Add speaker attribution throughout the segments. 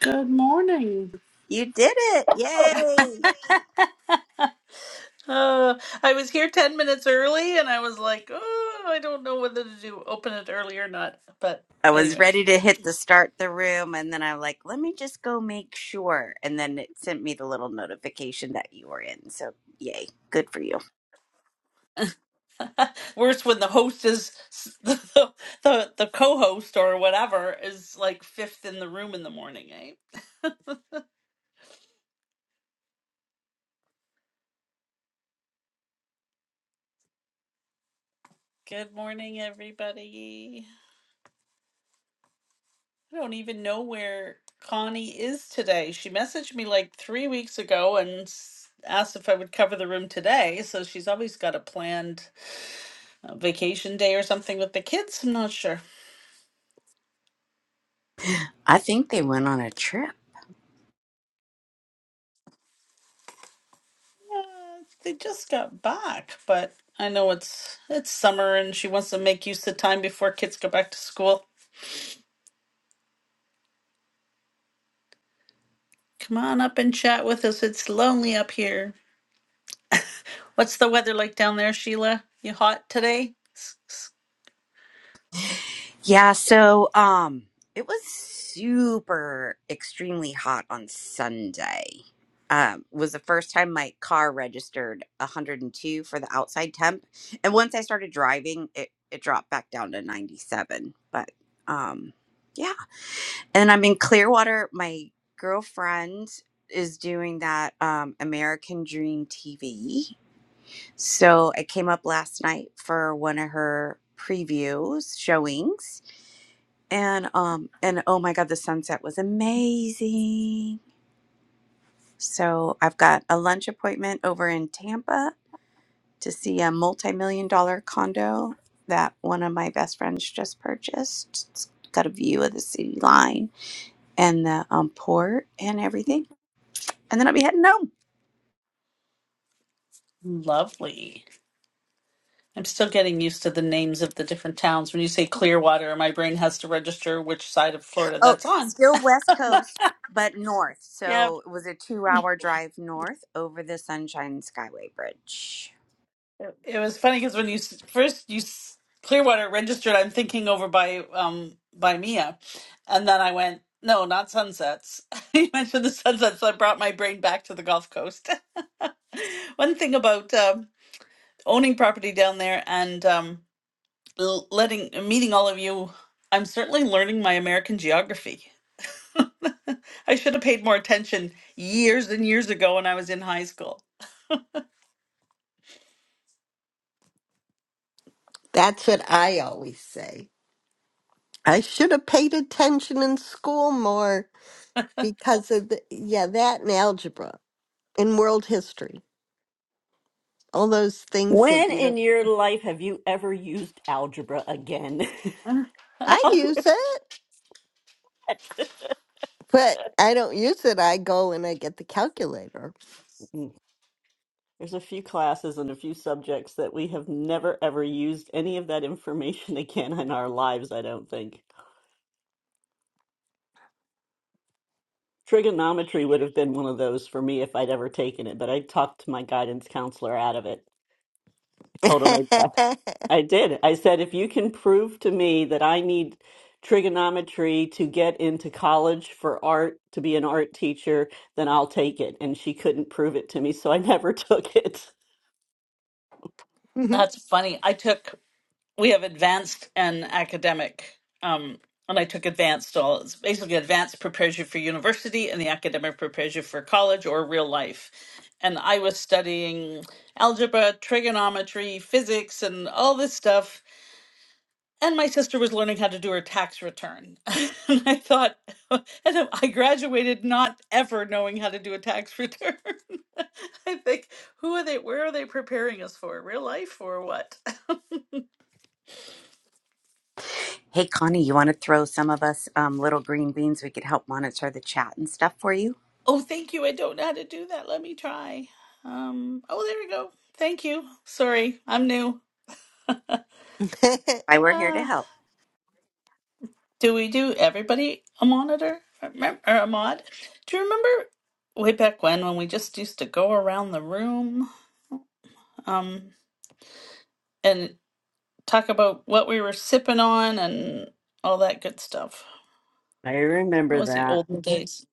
Speaker 1: Good morning.
Speaker 2: You did it. Yay.
Speaker 1: Uh, I was here 10 minutes early and I was like, oh, I don't know whether to do open it early or not. But,
Speaker 2: I was
Speaker 1: anyways,
Speaker 2: ready to hit the start the room and then I'm like, let me just go make sure. And then it sent me the little notification that you were in. So yay. Good for you.
Speaker 1: worse when the host is the, the, the co host or whatever is like fifth in the room in the morning, eh? Good morning, everybody. I don't even know where Connie is today. She messaged me like three weeks ago and s- asked if I would cover the room today. So she's always got a plan. a vacation day or something with the kids. I'm not sure.
Speaker 2: I think they went on a trip.
Speaker 1: Uh, they just got back, but I know it's it's summer and she wants to make use of time before kids go back to school. Come on up and chat with us. It's lonely up here. What's the weather like down there, Sheila? You hot today? S- s-
Speaker 2: Yeah, so um it was super extremely hot on Sunday. Um, was the first time my car registered 102 for the outside temp. And once I started driving, it, it dropped back down to 97. But um yeah and I'm in Clearwater. My girlfriend is doing that um, American Dream TV. So I came up last night for one of her previews showings, and um, and oh my god, the sunset was amazing. So I've got a lunch appointment over in Tampa to see a multi-million dollar condo that one of my best friends just purchased. It's got a view of the city line and the um, port and everything and then I'll be heading home.
Speaker 1: Lovely. I'm still getting used to the names of the different towns. When you say Clearwater, my brain has to register which side of Florida
Speaker 2: Oh,
Speaker 1: that's on.
Speaker 2: still West Coast, but north.
Speaker 1: Yeah.
Speaker 2: So it was a two hour drive north over the Sunshine Skyway Bridge.
Speaker 1: It was funny because when you s- first you s- Clearwater registered, I'm thinking over by um by Mia, and then I went no, not sunsets. you mentioned the sunsets, so I brought my brain back to the Gulf Coast. One thing about um, owning property down there and um, l- letting meeting all of you, I'm certainly learning my American geography. I should have paid more attention years and years ago when I was in high school.
Speaker 3: That's what I always say. I should have paid attention in school more because of the, yeah, that and algebra and world history, all those things that
Speaker 4: When
Speaker 3: you
Speaker 4: in
Speaker 3: don't,
Speaker 4: your life have you ever used algebra again?
Speaker 3: I
Speaker 4: How
Speaker 3: use it,
Speaker 4: much?
Speaker 3: but I don't use it. I go and I get the calculator.
Speaker 4: Mm. There's a few classes and a few subjects that we have never ever used any of that information again in our lives, I don't think. Trigonometry would have been one of those for me if I'd ever taken it, but I talked my guidance counselor out of it. I told him I,
Speaker 3: what
Speaker 4: I did. I said, if you can prove to me that I need trigonometry to get into college for art, to be an art teacher, then I'll take it. And she couldn't prove it to me, so I never took it.
Speaker 1: That's funny. I took we have advanced and academic um and i took advanced all it's basically advanced prepares you for university and the academic prepares you for college or real life and i was studying algebra trigonometry physics and all this stuff and my sister was learning how to do her tax return and i thought and i graduated not ever knowing how to do a tax return i think who are they where are they preparing us for real life or what
Speaker 2: Hey, Connie, you want to throw some of us um, little green beans? We could help monitor the chat and stuff for you.
Speaker 1: Oh, thank you. I don't know how to do that. Let me try. Um, oh, there we go. Thank you. Sorry, I'm new.
Speaker 2: Why we're here to
Speaker 1: Uh,
Speaker 2: help.
Speaker 1: do we do everybody a monitor Remem- or a mod? Do you remember way back when when we just used to go around the room um and talk about what we were sipping on and all that good stuff?
Speaker 4: I
Speaker 1: That
Speaker 4: remember
Speaker 1: was the
Speaker 4: that.
Speaker 1: olden days.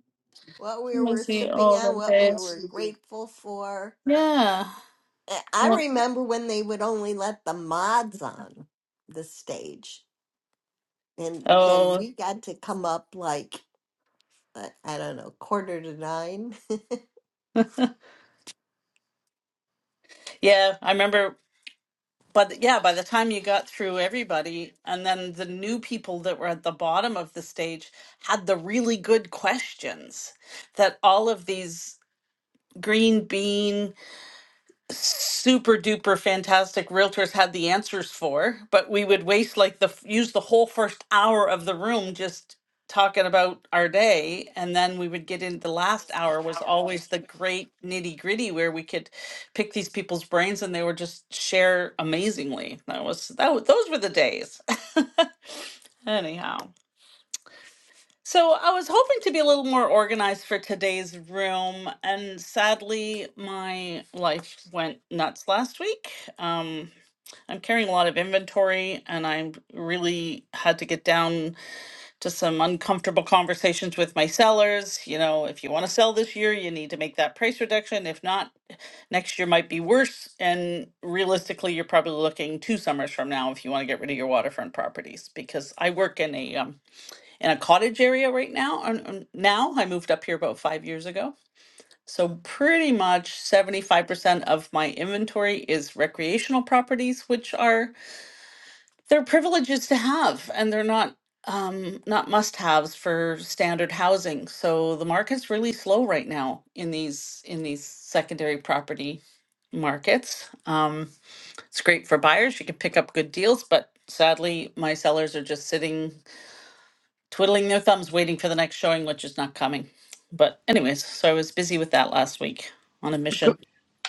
Speaker 1: That
Speaker 3: we were
Speaker 1: was the
Speaker 3: sipping on,
Speaker 1: olden
Speaker 3: what we were
Speaker 1: days.
Speaker 3: grateful for.
Speaker 1: Yeah.
Speaker 3: I I
Speaker 1: Yeah.
Speaker 3: remember when they would only let the mods on the stage, and then
Speaker 1: Oh,
Speaker 3: we got to come up like I, I don't know, quarter to nine.
Speaker 1: yeah. I remember. but yeah, by the time you got through everybody, and then the new people that were at the bottom of the stage had the really good questions that all of these green bean super duper fantastic realtors had the answers for, but we would waste like the f- use the whole first hour of the room just talking about our day and then we would get into the last hour was always the great nitty gritty where we could pick these people's brains and they would just share amazingly that was that wa- those were the days anyhow so I was hoping to be a little more organized for today's room, and sadly, my life went nuts last week. Um, I'm carrying a lot of inventory, and I really had to get down to some uncomfortable conversations with my sellers. You know, if you want to sell this year, you need to make that price reduction. If not, next year might be worse. And realistically, you're probably looking two summers from now if you want to get rid of your waterfront properties, because I work in a um, in a cottage area right now. And and now I moved up here about five years ago. So pretty much 75% of my inventory is recreational properties, which are they're privileges to have and they're not um not must-haves for standard housing. So the market's really slow right now in these in these secondary property markets. Um, it's great for buyers. You can pick up good deals, but sadly, my sellers are just sitting twiddling their thumbs waiting for the next showing, which is not coming. But, anyways, so I was busy with that last week on a
Speaker 5: Good,
Speaker 1: mission.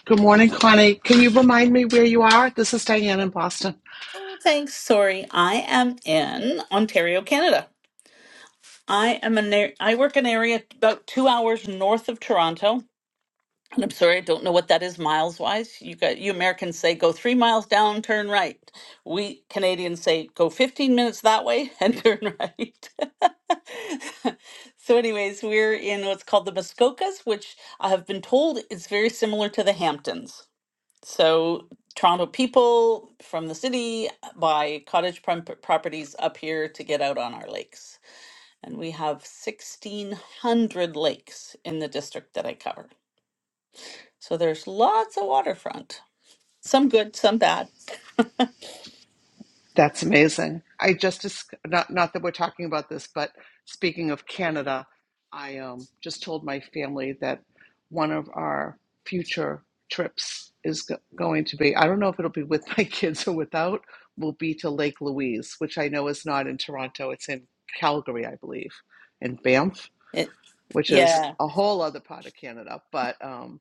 Speaker 5: good morning, Connie. Can you remind me where you are? This is Diane in Boston.
Speaker 1: Oh, thanks. Sorry. I am in Ontario, Canada. I am an ar- I work in an area about two hours north of Toronto, And I'm sorry, I don't know what that is miles wise. You got you Americans say go three miles down, turn right. We Canadians say go 15 minutes that way and turn right. so, anyways, we're in what's called the Muskokas, which I have been told is very similar to the Hamptons. So, Toronto people from the city buy cottage prom- properties up here to get out on our lakes. And we have 1,600 lakes in the district that I cover. So there's lots of waterfront. Some good, some bad.
Speaker 5: That's amazing. I just dis- not not that we're talking about this, but speaking of Canada, I um, just told my family that one of our future trips is go- going to be. I don't know if it'll be with my kids or without. Will be to Lake Louise, which I know is not in Toronto. It's in Calgary, I believe, in Banff.
Speaker 1: It,
Speaker 5: which is
Speaker 1: yeah.
Speaker 5: a whole other part of Canada. But um,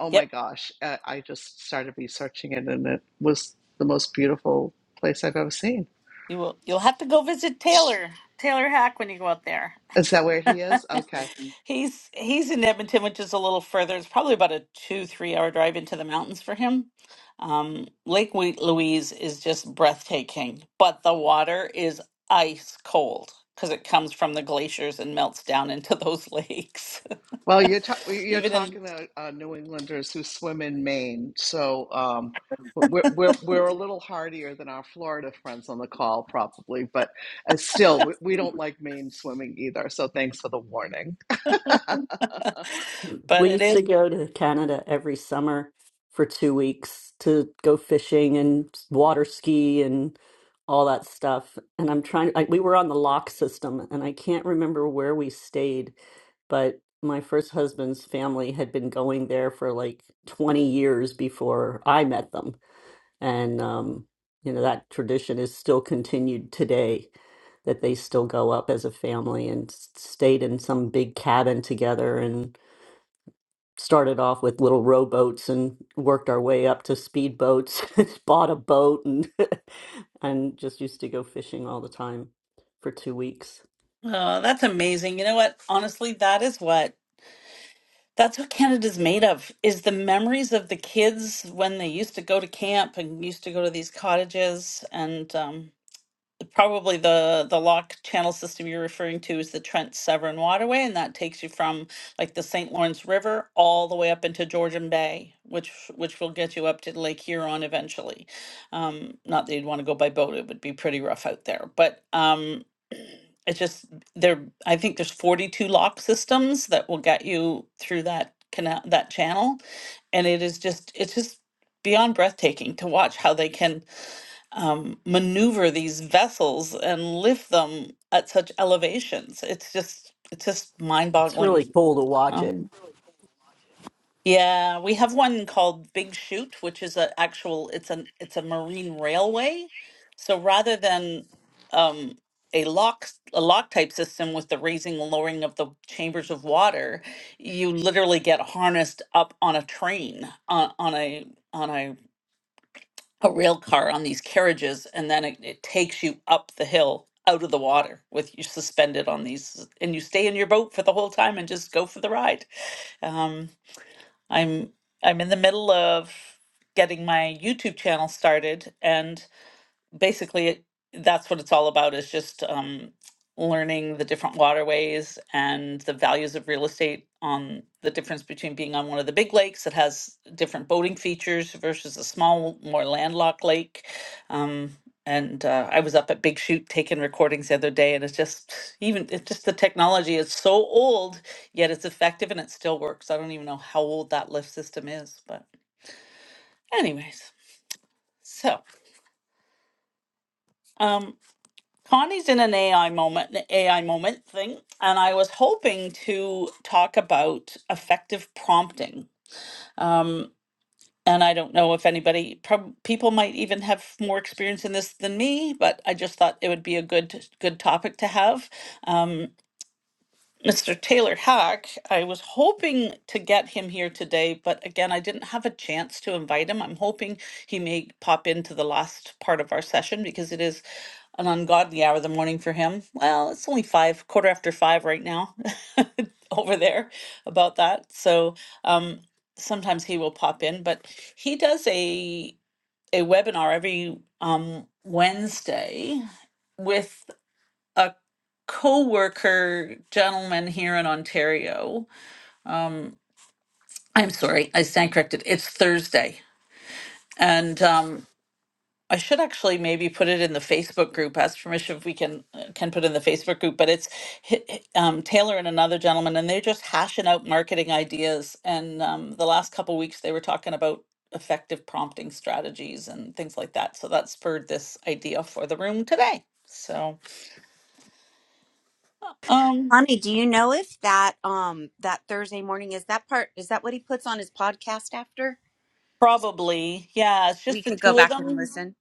Speaker 5: oh my
Speaker 1: Yep.
Speaker 5: gosh, uh, I just started researching it, and it was the most beautiful place I've ever seen.
Speaker 1: You will you'll have to go visit Taylor. Taylor Hack when you go out there.
Speaker 5: Is that where he is? Okay.
Speaker 1: He's he's in Edmonton, which is a little further. It's probably about a two, three hour drive into the mountains for him. Um, Lake Wheat Louise is just breathtaking, but the water is ice cold because it comes from the glaciers and melts down into those lakes.
Speaker 5: Well, you're ta- you're
Speaker 1: Even in,
Speaker 5: talking to uh, New Englanders who swim in Maine, so um, we're we're we're a little hardier than our Florida friends on the call, probably. But uh, still, we, we don't like Maine swimming either. So thanks for the warning,
Speaker 1: but
Speaker 4: We
Speaker 1: it
Speaker 4: used
Speaker 1: is.
Speaker 4: to go to Canada every summer for two weeks to go fishing and water ski and all that stuff. And I'm trying, like, we were on the lock system, and I can't remember where we stayed, but my first husband's family had been going there for like 20 years before I met them. And, um, you know, that tradition is still continued today that they still go up as a family and s- stayed in some big cabin together started off with little rowboats and worked our way up to speedboats. Bought a boat and and just used to go fishing all the time for two weeks.
Speaker 1: Oh, that's amazing. You know what? Honestly, that is what that's what Canada's made of is the memories of the kids when they used to go to camp and used to go to these cottages and um probably the the lock channel system you're referring to is the Trent Severn Waterway, and that takes you from like the St. Lawrence River all the way up into Georgian Bay, which which will get you up to Lake Huron eventually. Um, not that you'd want to go by boat; it would be pretty rough out there. But um, it's just there. I think there's 42 lock systems that will get you through that canal, that channel, and it is just it's just beyond breathtaking to watch how they can um, maneuver these vessels and lift them at such elevations. It's just it's just
Speaker 4: It's
Speaker 1: mind-boggling.
Speaker 4: really cool to watch it.
Speaker 1: Um, yeah, we have one called Big Chute, which is an actual it's an it's a marine railway. So rather than um, a lock a lock type system with the raising and lowering of the chambers of water, you literally get harnessed up on a train on, on a on a a rail car on these carriages and then it, it takes you up the hill out of the water with you suspended on these and you stay in your boat for the whole time and just go for the ride um, i'm i'm in the middle of getting my youtube channel started and basically it- that's what it's all about is just um, learning the different waterways and the values of real estate on the difference between being on one of the big lakes that has different boating features versus a small more landlocked lake um, and uh, i was up at big shoot taking recordings the other day and it's just even it's just the technology is so old yet it's effective and it still works i don't even know how old that lift system is but anyways so um. Connie's in an AI moment, an AI moment thing, and I was hoping to talk about effective prompting. Um, and I don't know if anybody, prob- people might even have more experience in this than me, but I just thought it would be a good good topic to have. Um, Mr. Taylor Hack. I was hoping to get him here today, but again, I didn't have a chance to invite him. I'm hoping he may pop into the last part of our session because it is an ungodly hour of the morning for him. Well, it's only five, quarter after five right now over there about that. So um, sometimes he will pop in, but he does a a webinar every um, Wednesday with a co-worker gentleman here in Ontario. I'm sorry, I stand corrected. It's Thursday, and um, I should actually maybe put it in the Facebook group. Ask permission if we can uh, can put it in the Facebook group. But it's hi- hi- um, Taylor and another gentleman, and they're just hashing out marketing ideas. And um, the last couple weeks, they were talking about effective prompting strategies and things like that. So that spurred this idea for the room today. So um,
Speaker 2: Connie, do you know if that um that Thursday morning is that part is that what he puts on his podcast after?
Speaker 1: probably, yeah, it's
Speaker 2: We
Speaker 1: just the
Speaker 2: could go
Speaker 1: two of
Speaker 2: back and
Speaker 1: them
Speaker 2: listen.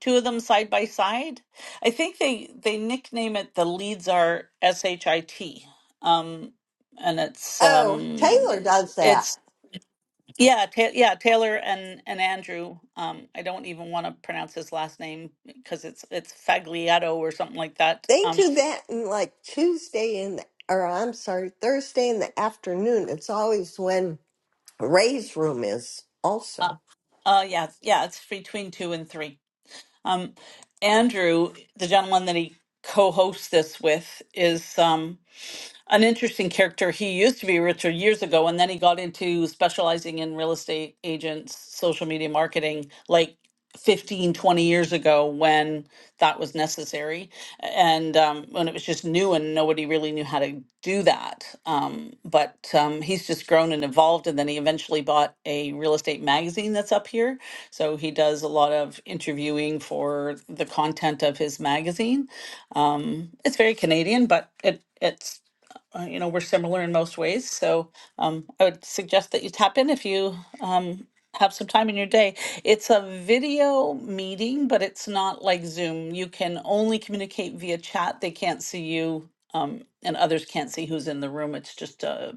Speaker 1: two of them side by side. I think they they nickname it the leads are S H I T, um, and it's
Speaker 3: Oh, Taylor
Speaker 1: um,
Speaker 3: does that.
Speaker 1: it's yeah ta- yeah Taylor and and Andrew. Um, I don't even want to pronounce his last name because it's it's Faglietto or something like that.
Speaker 3: They
Speaker 1: Um,
Speaker 3: do that in like Tuesday in the, or I'm sorry, Thursday in the afternoon. It's always when Ray's room is
Speaker 1: uh,
Speaker 3: also.
Speaker 1: uh, yeah yeah it's between two and three. Um, Andrew, the gentleman that he co-hosts this with, is. Um, an interesting character. He used to be Richard years ago, and then he got into specializing in real estate agents, social media marketing, like 15 20 years ago when that was necessary. And um, when it was just new and nobody really knew how to do that. Um, but um, he's just grown and evolved. And then he eventually bought a real estate magazine that's up here. So he does a lot of interviewing for the content of his magazine it's very Canadian, but it it's uh, you know, we're similar in most ways. So um, I would suggest that you tap in if you um, have some time in your day. It's a video meeting, but it's not like Zoom. You can only communicate via chat. They can't see you. Um, and others can't see who's in the room. It's just uh,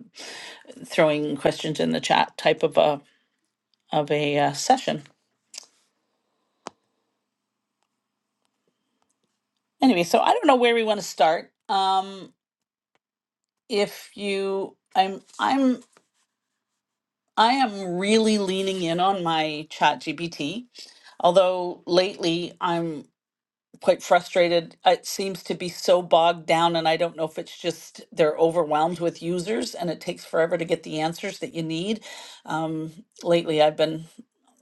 Speaker 1: throwing questions in the chat type of a of a uh, session. Anyway, so I don't know where we want to start. Um, if you, I'm I'm I am really leaning in on my chat GPT, although lately I'm quite frustrated. It seems to be so bogged down, and I don't know if it's just they're overwhelmed with users and it takes forever to get the answers that you need. Um, lately, I've been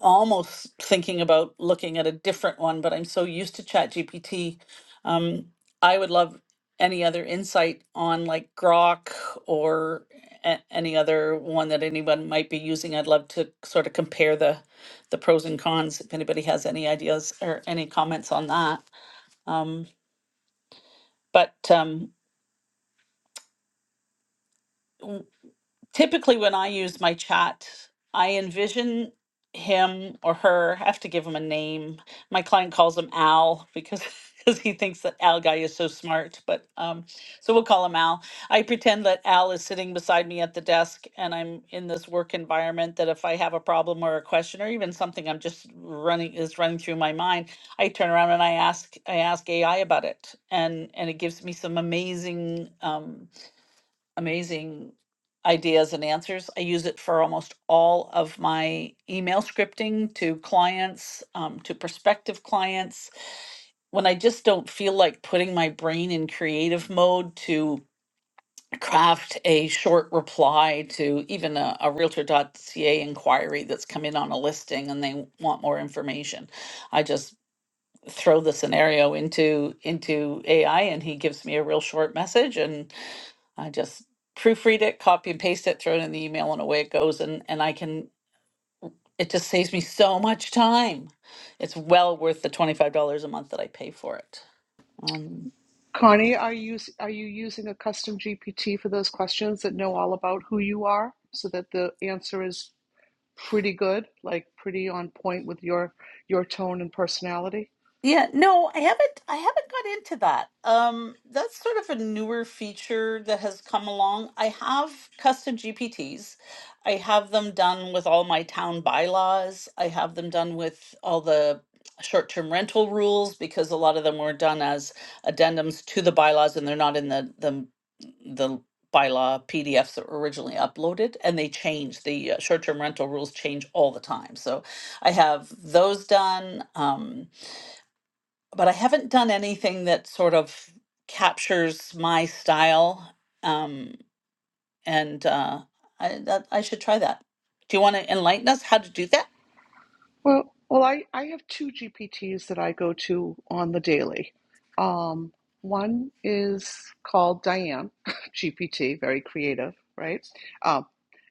Speaker 1: almost thinking about looking at a different one, but I'm so used to ChatGPT. Um, I would love any other insight on like Grok or a- any other one that anyone might be using. I'd love to sort of compare the the pros and cons if anybody has any ideas or any comments on that. Um, but um, w- typically, when I use my chat, I envision him or her. I have to give him a name. My client calls him Al because because he thinks that Al guy is so smart. But um, so we'll call him Al. I pretend that Al is sitting beside me at the desk, and I'm in this work environment. That if I have a problem or a question or even something I'm just running is running through my mind, I turn around and I ask I ask AI about it, and and it gives me some amazing. Um, amazing ideas and answers. I use it for almost all of my email scripting to clients, um, to prospective clients. When I just don't feel like putting my brain in creative mode to craft a short reply to even a, a realtor.ca inquiry that's come in on a listing and they want more information. I just throw the scenario into into AI and he gives me a real short message and I just proofread it, copy and paste it, throw it in the email, and away it goes. And and I can it just saves me so much time. It's well worth the twenty five dollars a month that I pay for it. Um,
Speaker 5: Connie. Are you s- are you using a custom GPT for those questions that know all about who you are, so that the answer is pretty good, like pretty on point with your your tone and personality?
Speaker 1: Yeah, no, I haven't I haven't got into that. Um that's sort of a newer feature that has come along. I have custom GPTs. I have them done with all my town bylaws. I have them done with all the short-term rental rules because a lot of them were done as addendums to the bylaws and they're not in the the the bylaw PDFs that were originally uploaded and they change the uh, short-term rental rules change all the time. So I have those done. Um but I haven't done anything that sort of captures my style. Um, and uh, I, that, I should try that. Do you want to enlighten us how to do that?
Speaker 5: Well, well, I, I have two GPTs that I go to on the daily. Um, one is called Diane GPT, very creative, right? Um,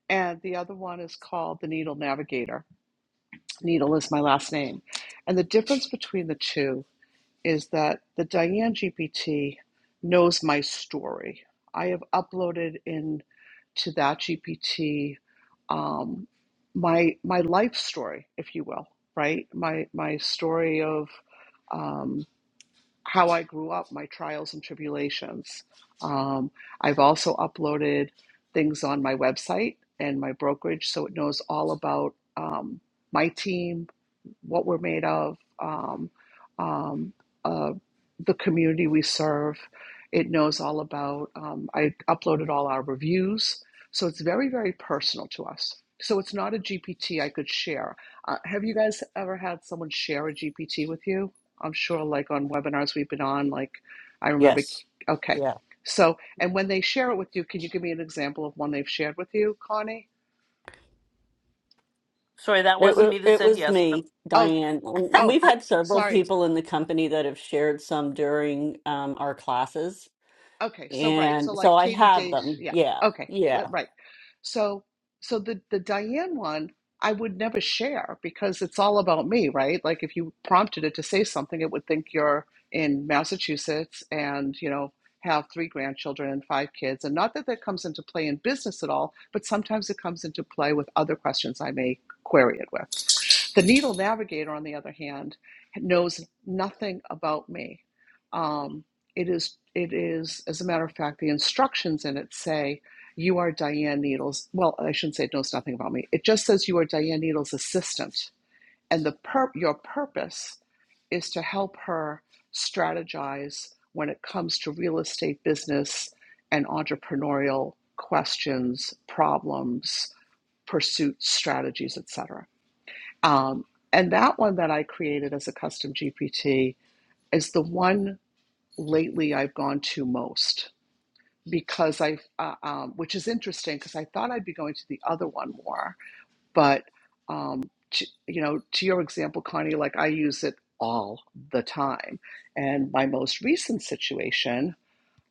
Speaker 5: and the other one is called the Needle Navigator. Needle is my last name. And the difference between the two is that the Diane GPT knows my story. I have uploaded in to that GPT um, my my life story, if you will, right? My my story of um, how I grew up, my trials and tribulations. Um, I've also uploaded things on my website and my brokerage, so it knows all about um, my team, what we're made of, um, um, uh, the community we serve. It knows all about. Um, I uploaded all our reviews, so it's very, very personal to us. So it's not a GPT I could share. Uh, have you guys ever had someone share a GPT with you? I'm sure, like on webinars we've been on, like I remember.
Speaker 4: Yes,
Speaker 5: Okay,
Speaker 4: yeah.
Speaker 5: so and when they share it with you, can you give me an example of one they've shared with you, Connie?
Speaker 1: Sorry, that
Speaker 4: It
Speaker 1: wasn't
Speaker 4: wa-
Speaker 1: me that
Speaker 4: it
Speaker 1: said
Speaker 4: was
Speaker 1: yes, but
Speaker 4: me,
Speaker 5: Oh,
Speaker 4: Diane, and
Speaker 5: oh,
Speaker 4: we've had several
Speaker 5: sorry.
Speaker 4: people in the company that have shared some during um, our classes,
Speaker 5: Okay, so right, so
Speaker 4: and so
Speaker 5: like
Speaker 4: I
Speaker 5: Katie
Speaker 4: have
Speaker 5: Day,
Speaker 4: them.
Speaker 5: yeah.
Speaker 4: Yeah,
Speaker 5: Okay, so-
Speaker 4: yeah.
Speaker 5: right. So, so the the Diane one, I would never share because it's all about me, right? Like if you prompted it to say something, it would think you're in Massachusetts and, you know, have three grandchildren and five kids. And not that that comes into play in business at all, but sometimes it comes into play with other questions I may query it with. The needle navigator, on the other hand, knows nothing about me. Um, it is, it is, as a matter of fact, the instructions in it say, you are Diane Needles. Well, I shouldn't say it knows nothing about me. It just says you are Diane Needles' assistant. And the pur- your purpose is to help her strategize when it comes to real estate business and entrepreneurial questions, problems, pursuits, strategies, etc. Um, and that one that I created as a custom GPT is the one lately I've gone to most because I, uh, um, which is interesting because I thought I'd be going to the other one more, but um, to, you know, to your example, Connie, like I use it all the time, and my most recent situation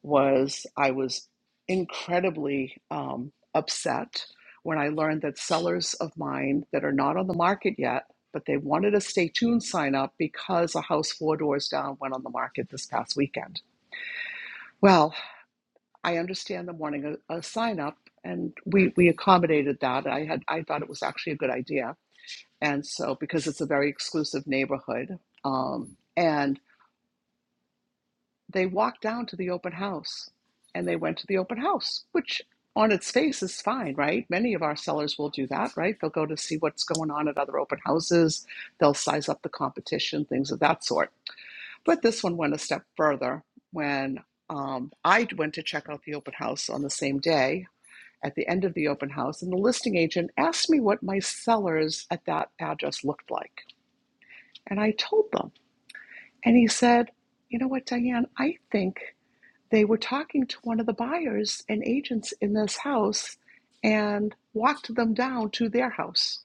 Speaker 5: was I was incredibly um, upset when I learned that sellers of mine that are not on the market yet. But they wanted a stay tuned sign up because a house four doors down went on the market this past weekend. Well, I understand the morning a, a sign up, and we we accommodated that. I had I thought it was actually a good idea, and so because it's a very exclusive neighborhood, um, and they walked down to the open house, and they went to the open house, which on its face is fine, right? Many of our sellers will do that, right? They'll go to see what's going on at other open houses, they'll size up the competition, things of that sort. But this one went a step further when um, I went to check out the open house on the same day at the end of the open house, and the listing agent asked me what my sellers at that address looked like. And I told them. And he said, You know what, Diane? I think they were talking to one of the buyers and agents in this house and walked them down to their house.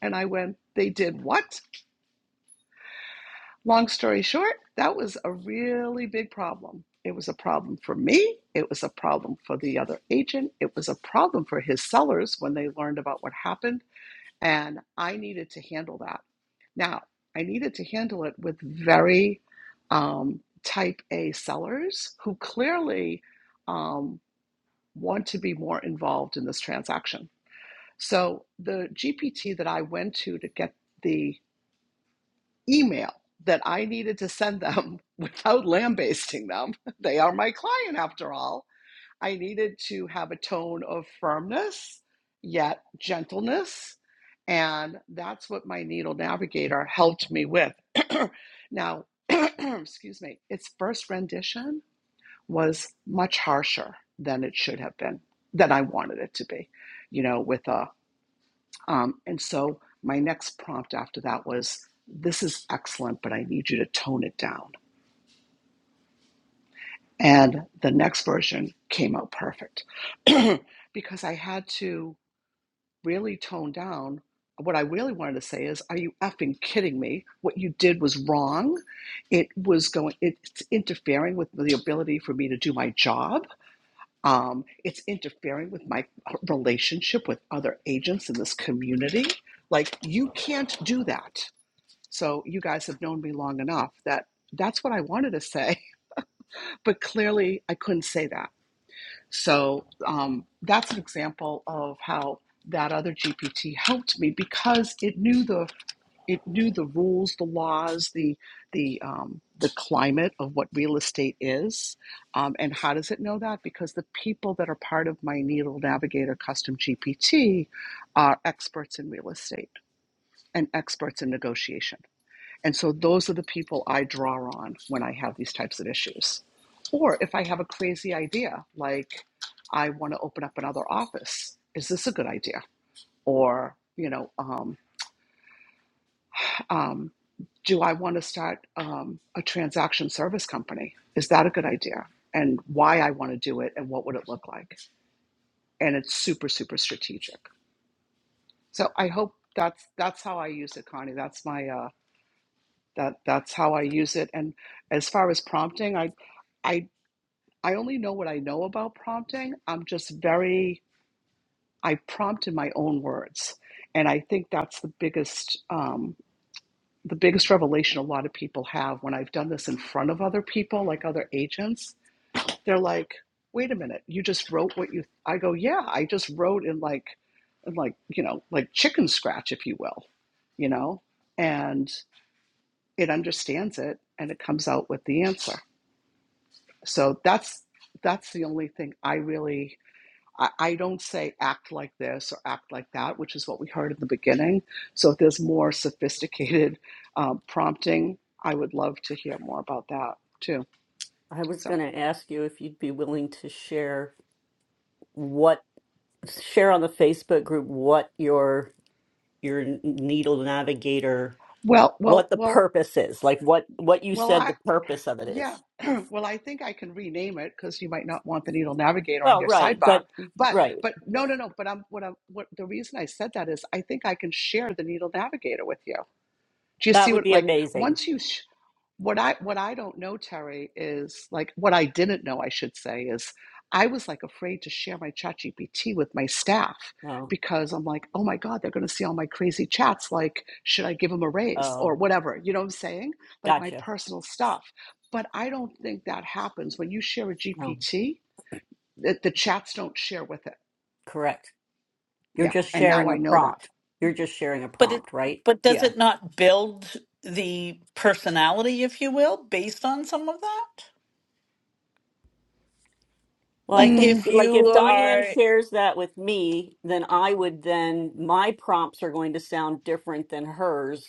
Speaker 5: And I went, They did what? Long story short, that was a really big problem. It was a problem for me. It was a problem for the other agent. It was a problem for his sellers when they learned about what happened And I needed to handle that. Now, I needed to handle it with very um, type A sellers who clearly um, want to be more involved in this transaction. So, the GPT that I went to to get the email that I needed to send them without lambasting them, they are my client after all I needed to have a tone of firmness, yet gentleness. And that's what my needle navigator helped me with. now, excuse me, its first rendition was much harsher than it should have been, than I wanted it to be, you know, with a, um, and so my next prompt after that was, this is excellent, but I need you to tone it down. And the next version came out perfect because I had to really toned down, what I really wanted to say is, are you effing kidding me? What you did was wrong. It was going, it's interfering with the ability for me to do my job. Um, it's interfering with my relationship with other agents in this community. Like, you can't do that. So, you guys have known me long enough that that's what I wanted to say, but clearly I couldn't say that. So um, that's an example of how that other GPT helped me because it knew the it knew the rules, the laws, the the um, the climate of what real estate is, um, and how does it know that? Because the people that are part of my Needle Navigator Custom GPT are experts in real estate and experts in negotiation. And so those are the people I draw on when I have these types of issues. Or if I have a crazy idea, like I want to open up another office, is this a good idea? Or, you know, um, um, do I want to start um, a transaction service company? Is that a good idea? And why I want to do it and what would it look like? And it's super, super strategic. So I hope that's that's how I use it, Connie. That's my uh, that that's how I use it. And as far as prompting, I I I only know what I know about prompting. I'm just very, I prompt in my own words. And I think that's the biggest, um, the biggest revelation a lot of people have when I've done this in front of other people, like other agents. They're like, wait a minute, you just wrote what you, I go, yeah, I just wrote in like, in like, you know, like chicken scratch, if you will, you know, and it understands it and it comes out with the answer. So that's, that's the only thing I really I, I don't say act like this or act like that, which is what we heard in the beginning. So if there's more sophisticated um, prompting, I would love to hear more about that too.
Speaker 4: I was
Speaker 5: So
Speaker 4: going to ask you if you'd be willing to share what share on the Facebook group what your your needle navigator
Speaker 5: well, well,
Speaker 4: what the
Speaker 5: well,
Speaker 4: purpose is, like what what you
Speaker 5: well,
Speaker 4: said
Speaker 5: I
Speaker 4: the purpose of it
Speaker 5: yeah.
Speaker 4: is.
Speaker 5: well, I think I can rename it because you might not want the needle navigator on
Speaker 4: Well,
Speaker 5: your
Speaker 4: right,
Speaker 5: sidebar.
Speaker 4: but
Speaker 5: But
Speaker 4: right.
Speaker 5: but no no no. But I'm what I'm what the reason I said that is I think I can share the needle navigator with you. Do you
Speaker 4: That
Speaker 5: see
Speaker 4: would
Speaker 5: what
Speaker 4: be
Speaker 5: like
Speaker 4: amazing.
Speaker 5: once you? sh- what I what I don't know, Terry, is like what I didn't know, I should say, is I was like afraid to share my chat GPT with my staff
Speaker 4: Oh,
Speaker 5: because I'm like, oh my God, they're gonna see all my crazy chats. Like, should I give them a raise or
Speaker 4: oh,
Speaker 5: whatever? You know what I'm saying? Like my
Speaker 4: gotcha.
Speaker 5: personal stuff. But I don't think that happens. When you share a
Speaker 4: No,
Speaker 5: GPT, the, the chats don't share with it.
Speaker 4: correct. You're
Speaker 5: Yeah.
Speaker 4: just
Speaker 5: And now
Speaker 4: sharing a
Speaker 5: I know
Speaker 4: prompt. You're just sharing a
Speaker 1: but it
Speaker 4: prompt, right?
Speaker 1: but does
Speaker 4: Yeah.
Speaker 1: it not build the personality, if you will, based on some of that?
Speaker 4: Well, I
Speaker 1: Like
Speaker 5: that.
Speaker 4: think
Speaker 1: if
Speaker 4: like
Speaker 1: you
Speaker 4: if Diane
Speaker 1: are
Speaker 4: shares that with me, then I would then my prompts are going to sound different than hers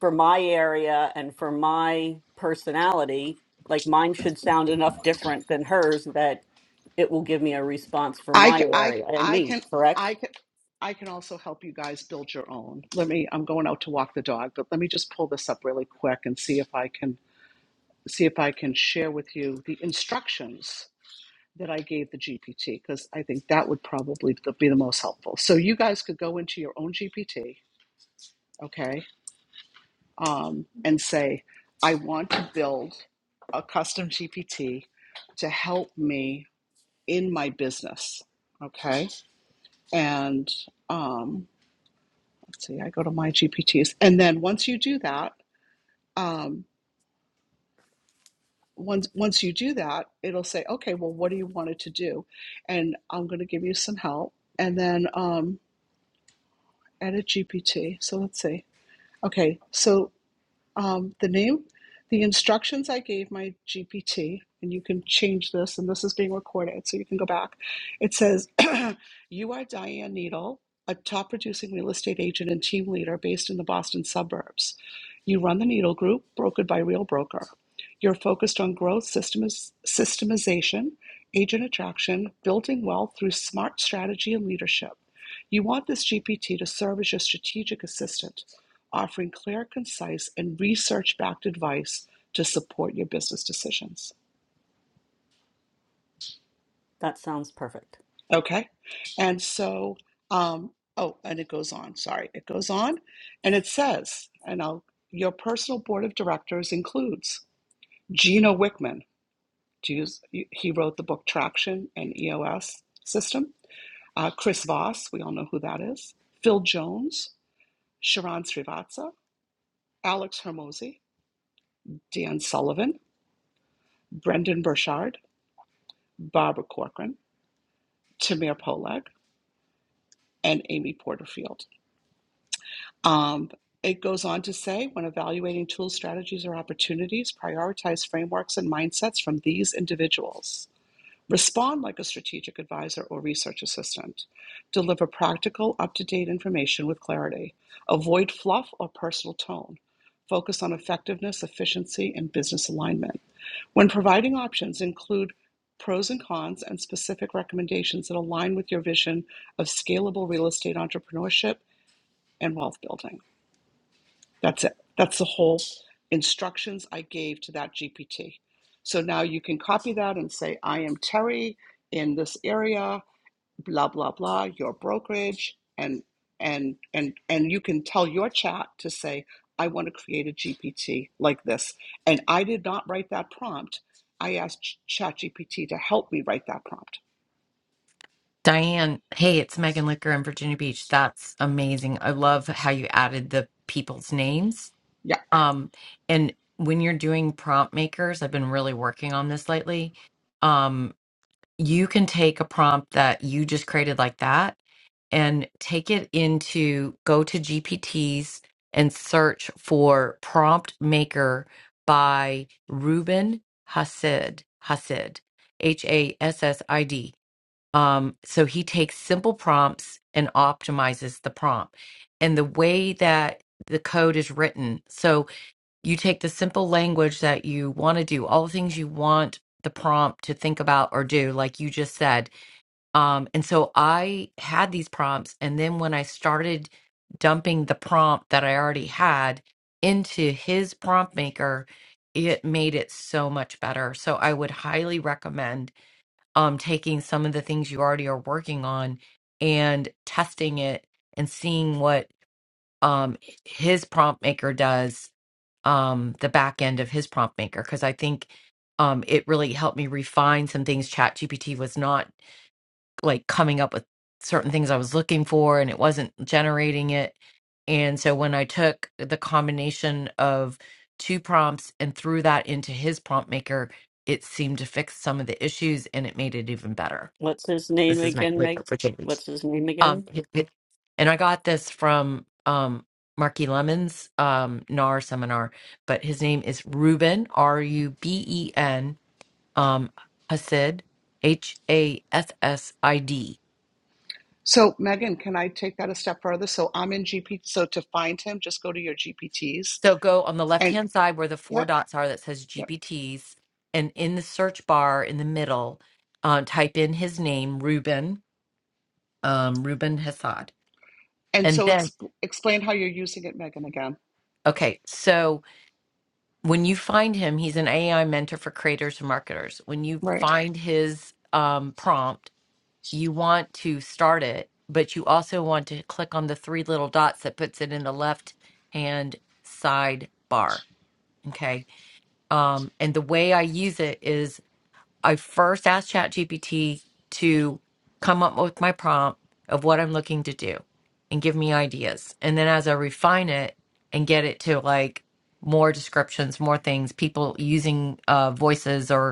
Speaker 4: for my area and for my personality, like mine should sound enough different than hers that it will give me a response for
Speaker 5: I,
Speaker 4: my
Speaker 5: c- I,
Speaker 4: area and
Speaker 5: I
Speaker 4: me,
Speaker 5: can, I
Speaker 4: correct?
Speaker 5: can, I can also help you guys build your own. Let me, I'm going out to walk the dog, but let me just pull this up really quick and see if I can, see if I can share with you the instructions that I gave the GPT, because I think that would probably be the most helpful. So you guys could go into your own GPT, okay, um, and say, I want to build a custom GPT to help me in my business, okay? And, um, let's see, I go to my GPTs. And then once you do that, um, once once you do that, it'll say, okay, well, what do you want it to do? And I'm going to give you some help. And then um, edit GPT. So let's see. Okay, so um, the name, the instructions I gave my GPT, and you can change this, and this is being recorded, so you can go back. It says, You are Diane Needle, a top producing real estate agent and team leader based in the Boston suburbs. You run the Needle Group, brokered by Real Broker. You're focused on growth, systemis- systemization, agent attraction, building wealth through smart strategy and leadership. You want this GPT to serve as your strategic assistant offering clear, concise, and research backed advice to support your business decisions.
Speaker 4: That sounds perfect.
Speaker 5: Okay. And so, um, oh, and it goes on. Sorry. It goes on and it says, and I'll, your personal board of directors includes Gino Wickman. Do you, he wrote the book Traction and EOS System. Uh, Chris Voss, we all know who that is. Phil Jones, Sharon Srivatsa, Alex Hermosi, Dan Sullivan, Brendan Burchard, Barbara Corcoran, Tamir Poleg, and Amy Porterfield. Um, it goes on to say when evaluating tools, strategies, or opportunities, prioritize frameworks and mindsets from these individuals. Respond like a strategic advisor or research assistant. Deliver practical, up to date information with clarity. Avoid fluff or personal tone. Focus on effectiveness, efficiency, and business alignment when providing options, include pros and cons and specific recommendations that align with your vision of scalable real estate entrepreneurship and wealth building. That's it. That's the whole instructions I gave to that GPT. So now you can copy that and say, I am Terry in this area blah blah blah your brokerage and and and and you can tell your chat to say i want to create a gpt like this and i did not write that prompt i asked chat gpt to help me write that prompt
Speaker 6: Diane, hey, it's Megan Licker in Virginia Beach. That's amazing. I love how you added the people's names.
Speaker 5: yeah
Speaker 6: Um, and when you're doing prompt makers, I've been really working on this lately. Um, you can take a prompt that you just created like that and take it into go to GPTs and search for prompt maker by Ruben Hassid, Hassid, H A S S I D um, so he takes simple prompts and optimizes the prompt. And the way that the code is written, so you take the simple language that you want to do, all the things you want the prompt to think about or do, like you just said. Um, and so I had these prompts. And then when I started dumping the prompt that I already had into his prompt maker, it made it so much better. So I would highly recommend um, taking some of the things you already are working on and testing it and seeing what um, his prompt maker does, um, the back end of his prompt maker. Because I think um, it really helped me refine some things. ChatGPT was not like coming up with certain things I was looking for and it wasn't generating it. And so when I took the combination of two prompts and threw that into his prompt maker, it seemed to fix some of the issues and it made it even better.
Speaker 4: What's his name
Speaker 6: This is my
Speaker 4: again,
Speaker 6: like
Speaker 4: Meg?
Speaker 6: for change.
Speaker 4: What's his name
Speaker 6: Um,
Speaker 4: again?
Speaker 6: it- it- and I got this from um Marky Lemon's um NAR seminar, but his name is Ruben R U B E N um Hasid H A S S I D.
Speaker 5: so megan can i take that a step further so i'm in gpt so to find him just go to your gpts
Speaker 6: So go on the left
Speaker 5: and
Speaker 6: hand side where the four
Speaker 5: yep
Speaker 6: dots are that says
Speaker 5: yep
Speaker 6: GPTs, and in the search bar in the middle, um, type in his name Ruben um Ruben Hassad,
Speaker 5: and
Speaker 6: and
Speaker 5: so
Speaker 6: then
Speaker 5: ex- explain how you're using it megan again
Speaker 6: okay so when you find him, he's an AI mentor for creators and marketers. When you
Speaker 5: right
Speaker 6: find his um, prompt, you want to start it, but you also want to click on the three little dots that puts it in the left hand side bar. Okay. Um, and the way I use it is I first asked ChatGPT to come up with my prompt of what I'm looking to do and give me ideas. And then as I refine it and get it to like more descriptions, more things, people using uh, voices or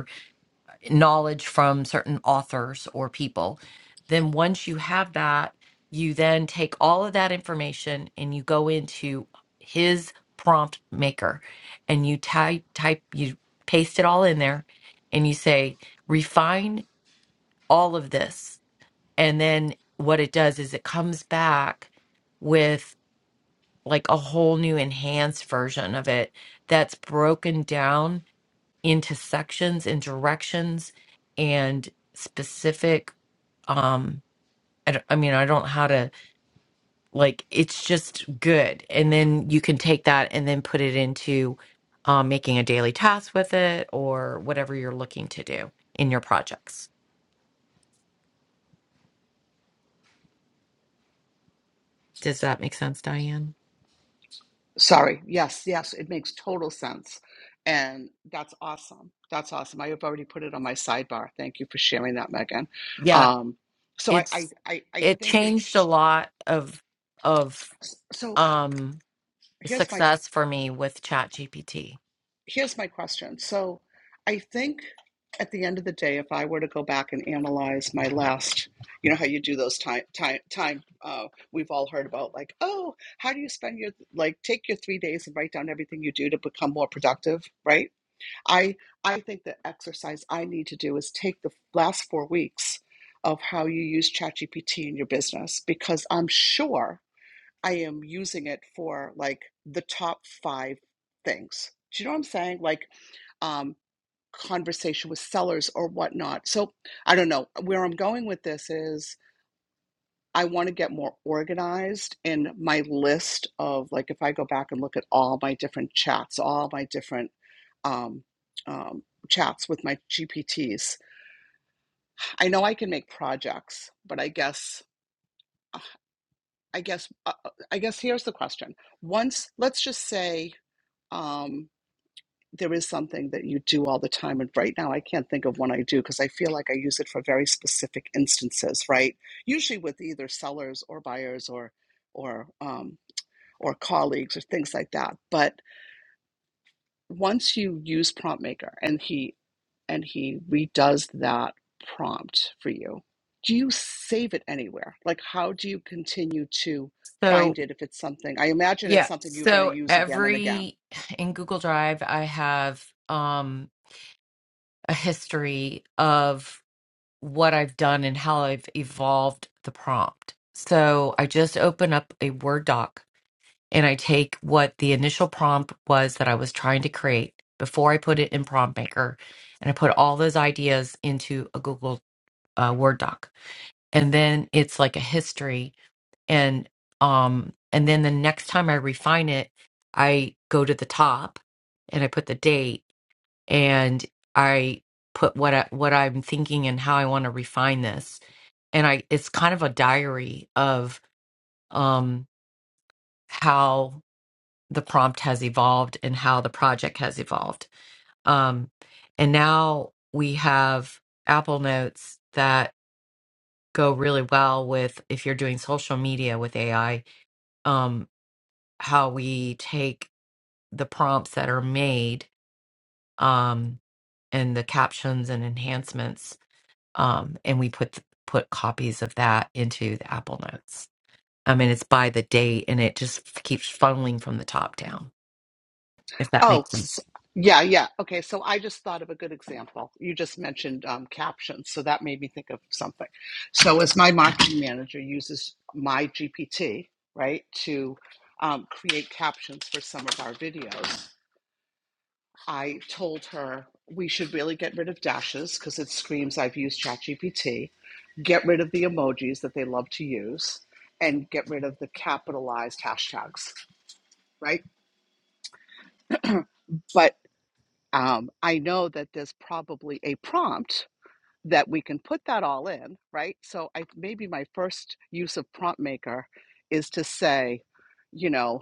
Speaker 6: knowledge from certain authors or people. Then once you have that, you then take all of that information and you go into his prompt maker and you type type you paste it all in there and you say refine all of this and then what it does is it comes back with like a whole new enhanced version of it that's broken down into sections and directions and specific um I, don't- I mean i don't know how to like it's just good and then you can take that and then put it into um, making a daily task with it or whatever you're looking to do in your projects does that make sense diane
Speaker 5: Sorry. Yes, yes, it makes total sense. And that's awesome. That's awesome. I have already put it on my sidebar. Thank you for sharing that, Megan.
Speaker 6: yeah
Speaker 5: Um, so I, I,
Speaker 6: it's
Speaker 5: I, I
Speaker 6: it
Speaker 5: think it's
Speaker 6: changed a lot of of
Speaker 5: so
Speaker 6: um
Speaker 5: here's my
Speaker 6: success for me with ChatGPT.
Speaker 5: here's my question. So I think at the end of the day, if I were to go back and analyze my last, you know how you do those time time time uh, we've all heard about like, oh, how do you spend your like take your three days and write down everything you do to become more productive, right? I I think the exercise I need to do is take the last four weeks of how you use ChatGPT in your business because I'm sure I am using it for like the top five things. Do you know what I'm saying? Like um, conversation with sellers or whatnot. So I don't know where I'm going with this is I want to get more organized in my list of like if I go back and look at all my different chats, all my different um, um, chats with my GPTs. I know I can make projects, but I guess uh, I guess uh, uh, I guess here's the question. Once let's just say um, there is something that you do all the time, and right now I can't think of one I do because I feel like I use it for very specific instances, right? Usually with either sellers or buyers or or um, or colleagues or things like that. But once you use prompt maker and he and he redoes that prompt for you, do you save it anywhere? Like how do you continue to
Speaker 6: So,
Speaker 5: find it if it's something I imagine it's
Speaker 6: yeah.
Speaker 5: something you're going to
Speaker 6: So
Speaker 5: use again and again
Speaker 6: every in Google Drive, I have um a history of what I've done and how I've evolved the prompt. So I just open up a Word doc and I take what the initial prompt was that I was trying to create before I put it in Prompt Maker, and I put all those ideas into a Google uh, Word doc, and then it's like a history, and um, and then the next time I refine it, I go to the top, and I put the date, and I put what I, what I'm thinking and how I want to refine this, and I it's kind of a diary of um how the prompt has evolved and how the project has evolved. Um, and now we have Apple Notes that go really well with if you're doing social media with AI, um, how we take the prompts that are made um, and the captions and enhancements, um, and we put put copies of that into the Apple Notes. I mean, it's by the date, and it just keeps funneling from the top down. If that
Speaker 5: Oh,
Speaker 6: makes sense.
Speaker 5: s- yeah, yeah. Okay, so I just thought of a good example. You just mentioned um, captions, so that made me think of something. So, as my marketing manager uses my GPT, right, to um, create captions for some of our videos, I told her we should really get rid of dashes because it screams I've used ChatGPT, get rid of the emojis that they love to use, and get rid of the capitalized hashtags, right? But Um, I know that there's probably a prompt that we can put that all in, right? So I maybe my first use of prompt maker is to say, you know,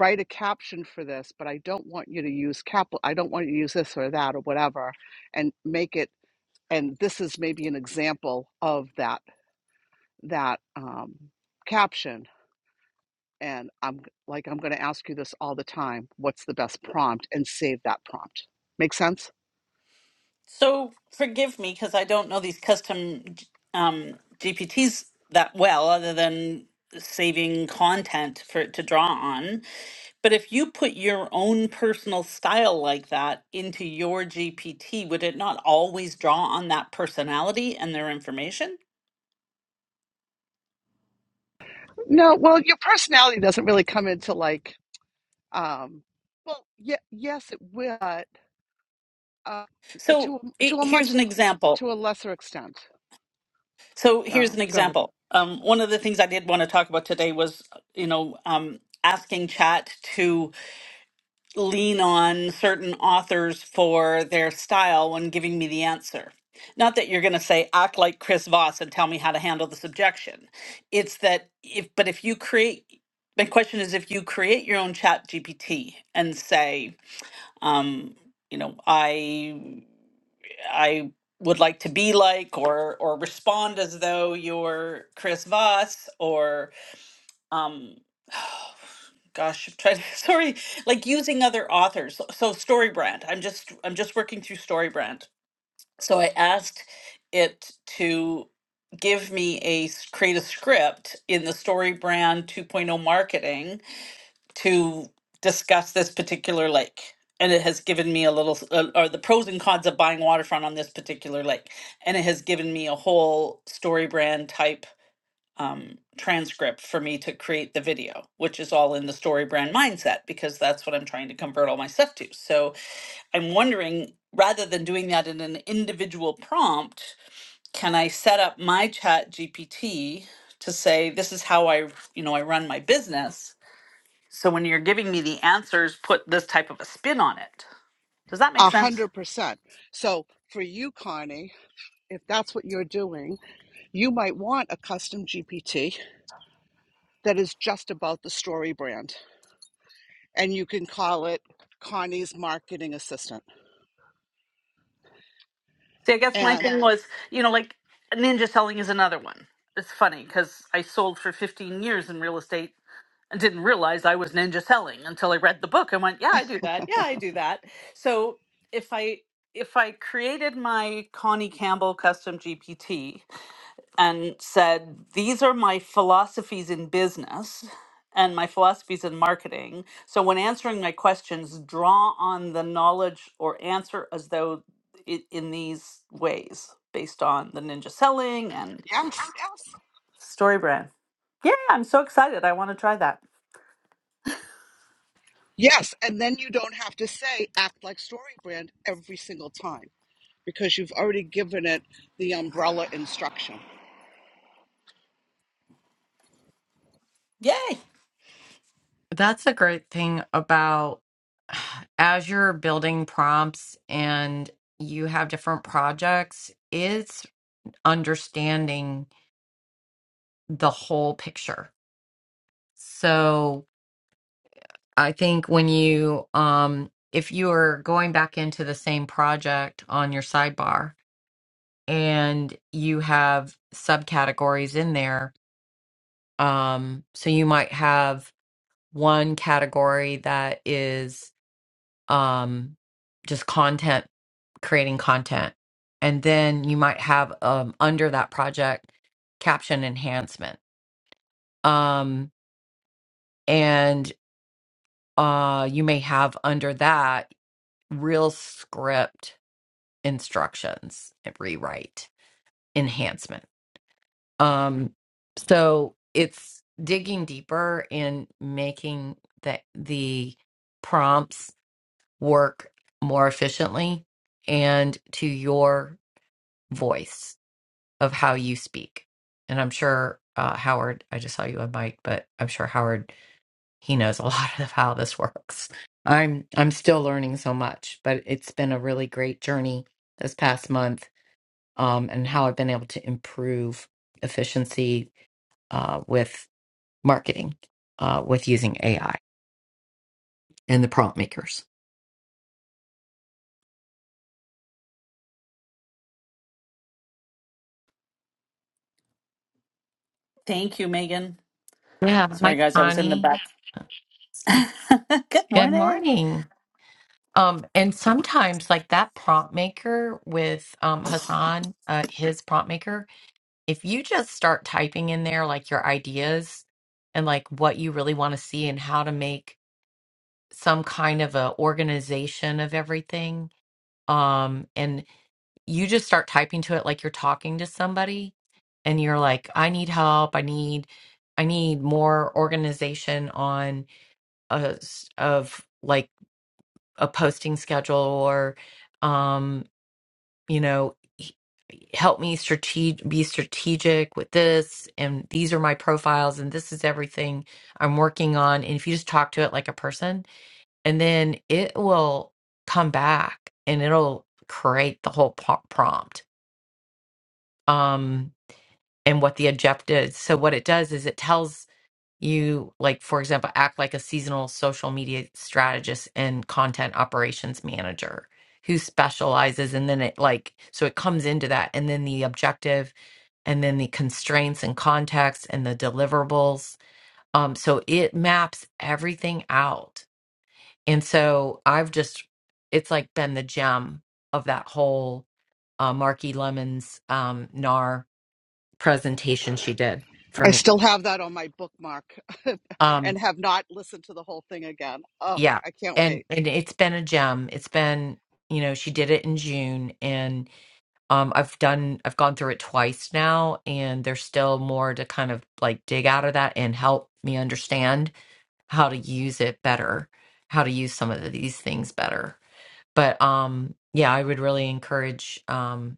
Speaker 5: write a caption for this, but I don't want you to use cap I don't want you to use this or that or whatever and make it and this is maybe an example of that that um, caption and I'm g- like I'm going to ask you this all the time, what's the best prompt and save that prompt. Make sense?
Speaker 1: So forgive me because I don't know these custom um, GPTs that well, other than saving content for it to draw on. But if you put your own personal style like that into your GPT, would it not always draw on that personality and their information?
Speaker 5: No, well, your personality doesn't really come into like, um, well, yeah, yes, it will, but uh, to
Speaker 1: So
Speaker 5: a- to
Speaker 1: i-
Speaker 5: a
Speaker 1: here's
Speaker 5: much
Speaker 1: an example.
Speaker 5: to a lesser extent.
Speaker 1: So here's
Speaker 5: Oh,
Speaker 1: an
Speaker 5: go ahead.
Speaker 1: example. Um, one of the things I did want to talk about today was, uh, you know, um, asking Chat to lean on certain authors for their style when giving me the answer. Not that you're going to say act like Chris Voss and tell me how to handle the subjection. It's that if but if you create my question is if you create your own chat GPT and say, um, you know, I I would like to be like or or respond as though you're Chris Voss um gosh try to, sorry like using other authors so, so storybrand i'm just i'm just working through storybrand so i asked it to give me a s- create a script in the storybrand 2.0 marketing to discuss this particular lake and it has given me a little s- uh, or the pros and cons of buying waterfront on this particular lake and it has given me a whole storybrand type um, transcript for me to create the video, which is all in the story brand mindset because that's what I'm trying to convert all my stuff to. So I'm wondering rather than doing that in an individual prompt, can I set up my chat GPT to say, this is how I, you know, I run my business. So when you're giving me the answers, put this type of a spin on it. Does that make
Speaker 5: A
Speaker 1: sense?
Speaker 5: hundred percent. So for you, Connie, if that's what you're doing, you might want a custom GPT that is just about the story brand, and you can call it Connie's marketing assistant.
Speaker 1: See, I guess my
Speaker 5: And
Speaker 1: thing Yeah. was, you know, like ninja selling is another one. It's funny because I sold for 15 years in real estate and didn't realize I was ninja selling until I read the book and went, yeah, I do that. Yeah, I do that. So if I if I created my Connie Campbell custom GPT and said, These are my philosophies in business and my philosophies in marketing. So when answering my questions, draw on the knowledge or answer as though it, in these ways based on the ninja selling and
Speaker 5: yes, yes,
Speaker 1: story brand. Yeah, I'm so excited. I want to try that.
Speaker 5: yes, and then you don't have to say act like story brand every single time because you've already given it the umbrella instruction.
Speaker 1: Yay.
Speaker 6: That's a great thing about as you're building prompts and you have different projects, it's understanding the whole picture. So I think when you, um, if you are going back into the same project on your sidebar and you have subcategories in there, um, so you might have one category that is um, just content, creating content. And then you might have um, under that project caption enhancement. Um, and uh, you may have under that real script instructions, rewrite, enhancement. Um, so it's digging deeper in making the, the prompts work more efficiently and to your voice of how you speak. And I'm sure uh, Howard, I just saw you on mic, but I'm sure Howard he knows a lot of how this works. I'm I'm still learning so much, but it's been a really great journey this past month, um, and how I've been able to improve efficiency uh, with marketing uh, with using AI and the prompt makers.
Speaker 1: Thank you, Megan.
Speaker 6: Yeah,
Speaker 1: Sorry,
Speaker 6: like
Speaker 1: guys, I was in the
Speaker 6: Connie.
Speaker 1: back. Good
Speaker 6: Good
Speaker 1: morning.
Speaker 6: morning. Um, and sometimes, like that prompt maker with um, Hassan, uh, his prompt maker, if you just start typing in there like your ideas and like what you really want to see and how to make some kind of a organization of everything, um, and you just start typing to it like you're talking to somebody, and you're like, I need help. I need, I need more organization on uh, s- of like a posting schedule or um you know h- help me strateg- be strategic with this and these are my profiles and this is everything i'm working on and if you just talk to it like a person and then it will come back and it'll create the whole pro- prompt um and what the objective is so what it does is it tells you like for example act like a seasonal social media strategist and content operations manager who specializes and then it like so it comes into that and then the objective and then the constraints and context and the deliverables um so it maps everything out and so i've just it's like been the gem of that whole uh, marky lemons um nar presentation she did for
Speaker 5: I
Speaker 6: me
Speaker 5: still have that on my bookmark
Speaker 6: Um.
Speaker 5: and have not listened to the whole thing again. Oh,
Speaker 6: yeah
Speaker 5: I can't
Speaker 6: and
Speaker 5: wait.
Speaker 6: and it's been a gem it's been you know she did it in june and um i've done i've gone through it twice now and there's still more to kind of like dig out of that and help me understand how to use it better how to use some of these things better but um yeah i would really encourage um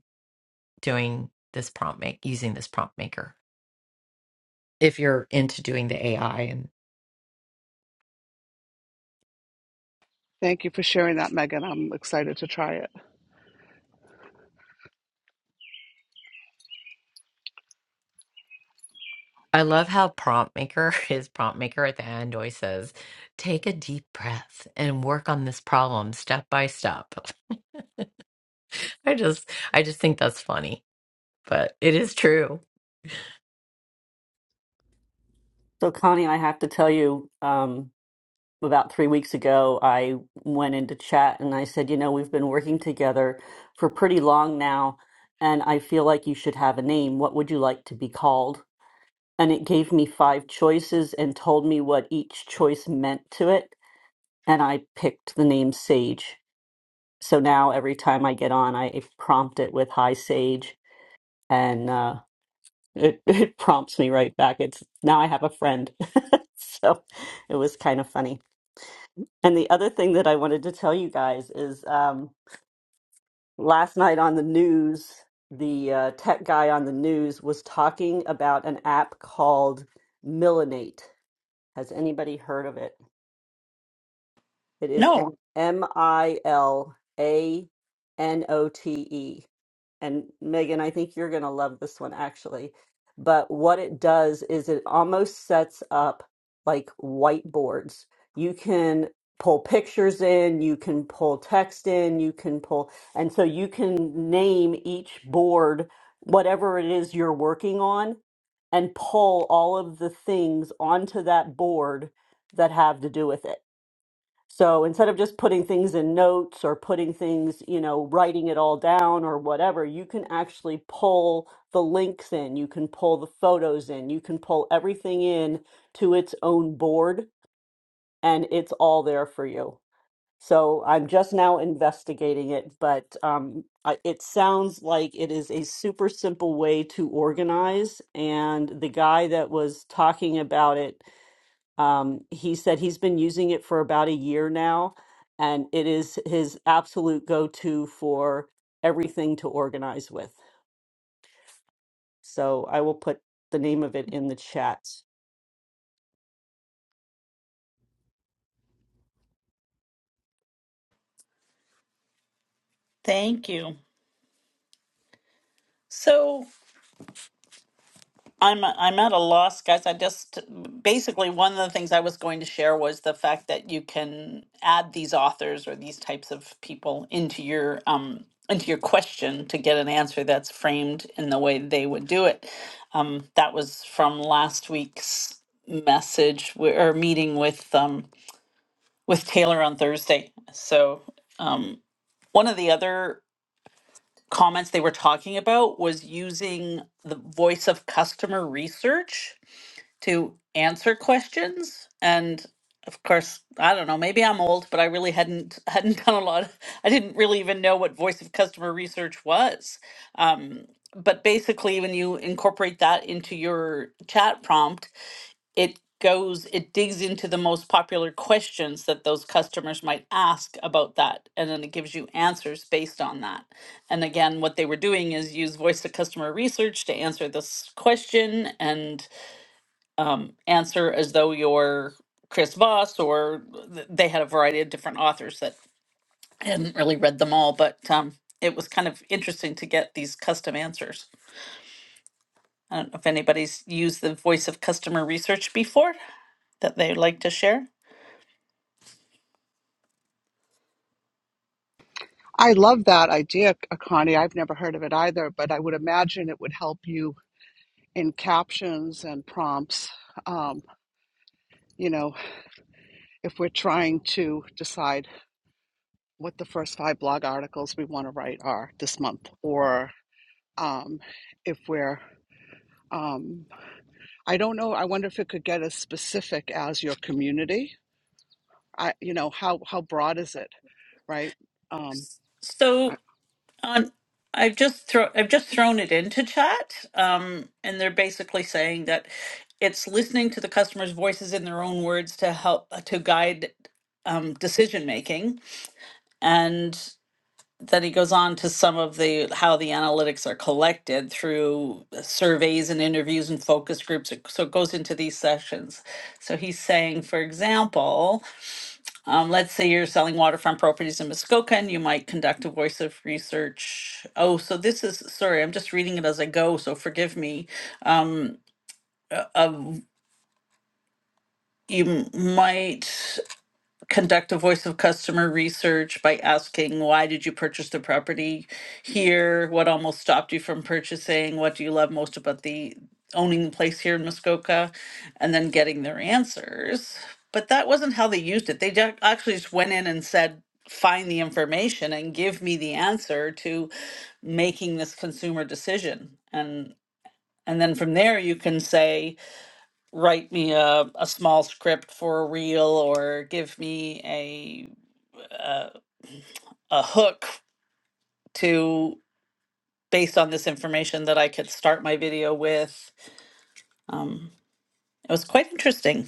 Speaker 6: doing this prompt make using this prompt maker if you're into doing the AI and
Speaker 5: Thank you for sharing that, Megan. I'm excited to try it.
Speaker 6: I love how prompt maker his prompt maker at the end always says, "Take a deep breath and work on this problem step by step." I just I just think that's funny, but it is true.
Speaker 4: So, Connie, I have to tell you, um, about three weeks ago, I went into chat and I said, you know, we've been working together for pretty long now, and I feel like you should have a name. What would you like to be called? and it gave me five choices and told me what each choice meant to it. And I picked the name Sage. So now every time I get on, I prompt it with "Hi Sage," and uh, it it prompts me right back. It's now I have a friend. so it was kind of funny. And the other thing that I wanted to tell you guys is um, last night on the news, the uh, tech guy on the news was talking about an app called Millinate. Has anybody heard of it? It is
Speaker 1: No,
Speaker 4: M M I L A N O T E. And Megan, I think you're going to love this one actually. But what it does is it almost sets up like whiteboards. You can pull pictures in, you can pull text in, you can pull, and so you can name each board whatever it is you're working on and pull all of the things onto that board that have to do with it. So instead of just putting things in notes or putting things, you know, writing it all down or whatever, you can actually pull the links in, you can pull the photos in, you can pull everything in to its own board, and it's all there for you. So I'm just now investigating it, but um, I- it sounds like it is a super simple way to organize. And the guy that was talking about it um, he said he's been using it for about a year now, and it is his absolute go-to for everything to organize with. So I will put the name of it in the chat.
Speaker 1: thank you. So, I'm I'm at a loss, guys. I just basically one of the things I was going to share was the fact that you can add these authors or these types of people into your um into your question to get an answer that's framed in the way they would do it. Um, that was from last week's message w- or meeting with um with Taylor on Thursday. So um, one of the other comments they were talking about was using the voice of customer research to answer questions and of course i don't know maybe i'm old but i really hadn't hadn't done a lot of- i didn't really even know what voice of customer research was um, but basically when you incorporate that into your chat prompt it goes it digs into the most popular questions that those customers might ask about that and then it gives you answers based on that and again what they were doing is use voice of customer research to answer this question and um, answer as though you're Chris Voss, or th- they had a variety of different authors that I hadn't really read them all, but um, it was kind of interesting to get these custom answers. I don't know if anybody's used the voice of customer research before that they'd like to share.
Speaker 5: I love that idea, Connie. I've never heard of it either, but I would imagine it would help you in captions and prompts. Um, you know, if we're trying to decide what the first five blog articles we want to write are this month, or um, if we're um, I don't know. I wonder if it could get as specific as your community. I, you know, how how broad is it, right? Um, I-
Speaker 1: So on, I've just throw I've just thrown it into chat, um, and they're basically saying that it's listening to the customers' voices in their own words to help to guide um, decision making, and. then he goes on to some of the how the analytics are collected through uh, surveys and interviews and focus groups It- so it goes into these sessions so he's saying for example um, let's say you're selling waterfront properties in muskoka and you might conduct a voice of research oh so this is sorry i'm just reading it as i go so forgive me um, uh, uh, you m- might conduct a voice of customer research by asking why did you purchase the property here what almost stopped you from purchasing what do you love most about the owning the place here in muskoka and then getting their answers but that wasn't how they used it they ju- actually just went in and said find the information and give me the answer to making this consumer decision and and then from there you can say write me a, a small script for a reel or give me a uh, a hook to based on this information that I could start my video with. Um, it was quite interesting.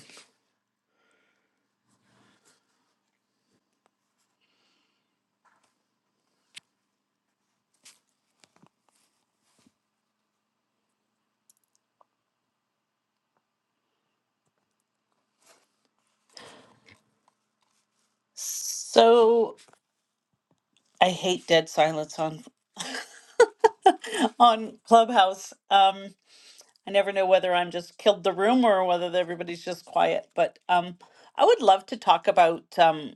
Speaker 1: So I hate dead silence on on Clubhouse. Um, I never know whether I'm just killed the room or whether everybody's just quiet. But um, I would love to talk about. um,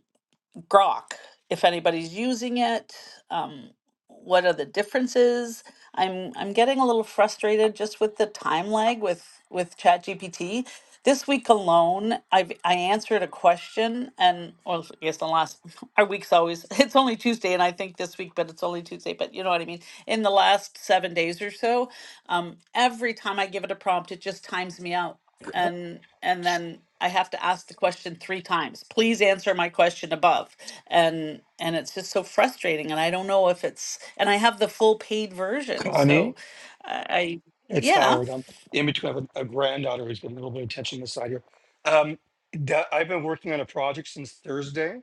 Speaker 1: Grok, if anybody's using it, um, what are the differences? I'm I'm getting a little frustrated just with the time lag with with ChatGPT. This week alone, I've I answered a question and well, I guess the last our week's always it's only Tuesday and I think this week, but it's only Tuesday, but you know what I mean. In the last seven days or so, um, every time I give it a prompt, it just times me out
Speaker 7: Con-
Speaker 1: and and then I have to ask the question three times. Please answer my question above and and it's just so frustrating and i don't know if it's and i have the full paid version so
Speaker 7: Connie,
Speaker 1: i I-
Speaker 7: it's
Speaker 1: yeah
Speaker 7: Howard. I'm in between. I have a, a granddaughter who's getting a little bit of attention this side here. Um, that I've been working on a project since Thursday.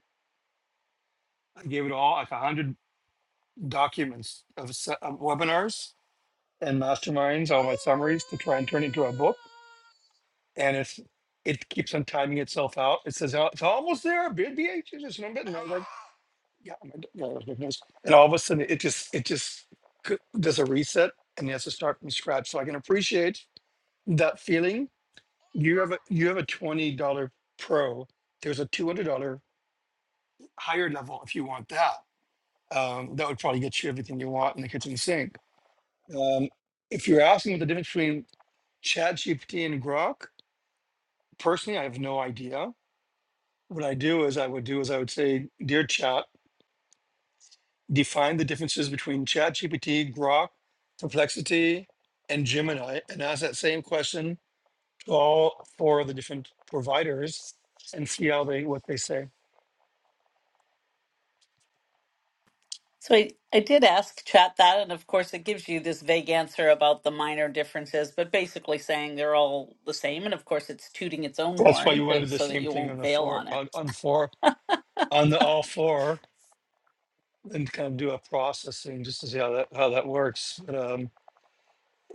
Speaker 7: I gave it all like a hundred documents of, se- of webinars and masterminds, all my summaries to try and turn into a book. And it's it keeps on timing itself out. It says "Oh, it's almost there. Bid be anxious just a little bit. And I was like, yeah, my daughter was making noise. And all of a sudden, it just it just c- does a reset and it has to start from scratch. So I can appreciate that feeling You have a you have a twenty dollar pro. There's a two hundred dollar higher level if you want that. Um, that would probably get you everything you want in the kitchen sink. Um, if you're asking what the difference between ChatGPT and Grok, personally, I have no idea. What I do is I would do is I would say, dear Chat, define the differences between ChatGPT, Grok, Perplexity, and Gemini, and ask that same question to all four of the different providers and see how they what they say.
Speaker 1: so i i did ask chat that and of course it gives you this vague answer about the minor differences but basically saying they're all the same and of course it's tooting its own
Speaker 7: That's why
Speaker 1: horn
Speaker 7: you want to
Speaker 1: to,
Speaker 7: do the
Speaker 1: so that
Speaker 7: same
Speaker 1: you
Speaker 7: thing on
Speaker 1: won't
Speaker 7: the
Speaker 1: bail
Speaker 7: four
Speaker 1: on it
Speaker 7: on, on four on the all four and kind of do a processing just to see how that how that works. But um,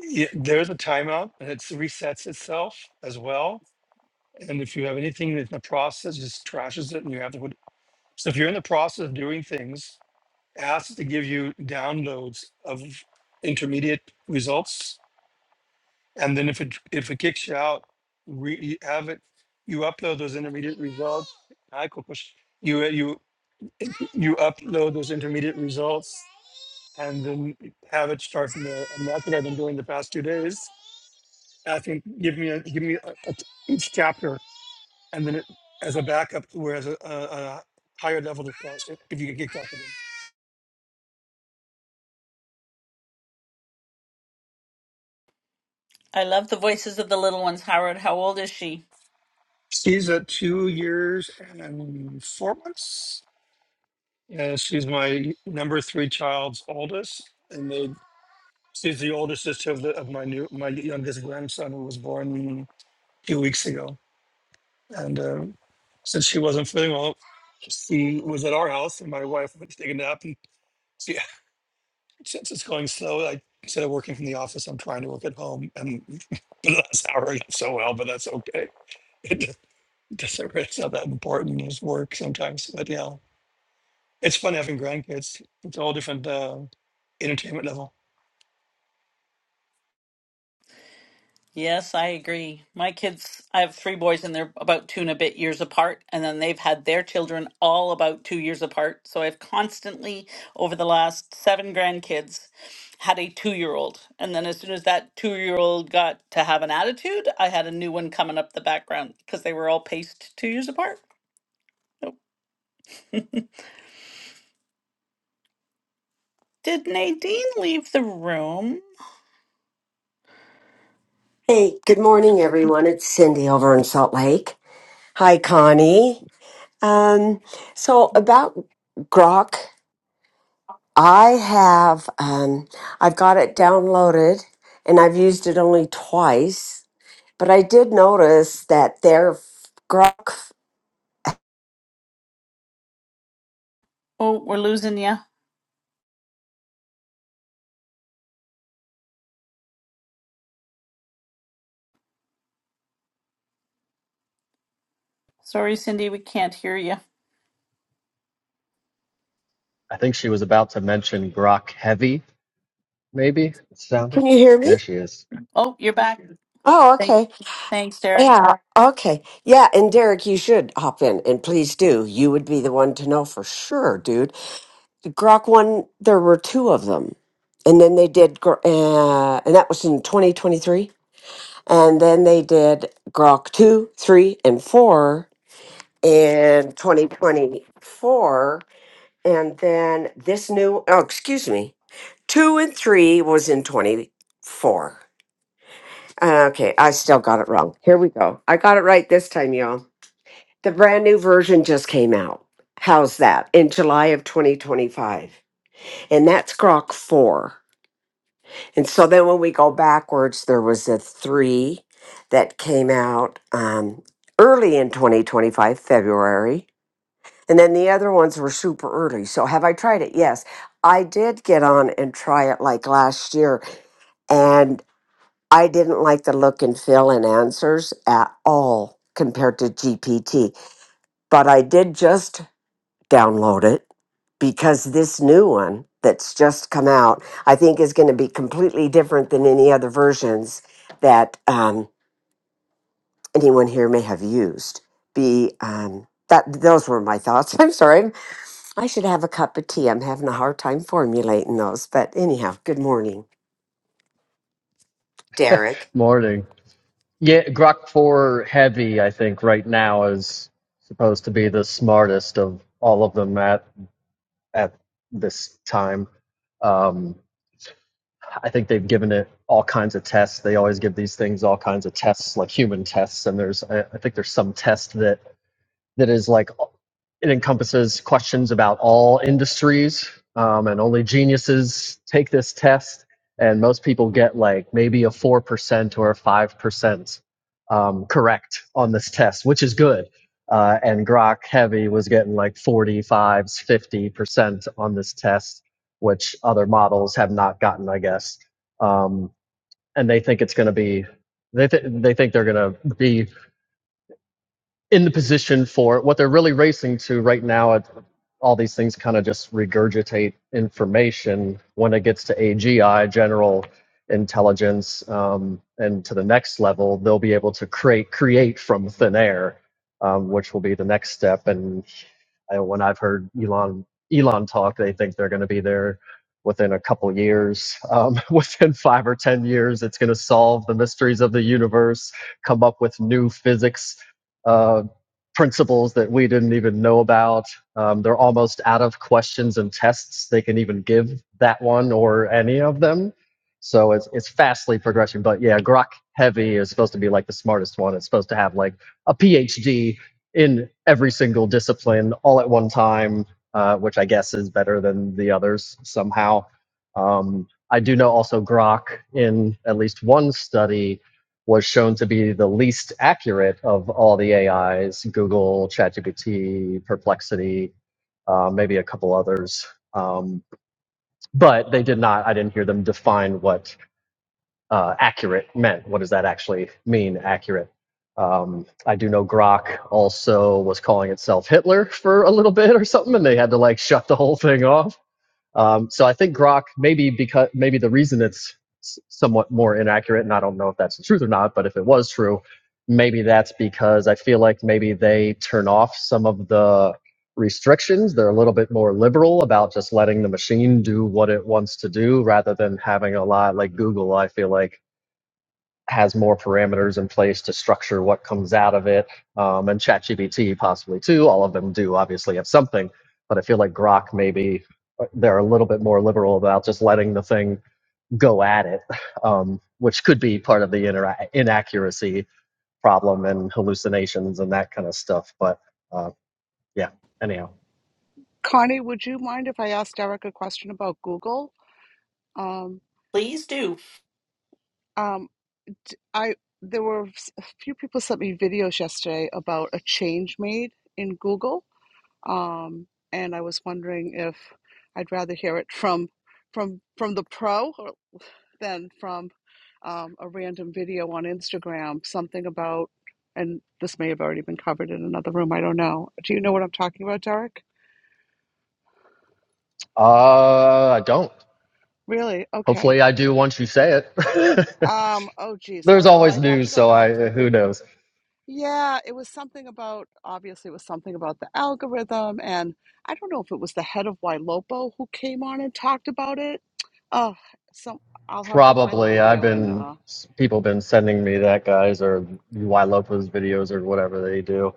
Speaker 7: yeah, there's a timeout and it resets itself as well. And if you have anything that's in the process, just trashes it, and you have to. Put, so if you're in the process of doing things, ask to give you downloads of intermediate results, and then if it if it kicks you out, re, you have it. You upload those intermediate results. I could push you. You you upload those intermediate results and then have it start from there. And that's what I've been doing the past two days. Asking, give me a, give me a, a- each chapter, and then it, as a backup, whereas a, a, a higher level to start if if you can get caught up in.
Speaker 1: i love the voices of the little ones howard how old is she
Speaker 7: She's at two years and four months. Uh, she's my number three child's oldest, and they, she's the older sister of, the, of my new my youngest grandson who was born two weeks ago. And uh, since she wasn't feeling well, she was at our house, and my wife went to take a nap. And she, since it's going slow, I instead of working from the office, I'm trying to work at home. And for the last hour, I got so well, but that's okay. It just- doesn't it's not that important as work sometimes. But yeah, it's fun having grandkids. It's a whole different uh, entertainment level.
Speaker 1: Yes, I agree. My kids, I have three boys and they're about two and a bit years apart. And then they've had their children all about two years apart. So I've constantly, over the last seven grandkids, had a two year old. And then as soon as that two year old got to have an attitude, I had a new one coming up the background because they were all paced two years apart. Oh, Did Nadine leave the room?
Speaker 8: Hey, good morning, everyone. It's Cindy over in Salt Lake. Hi, Connie. Um, so about Grok, I have um, I've got it downloaded, and I've used it only twice. But I did notice that their Grok.
Speaker 1: Oh, we're losing you. Sorry, Cindy, we can't hear you.
Speaker 9: I think she was about to mention Grok Heavy, maybe it sounded.
Speaker 8: Can you hear me?
Speaker 9: There she is.
Speaker 1: Oh, you're back.
Speaker 8: Oh,
Speaker 1: Thank,
Speaker 8: okay.
Speaker 1: thanks, Derek.
Speaker 8: Yeah. Okay. Yeah. And Derek, you should hop in, and please do. You would be the one to know for sure, dude Grok one, there were two of them. And then they did, Gro- uh, and that was in 2023. And then they did Grok 2, 3, and 4 in 2024. And then this new, oh, excuse me, 2 and 3 was in 24. Uh, Okay, I still got it wrong. Here we go. I got it right this time, y'all. The brand new version just came out. How's that? In July of 2025. And that's Grok 4. And so then when we go backwards, there was a three that came out um, early in 2025, February. And then the other ones were super early. So have I tried it? Yes. I did get on and try it like last year. And I didn't like the look and feel and answers at all compared to GPT. But I did just download it because this new one that's just come out, I think, is going to be completely different than any other versions that um, anyone here may have used. Be um, that those were my thoughts. I'm sorry. I should have a cup of tea. I'm having a hard time formulating those, but anyhow, good morning, Derek.
Speaker 9: Morning. Yeah, Grok 4 Heavy, I think, right now is supposed to be the smartest of all of them at, at this time. Um, I think they've given it all kinds of tests. They always give these things all kinds of tests, like human tests. And there's, I, I think there's some test that, that is like It encompasses questions about all industries, um, and only geniuses take this test. And most people get like maybe a 4% or a 5% um, correct on this test, which is good. Uh, and Grok Heavy was getting like 45s, 50% on this test, which other models have not gotten, I guess. Um, and they think it's going to be, they, th- they think they're going to be in the position for it. what they're really racing to right now. It, all these things kind of just regurgitate information when it gets to AGI, general intelligence, um, and to the next level, they'll be able to create create from thin air, um, which will be the next step. And I, when I've heard Elon Elon talk, they think they're going to be there within a couple years. Um, within five or ten years, it's going to solve the mysteries of the universe, come up with new physics uh, principles that we didn't even know about. Um, they're almost out of questions and tests they can even give that one or any of them. So it's it's fastly progressing. But yeah, Grok Heavy is supposed to be like the smartest one. It's supposed to have like a PhD in every single discipline all at one time, uh, which I guess is better than the others somehow. Um, I do know also Grok in at least one study was shown to be the least accurate of all the AIs Google, ChatGPT, Perplexity, uh, maybe a couple others. Um, but they did not, I didn't hear them define what uh, accurate meant. What does that actually mean, accurate? Um, I do know Grok also was calling itself Hitler for a little bit or something, and they had to like shut the whole thing off. Um, so I think Grok maybe because maybe the reason it's somewhat more inaccurate, and I don't know if that's the truth or not, but if it was true, maybe that's because I feel like maybe they turn off some of the restrictions. They're a little bit more liberal about just letting the machine do what it wants to do rather than having a lot like Google, I feel like has more parameters in place to structure what comes out of it, um, and ChatGPT possibly too. All of them do obviously have something, but I feel like Grok maybe uh, they're a little bit more liberal about just letting the thing go at it, um, which could be part of the inera- inaccuracy problem and hallucinations and that kind of stuff. But uh, yeah, anyhow,
Speaker 5: Connie, would you mind if I asked Eric a question about Google? Um,
Speaker 1: Please do.
Speaker 5: um, I there were s- a few people sent me videos yesterday about a change made in Google, um, and I was wondering if I'd rather hear it from from from the pro then from um, a random video on Instagram, something about, and this may have already been covered in another room. I don't know. Do you know what I'm talking about, Derek?
Speaker 9: uh, I don't.
Speaker 5: Really? Okay.
Speaker 9: Hopefully, I do once you say it.
Speaker 5: Um. Oh, geez. All
Speaker 9: There's
Speaker 5: right. Well,
Speaker 9: always
Speaker 5: I'd have to
Speaker 9: news,
Speaker 5: go
Speaker 9: so
Speaker 5: back
Speaker 9: I
Speaker 5: to the
Speaker 9: uh, who
Speaker 5: video.
Speaker 9: knows.
Speaker 5: Yeah, it was something about. Obviously, it was something about the algorithm, and I don't know if it was the head of Ylopo who came on and talked about it. Oh, so I'll have to find the
Speaker 9: Probably. I've
Speaker 5: video and.
Speaker 9: been
Speaker 5: Uh,
Speaker 9: people been sending me that guys or Y Lopez videos or whatever they do.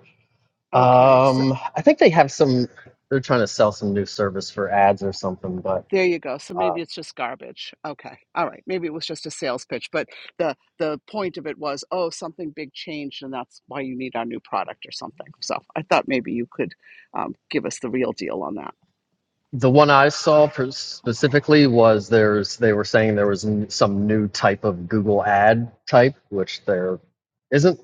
Speaker 5: okay. so
Speaker 9: Um, I think they have some. They're trying to sell some new service for ads or something, but
Speaker 5: There you go. So maybe
Speaker 9: uh,
Speaker 5: it's just garbage. Okay. All right. Maybe it was just a sales pitch, but the the point of it was, oh, something big changed, and that's why you need our new product or something. So I thought maybe you could um, give us the real deal on that.
Speaker 9: The one I saw per- specifically was there's they were saying there was n- some new type of Google ad type, which there isn't.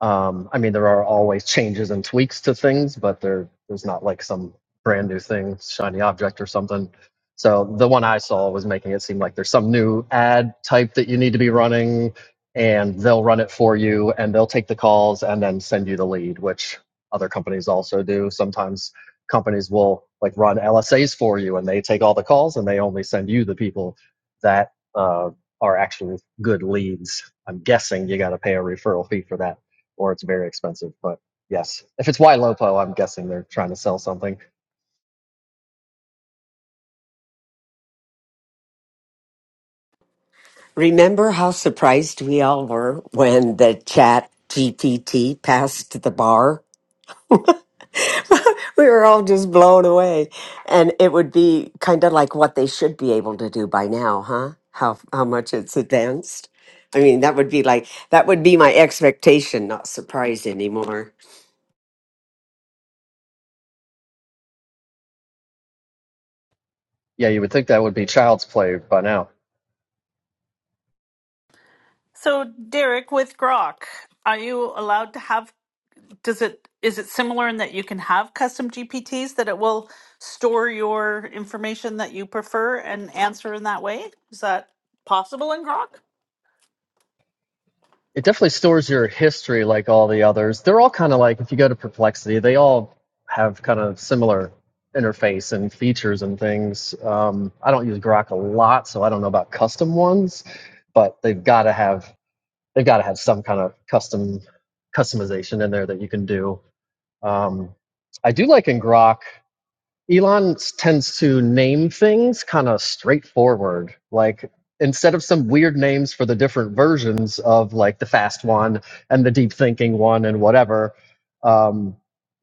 Speaker 9: Um, I mean, there are always changes and tweaks to things, but there there's not like some brand new thing, shiny object or something. So the one I saw was making it seem like there's some new ad type that you need to be running, and they'll run it for you, and they'll take the calls and then send you the lead, which other companies also do sometimes companies will like run LSAs for you and they take all the calls and they only send you the people that uh, are actual good leads. I'm guessing you got to pay a referral fee for that or it's very expensive. But yes, if it's Y L O P O, I'm guessing they're trying to sell something.
Speaker 8: Remember how surprised we all were when the chat GPT passed the bar? we were all just blown away. And it would be kind of like what they should be able to do by now, huh? How how much it's advanced. I mean, that would be like that would be my expectation, not surprise anymore.
Speaker 9: Yeah, you would think that would be child's play by now.
Speaker 1: So, Derek, with Grok, are you allowed to have? Does it is it similar in that you can have custom GPTs that it will store your information that you prefer and answer in that way? Is that possible in Grok?
Speaker 9: it definitely stores your history like all the others. They're all kind of like if you go to Perplexity, they all have kind of similar interface and features and things. Um, I don't use Grok a lot, so I don't know about custom ones, but they've got to have they've got to have some kind of custom customization in there that you can do. Um, I do like in Grok Elon tends to name things kind of straightforward. Like instead of some weird names for the different versions of like the fast one and the deep thinking one and whatever, um,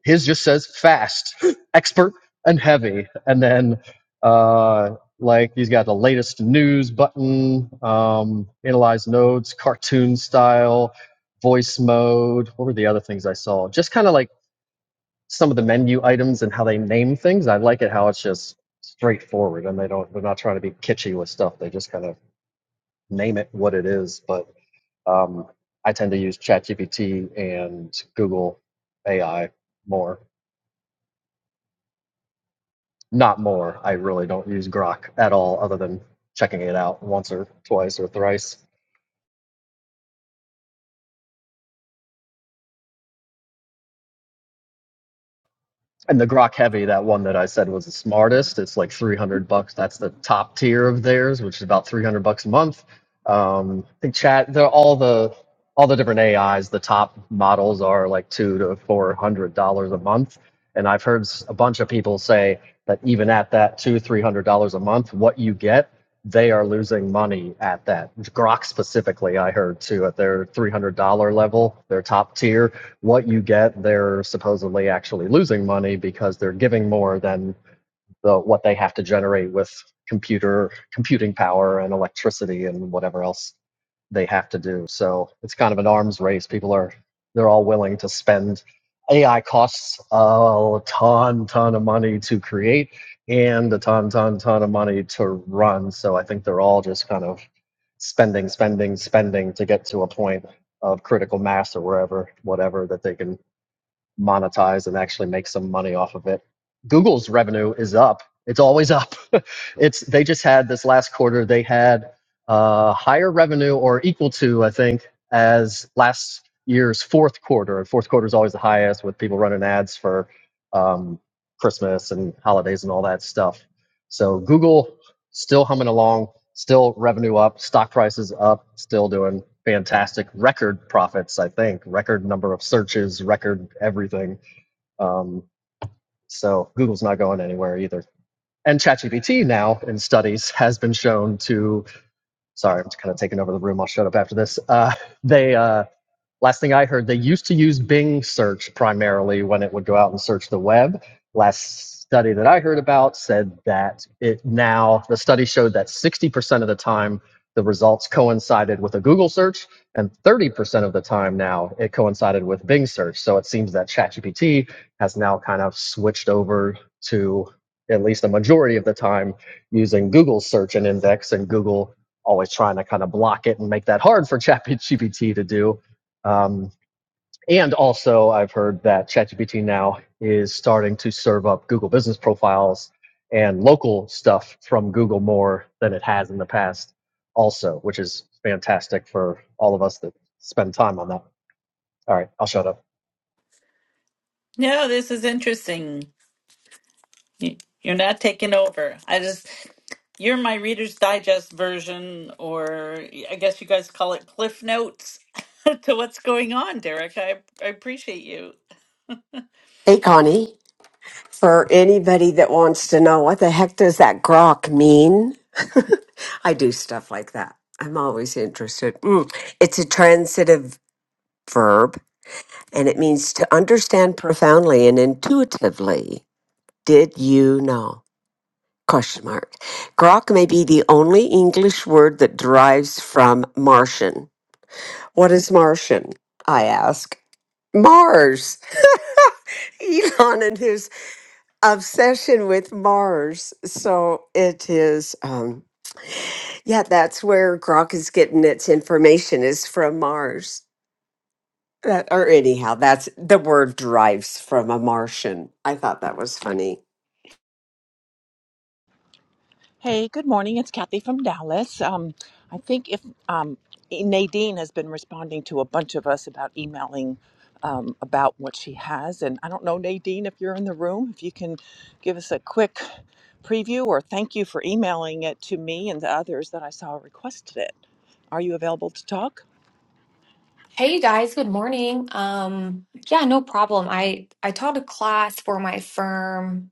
Speaker 9: his just says fast, expert, and heavy. And then uh, like he's got the latest news button, um, analyze nodes, cartoon style, voice mode. What were the other things I saw? Just kind of like some of the menu items and how they name things. I like it how it's just straightforward and they don't they're not trying to be kitschy with stuff. They just kind of name it what it is. But um, I tend to use ChatGPT and Google AI more. Not more. I really don't use Grok at all, other than checking it out once or twice or thrice. And the Grok Heavy, that one that I said was the smartest, it's like 300 bucks. That's the top tier of theirs, which is about 300 bucks a month. Um, I think chat, they're all the all the different AIs. The top models are like two to four hundred dollars a month, and I've heard s- a bunch of people say that even at that two three hundred dollars a month, what you get, they are losing money at that. Grok specifically, I heard too, at their three hundred dollar level, their top tier what you get, they're supposedly actually losing money because they're giving more than the what they have to generate with computer computing power and electricity and whatever else they have to do. So it's kind of an arms race. People are they're all willing to spend AI costs a ton ton of money to create and a ton ton ton of money to run. So I think they're all just kind of spending spending spending to get to a point of critical mass or wherever whatever that they can monetize and actually make some money off of it. Google's revenue is up. It's always up. it's they just had this last quarter. They had uh, higher revenue or equal to, I think, as last year's fourth quarter. And fourth quarter is always the highest with people running ads for um, Christmas and holidays and all that stuff. So Google still humming along, still revenue up, stock prices up, still doing fantastic record profits, I think, record number of searches, record everything. Um, so Google's not going anywhere either. And ChatGPT now in studies has been shown to, sorry, I'm just kind of taking over the room. I'll shut up after this. Uh, they, uh, Last thing I heard, they used to use Bing search primarily when it would go out and search the web. Last study that I heard about said that it now, the study showed that 60% of the time the results coincided with a Google search, and 30% of the time now it coincided with Bing search. So it seems that ChatGPT has now kind of switched over to at least a majority of the time using Google search and index, and Google always trying to kind of block it and make that hard for ChatGPT to do um, and also, I've heard that ChatGPT now is starting to serve up Google business profiles and local stuff from Google more than it has in the past, also, which is fantastic for all of us that spend time on that. All right, I'll shut up.
Speaker 1: No, this is interesting. Y- You're not taking over. I just, you're my Reader's Digest version, or I guess you guys call it Cliff Notes to what's going on, Derek. I, I appreciate you.
Speaker 8: Hey Connie, for anybody that wants to know what the heck does that grok mean? I do stuff like that. I'm always interested. Mm, It's a transitive verb and it means to understand profoundly and intuitively. Did you know? Question mark. Grok may be the only English word that derives from Martian. What is Martian? I ask. Mars. Elon and his obsession with Mars. So it is, um, yeah, that's where Grok is getting its information is from Mars. That, or anyhow, that's the word derives from a Martian. I thought that was funny.
Speaker 10: Hey, good morning. It's Kathy from Dallas. Um, I think if um, Nadine has been responding to a bunch of us about emailing um, about what she has, and I don't know, Nadine, if you're in the room, if you can give us a quick preview or thank you for emailing it to me and the others that I saw requested it. Are you available to talk?
Speaker 11: Hey you guys, good morning. Um, yeah, no problem. I I taught a class for my firm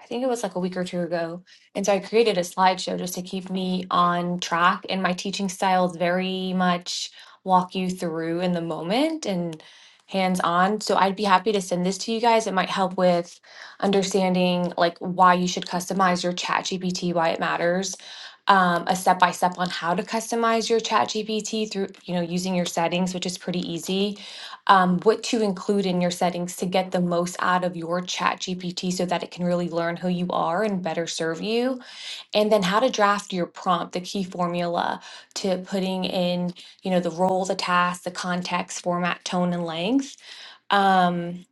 Speaker 11: I think it was like a week or two ago. And so I created a slideshow just to keep me on track. And my teaching style is very much walk you through in the moment and hands on. So I'd be happy to send this to you guys. It might help with understanding like why you should customize your chat GPT, why it matters. Um, a step by step on how to customize your chat GPT through, you know, using your settings, which is pretty easy um, what to include in your settings to get the most out of your chat GPT so that it can really learn who you are and better serve you. And then how to draft your prompt, the key formula to putting in, you know, the role, the task, the context, format, tone, and length. Um,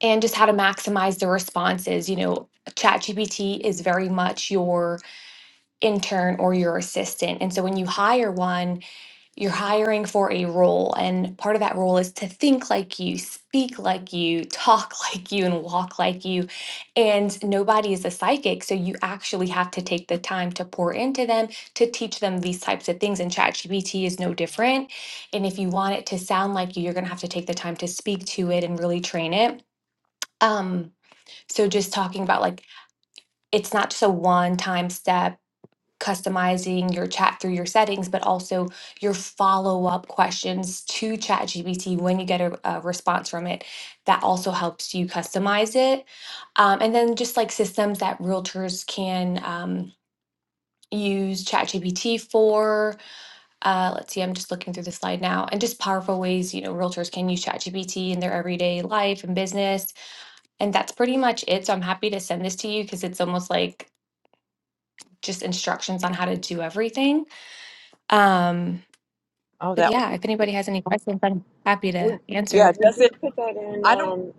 Speaker 11: and just how to maximize the responses. You know, ChatGPT is very much your intern or your assistant. And so when you hire one, you're hiring for a role, and part of that role is to think like you, speak like you, talk like you, and walk like you. And nobody is a psychic, so you actually have to take the time to pour into them to teach them these types of things. And ChatGPT is no different. And if you want it to sound like you, you're going to have to take the time to speak to it and really train it. Um, so just talking about like it's not just a one-time step customizing your chat through your settings, but also your follow up questions to ChatGPT when you get a, a response from it. That also helps you customize it. Um, and then just like systems that realtors can um, use ChatGPT for. Uh, let's see, I'm just looking through the slide now, and just powerful ways you know realtors can use ChatGPT in their everyday life and business. And that's pretty much it. So I'm happy to send this to you because it's almost like just instructions on how to do everything. Um,
Speaker 10: Oh,
Speaker 11: But
Speaker 10: that was,
Speaker 11: yeah, if anybody has any questions, I'm happy to
Speaker 12: Would
Speaker 10: yeah,
Speaker 11: answer.
Speaker 12: would
Speaker 10: does
Speaker 12: you
Speaker 10: it?
Speaker 12: put that in
Speaker 10: I don't,
Speaker 12: um,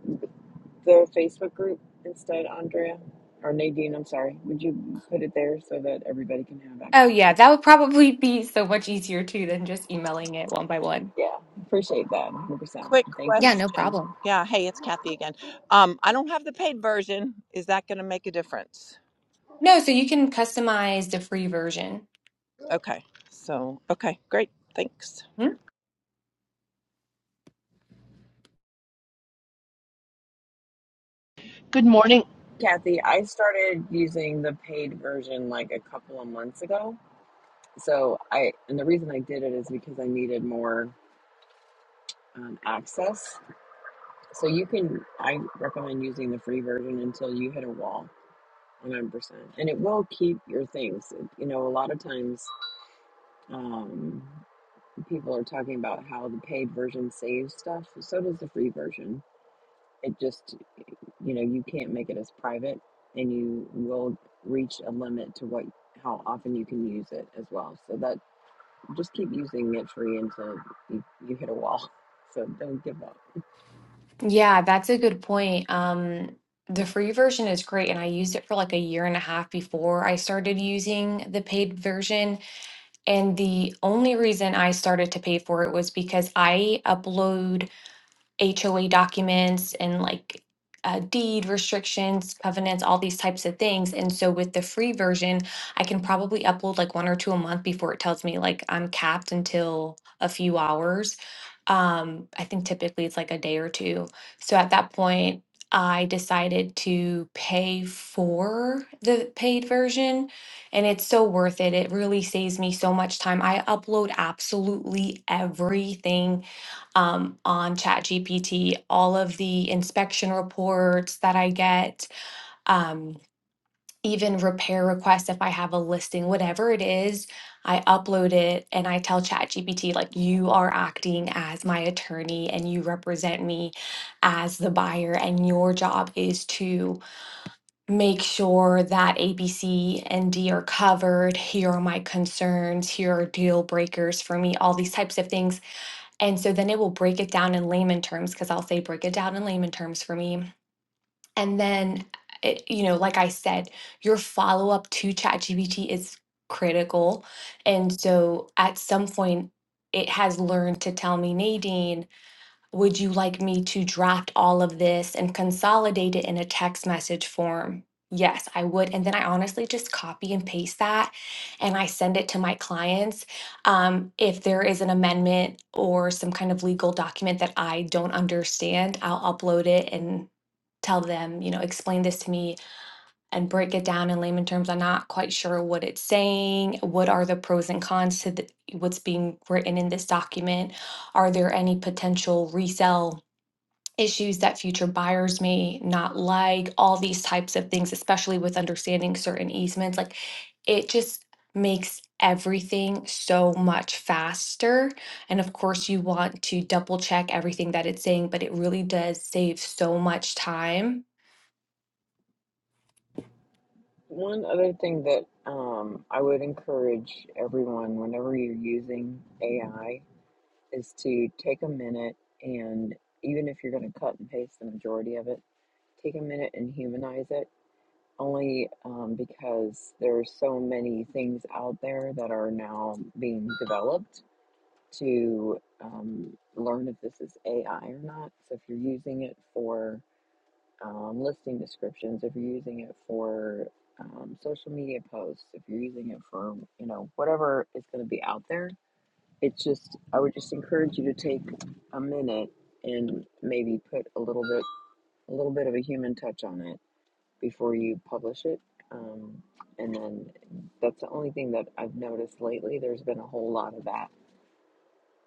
Speaker 12: the Facebook group instead, Andrea or Nadine? I'm sorry. Would you put it there so that everybody can have
Speaker 11: Oh,
Speaker 12: access
Speaker 11: yeah,
Speaker 12: to it?
Speaker 11: that would probably be so much easier too than just emailing it one by one.
Speaker 12: Yeah, appreciate that. 100. percent
Speaker 10: quick
Speaker 12: Thank
Speaker 11: Yeah,
Speaker 12: you,
Speaker 11: no
Speaker 10: question.
Speaker 11: problem.
Speaker 10: Yeah, hey, it's Kathy again. Um, I don't have the paid version. Is that going to make a difference?
Speaker 11: No, so you can customize the free version.
Speaker 10: Okay. So, okay, great. Thanks.
Speaker 11: Hmm?
Speaker 13: Good morning.
Speaker 12: Kathy. I started using the paid version like a couple of months ago. So I and the reason I did it is because I needed more um, access. So you can. I recommend using the free version until you hit a wall. 100%. And it will keep your things. You know, a lot of times Um, people are talking about how the paid version saves stuff. So does the free version. It just, you know, you can't make it as private, and you will reach a limit to what how often you can use it as well. So that just keep using it free until you, you hit a wall. So don't give up.
Speaker 11: Yeah, that's a good point. Um, the free version is great, and I used it for like a year and a half before I started using the paid version. And the only reason I started to pay for it was because I upload HOA documents and like uh, deed restrictions, covenants, all these types of things. And so with the free version, I can probably upload like one or two a month before it tells me like I'm capped until a few hours. Um, I think typically it's like a day or two. So at that point, I decided to pay for the paid version and it's so worth it. It really saves me so much time. I upload absolutely everything um, on ChatGPT, all of the inspection reports that I get, um, even repair requests if I have a listing, whatever it is, I upload it and I tell ChatGPT, like, you are acting as my attorney and you represent me as the buyer, and your job is to make sure that ABC and D are covered. Here are my concerns. Here are deal breakers for me, all these types of things and so then it will break it down in layman terms because I'll say, break it down in layman terms for me. And then, it, you know, like I said, your follow up to ChatGPT is critical. And so at some point, it has learned to tell me, Nadine, would you like me to draft all of this and consolidate it in a text message form? Yes, I would. And then I honestly just copy and paste that and I send it to my clients. Um, if there is an amendment or some kind of legal document that I don't understand, I'll upload it and tell them, you know, explain this to me and break it down in layman terms. I'm not quite sure what it's saying. What are the pros and cons to the, what's being written in this document? Are there any potential resell issues that future buyers may not like, all these types of things, especially with understanding certain easements. Like it just makes everything so much faster. And of course, you want to double check everything that it's saying, but it really does save so much time.
Speaker 12: One other thing that um, I would encourage everyone whenever you're using AI is to take a minute and even if you're going to cut and paste the majority of it take a minute and humanize it, only um, because there are so many things out there that are now being developed to um, learn if this is AI or not. So if you're using it for um, listing descriptions, if you're using it for um, social media posts, if you're using it for you know whatever is going to be out there, it's just I would just encourage you to take a minute and maybe put a little bit a little bit of a human touch on it before you publish it. Um, and then that's the only thing that I've noticed lately. There's been a whole lot of that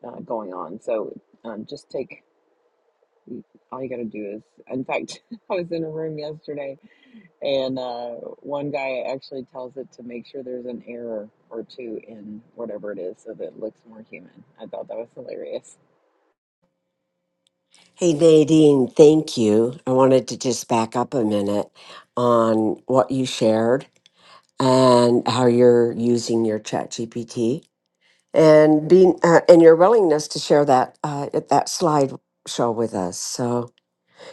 Speaker 12: uh, going on. So um, just take all you got to do is, in fact, I was in a room yesterday and uh, one guy actually tells it to make sure there's an error or two in whatever it is so that it looks more human. I thought that was hilarious.
Speaker 8: Hey, Nadine, thank you. I wanted to just back up a minute on what you shared and how you're using your chat GPT and being uh, and your willingness to share that uh, at that slide show with us. So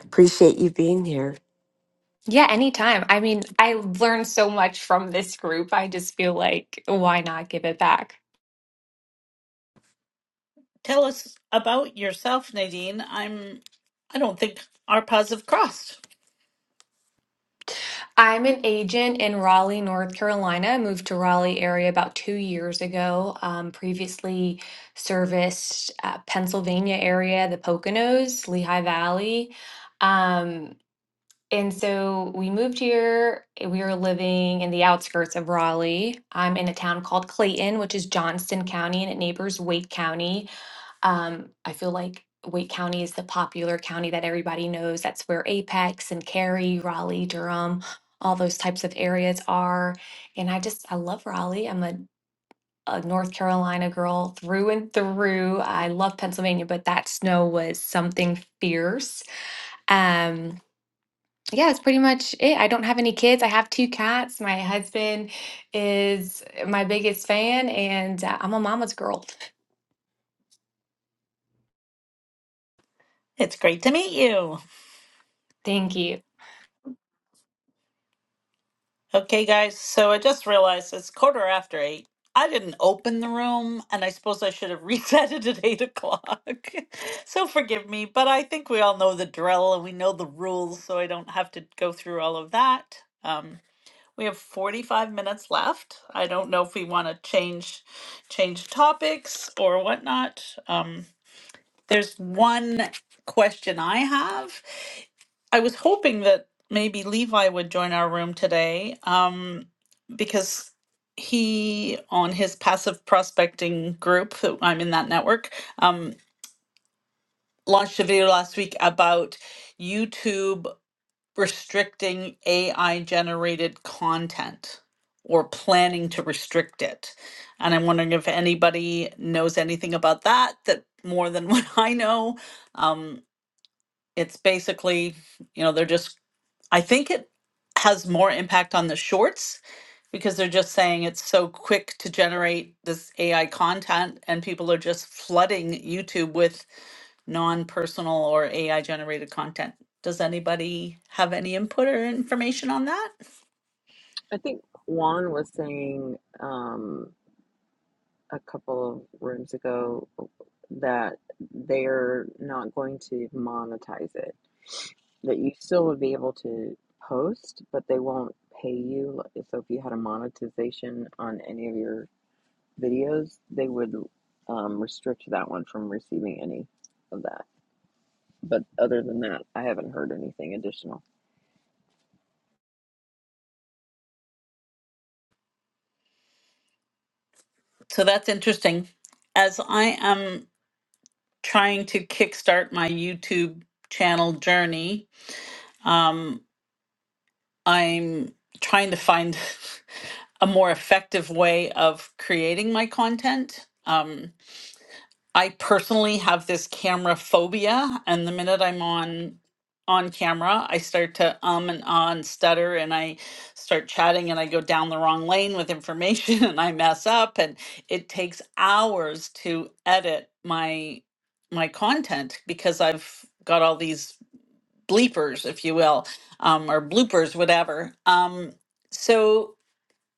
Speaker 8: appreciate you being here.
Speaker 11: Yeah, anytime. I mean, I learned so much from this group. I just feel like, why not give it back?
Speaker 1: Tell us about yourself, Nadine. I'm, I don't think our paths have crossed.
Speaker 11: I'm an agent in Raleigh, North Carolina. I moved to Raleigh area about two years ago. Um, previously serviced uh, Pennsylvania area, the Poconos, Lehigh Valley. Um, and so we moved here. and We are living in the outskirts of Raleigh. I'm in a town called Clayton, which is Johnston County, and it neighbors Wake County. Um, I feel like Wake County is the popular county that everybody knows. That's where Apex and Cary, Raleigh, Durham, all those types of areas are. And I just, I love Raleigh. I'm a, a North Carolina girl through and through. I love Pennsylvania, but that snow was something fierce. Um, yeah, it's pretty much it. I don't have any kids. I have two cats. My husband is my biggest fan, and uh, I'm a mama's girl.
Speaker 1: It's great to meet you.
Speaker 11: Thank you.
Speaker 1: Okay, guys, so I just realized it's quarter after eight. I didn't open the room, and I suppose I should have reset it at eight o'clock. so forgive me, but I think we all know the drill and we know the rules, so I don't have to go through all of that. Um, we have 45 minutes left. I don't know if we want to change change topics or whatnot. Um, There's one question I have. I was hoping that maybe Levi would join our room today um, because he, on his passive prospecting group, I'm in that network, um, launched a video last week about YouTube restricting AI generated content or planning to restrict it. And I'm wondering if anybody knows anything about that, that more than what I know. Um, It's basically, you know, they're just, I think it has more impact on the shorts because they're just saying it's so quick to generate this AI content and people are just flooding YouTube with non-personal or AI generated content. Does anybody have any input or information on that?
Speaker 12: I think Juan was saying, um, a couple of rooms ago that they're not going to monetize it. That you still would be able to post, but they won't pay you. So if you had a monetization on any of your videos, they would um, restrict that one from receiving any of that. But other than that, I haven't heard anything additional.
Speaker 1: So that's interesting. As I am trying to kickstart my YouTube channel journey, um, I'm trying to find a more effective way of creating my content. Um, I personally have this camera phobia, and the minute I'm on on camera, I start to um and ah and stutter, and I start chatting, and I go down the wrong lane with information, and I mess up, and it takes hours to edit my my content because I've got all these bleepers, if you will, um, or bloopers, whatever. Um, so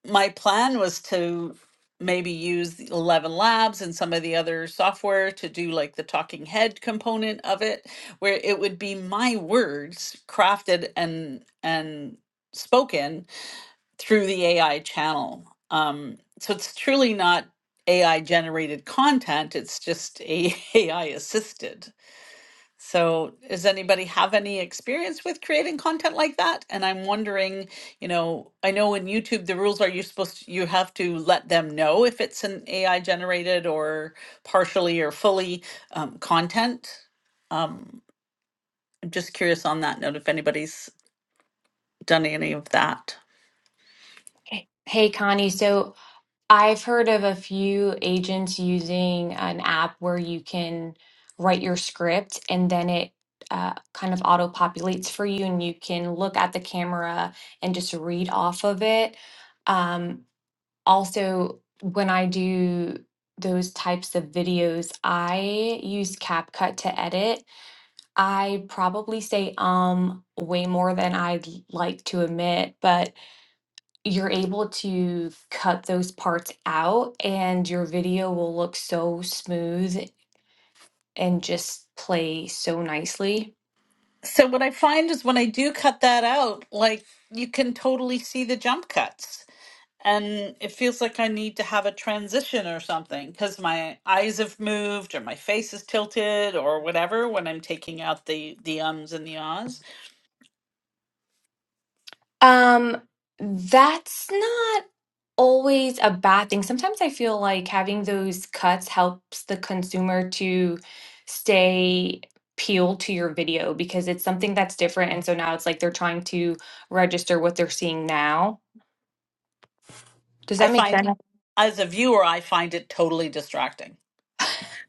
Speaker 1: my plan was to maybe use the Eleven Labs and some of the other software to do like the talking head component of it, where it would be my words crafted and and spoken through the AI channel. Um, so it's truly not AI generated content; it's just a AI assisted. So, does anybody have any experience with creating content like that? And I'm wondering, you know, I know in YouTube the rules are you supposed to, you have to let them know if it's an AI generated or partially or fully um, content. Um, I'm just curious on that note if anybody's done any of that.
Speaker 11: Hey, hey, Connie. So I've heard of a few agents using an app where you can write your script and then it uh, kind of auto populates for you, and you can look at the camera and just read off of it. Um, also, when I do those types of videos, I use CapCut to edit. I probably say um way more than I'd like to admit, but you're able to cut those parts out and your video will look so smooth and just play so nicely.
Speaker 1: So what I find is when I do cut that out, like you can totally see the jump cuts and it feels like I need to have a transition or something because my eyes have moved or my face is tilted or whatever when I'm taking out the the ums and the ahs.
Speaker 11: Um that's not always a bad thing. Sometimes I feel like having those cuts helps the consumer to stay peeled to your video because it's something that's different and so now it's like they're trying to register what they're seeing now. Does
Speaker 1: I
Speaker 11: that make
Speaker 1: find
Speaker 11: sense?
Speaker 1: as a viewer, I find it totally distracting.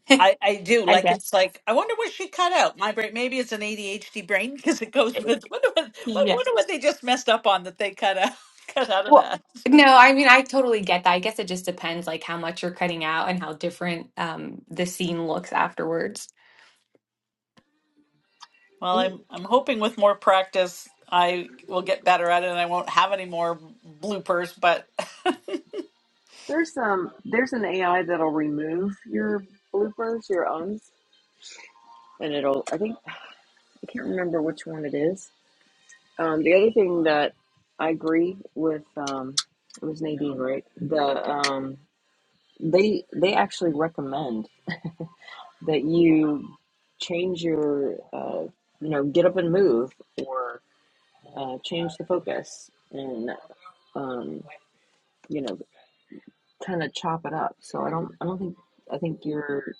Speaker 1: I, I do
Speaker 11: I
Speaker 1: like it's
Speaker 11: guess.
Speaker 1: like I wonder what she cut out. My brain maybe it's an ADHD brain because it goes with wonder what
Speaker 11: Yeah.
Speaker 1: wonder what they just messed up on that they cut out cut out of
Speaker 11: Well,
Speaker 1: that.
Speaker 11: no, I mean, I totally get that. I guess it just depends like how much you're cutting out and how different um the scene looks afterwards.
Speaker 1: Well,
Speaker 12: And
Speaker 1: I'm I'm hoping with more practice I will get better at it and I won't have any more bloopers, but
Speaker 12: there's um there's an AI that'll remove your bloopers, your owns. And it'll, I think, I can't remember which one it is. Um, the other thing that I agree with um, it was Nadine, right? The um, they they actually recommend that you change your uh, you know get up and move or uh, change the focus and um, you know kind of chop it up. So I don't I don't think I think you're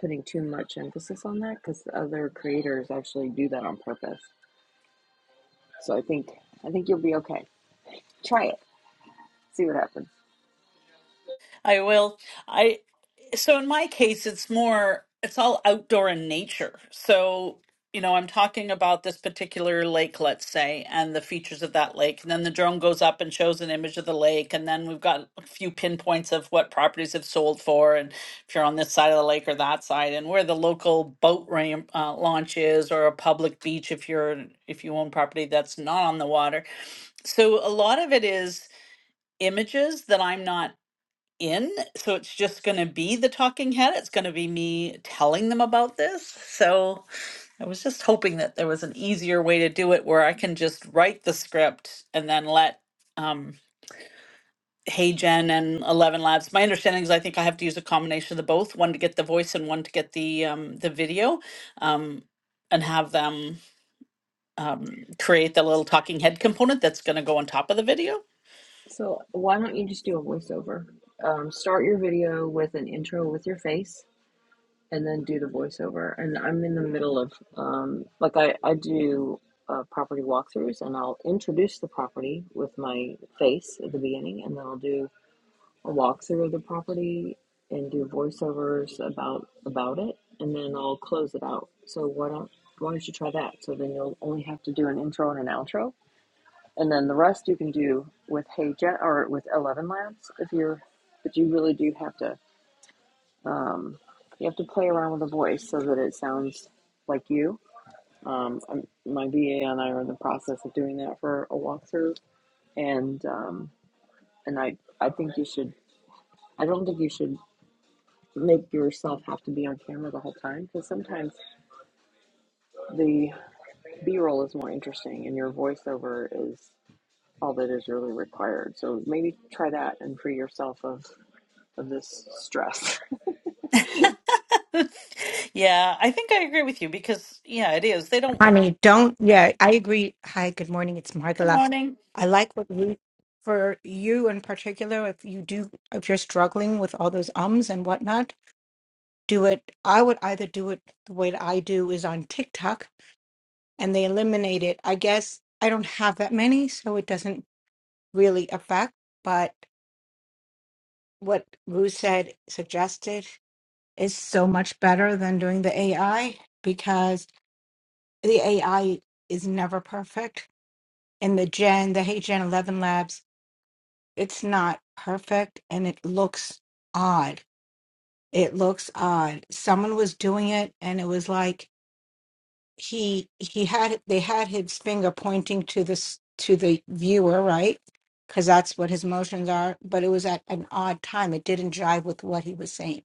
Speaker 12: putting too much emphasis on that because other creators actually do that on purpose. So I think I think you'll be okay. Try it, see what happens.
Speaker 1: I will. I. So in my case, it's more, it's all outdoor in nature. So, you know, I'm talking about this particular lake, let's say, and the features of that lake. And then the drone goes up and shows an image of the lake. And then we've got a few pinpoints of what properties have sold for, and if you're on this side of the lake or that side, and where the local boat ramp uh, launch is, or a public beach if you're if you own property that's not on the water. So a lot of it is images that I'm not in. So it's just going to be the talking head. It's going to be me telling them about this. So I was just hoping that there was an easier way to do it where I can just write the script and then let um, Hey Jen and Eleven Labs. My understanding is I think I have to use a combination of the both, one to get the voice and one to get the um, the video, um, and have them um, create the little talking head component that's going to go on top of the video.
Speaker 12: So why don't you just do a voiceover? Um, start your video with an intro with your face, and then do the voiceover. And I'm in the middle of um, like I I do uh, property walkthroughs, and I'll introduce the property with my face at the beginning, and then I'll do a walkthrough of the property and do voiceovers about about it, and then I'll close it out. So why don't why don't you try that? So then you'll only have to do an intro and an outro and then the rest you can do with hay jet or with 11 Labs. if you're but you really do have to um, you have to play around with the voice so that it sounds like you um, I'm, my va and i are in the process of doing that for a walkthrough and um, and i i think you should i don't think you should make yourself have to be on camera the whole time because sometimes the b-roll is more interesting and your voiceover is all that is really required so maybe try that and free yourself of of this stress.
Speaker 1: Yeah, I think I agree with you because, yeah, it is. They don't.
Speaker 14: Honey, don't. Yeah, I agree. Hi, good morning. It's
Speaker 1: Good
Speaker 14: Margala.
Speaker 1: morning.
Speaker 14: I like what you, for you in particular, if you do, if you're struggling with all those ums and whatnot, do it. I would either do it the way that I do is on TikTok and they eliminate it. I guess I don't have that many, so it doesn't really affect. But what Rue said, suggested, is so much better than doing the AI because the AI is never perfect In the Gen, the Hey Gen 11 Labs, it's not perfect and it looks odd. It looks odd. Someone was doing it and it was like he he had they had his finger pointing to this to the viewer, right? Because that's what his motions are, but it was at an odd time. It didn't jive with what he was saying.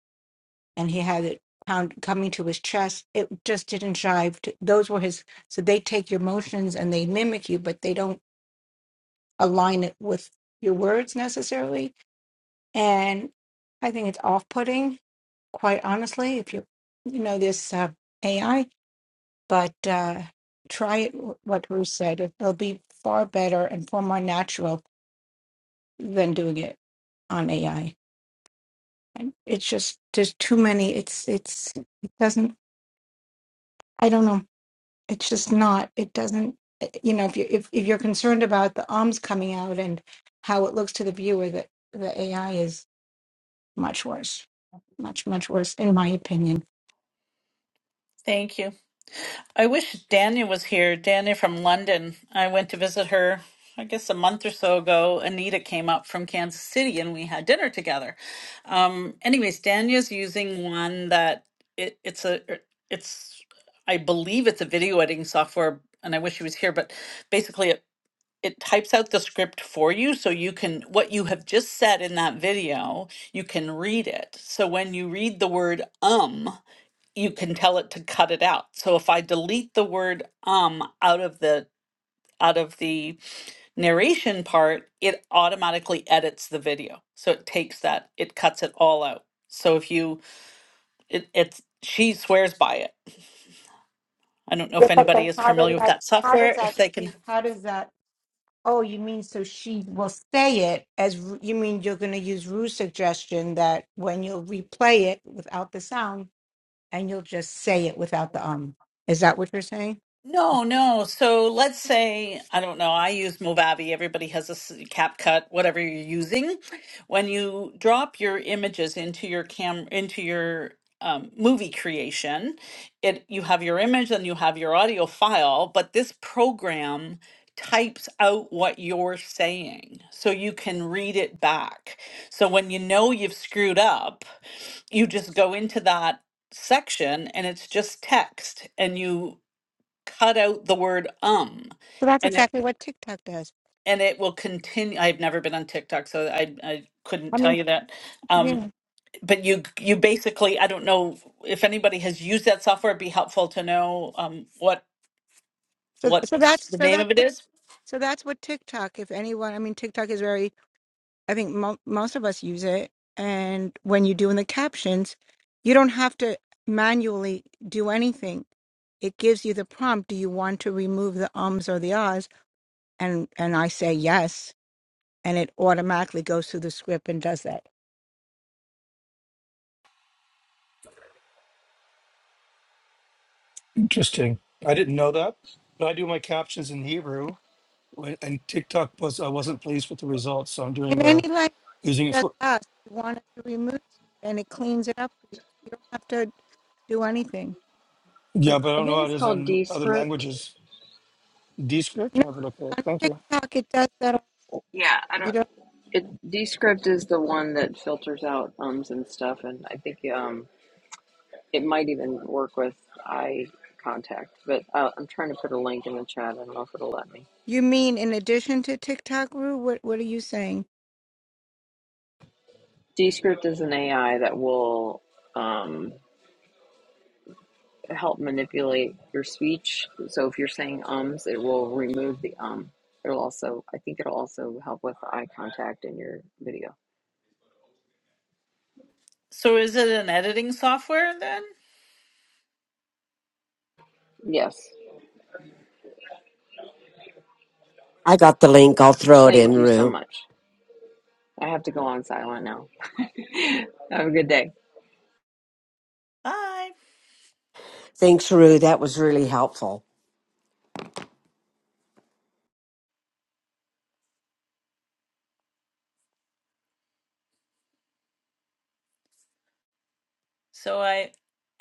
Speaker 14: And he had it pound coming to his chest. It just didn't jive. To, those were his. So they take your motions and they mimic you, but they don't align it with your words necessarily. And I think it's off putting, quite honestly, if you you know this uh, AI, but uh, try it, wh- what Ruth said. It- It'll be far better and far more natural than doing it on AI. And it's just, there's too many, it's, it's, it doesn't, I don't know. It's just not, it doesn't, eh, you know, if you, if, if you're concerned about the arms coming out and how it looks to the viewer that the AI is Much worse. Much, much worse, in my opinion.
Speaker 1: Thank you. I wish Dania was here. Dania from London. I went to visit her, I guess a month or so ago. Anita came up from Kansas City and we had dinner together. Um, anyways, Dania's using one that it, it's a, it's, I believe it's a video editing software and I wish she was here, but basically it, it types out the script for you so you can what you have just said in that video you can read it so when you read the word um you can tell it to cut it out. So if I delete the word um out of the out of the narration part, it automatically edits the video. So it takes that, it cuts it all out. So if you it it's she swears by it. I don't know
Speaker 14: Yeah,
Speaker 1: if
Speaker 14: but then
Speaker 1: anybody is
Speaker 14: how does
Speaker 1: familiar with
Speaker 14: that?
Speaker 1: that
Speaker 14: How does
Speaker 1: software, if
Speaker 14: that?
Speaker 1: they can
Speaker 14: speak- How does that? Oh, you mean so she will say it as Ru- you mean you're going to use Rue's suggestion that when you'll replay it without the sound and you'll just say it without the um. Is that what you're saying?
Speaker 1: No, no. So let's say, I don't know, I use Movavi. Everybody has a s- CapCut, whatever you're using. When you drop your images into your cam, into your um, movie creation, it you have your image and you have your audio file, but this program types out what you're saying so you can read it back. So when you know you've screwed up, you just go into that section and it's just text and you cut out the word um
Speaker 14: So that's
Speaker 1: and it
Speaker 14: exactly what TikTok does.
Speaker 1: and it will continue i've never been on tiktok so i i couldn't
Speaker 14: I
Speaker 1: tell
Speaker 14: mean,
Speaker 1: you that um
Speaker 14: yeah.
Speaker 1: but you you basically i don't know if anybody has used that software it'd be helpful to know um what
Speaker 14: So
Speaker 1: what
Speaker 14: so that's
Speaker 1: the
Speaker 14: so
Speaker 1: name
Speaker 14: that's
Speaker 1: of it
Speaker 14: what
Speaker 1: is
Speaker 14: so that's what TikTok. If anyone, I mean, TikTok is very I think mo- most of us use it. And when you do in the captions, you don't have to manually do anything. It gives you the prompt. Do you want to remove the ums or the ahs? And and I say yes, and it automatically goes through the script and does that.
Speaker 7: Interesting. I didn't know that, but I do my captions in Hebrew. when- And TikTok was I wasn't pleased with the results, so I'm
Speaker 14: In
Speaker 7: doing a
Speaker 14: any language.
Speaker 7: using it
Speaker 14: just
Speaker 7: for
Speaker 14: us. You want it to remove it, and it cleans it up for you. You don't have to do anything.
Speaker 12: I
Speaker 7: Yeah, but I don't know
Speaker 12: think
Speaker 7: how it
Speaker 12: it's
Speaker 7: is
Speaker 12: called
Speaker 7: on other
Speaker 12: Descript.
Speaker 7: languages. Descript,
Speaker 14: No,
Speaker 7: I have a look at it.
Speaker 14: on
Speaker 7: Thank you.
Speaker 14: TikTok it does that.
Speaker 12: Yeah, I
Speaker 14: You
Speaker 12: don't.
Speaker 14: don't.
Speaker 12: It Descript is the one that filters out ums and stuff, and I think um it might even work with eye contact. But uh, I'm trying to put a link in the chat. I don't know if it'll let me.
Speaker 14: You mean in addition to TikTok, Rue? What What are you saying?
Speaker 12: Descript is an AI that will um help manipulate your speech. So if you're saying ums, it will remove the um. It'll also, I think, it'll also help with the eye contact in your video.
Speaker 1: so is it an editing software then
Speaker 12: Yes.
Speaker 8: I got the link. I'll throw it in,
Speaker 12: Thank you so
Speaker 8: Rue.
Speaker 12: much. I have to go on silent now. Have a good day.
Speaker 1: hi
Speaker 8: Thanks, Rue. That was really helpful.
Speaker 1: so i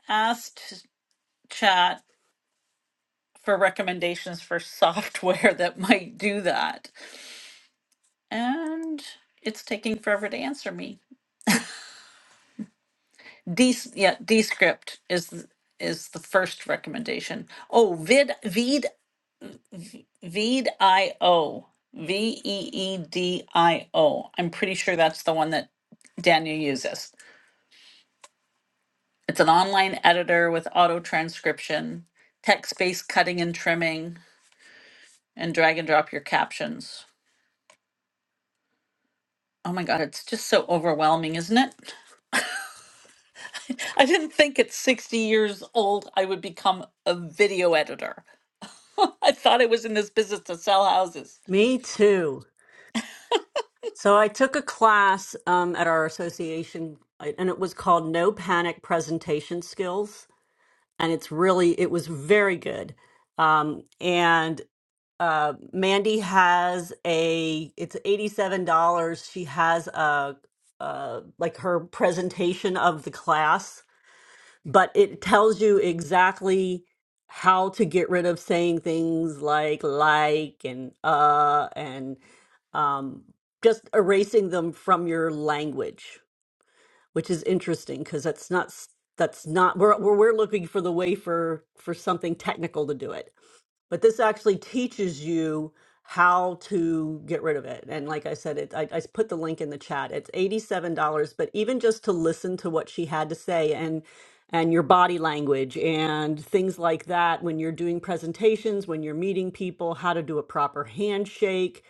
Speaker 1: asked for recommendations for software that might do that. And it's taking forever to answer me. D yeah, Descript is th- is the first recommendation. Oh, vid vid Vidio V e e e d i o. I'm pretty sure that's the one that Daniel uses. It's an online editor with auto transcription, text-based cutting and trimming, and drag and drop your captions. Oh my god, it's just so overwhelming, isn't it? I didn't think at 60 years old I would become a video editor. I thought I was in this business to sell houses.
Speaker 4: Me too. So I took a class um, at our association, I- and it was called No Panic Presentation Skills, and it's really it was very good. Um, and uh Mandy has a it's $87. She has a uh like her presentation of the class, but it tells you exactly how to get rid of saying things like like and uh and um just erasing them from your language, which is interesting because that's not s- that's not we're we're we're looking for the way for for something technical to do it but this actually teaches you how to get rid of it and like i said it I, I put the link in the chat it's $87 but even just to listen to what she had to say and and your body language and things like that when you're doing presentations when you're meeting people how to do a proper handshake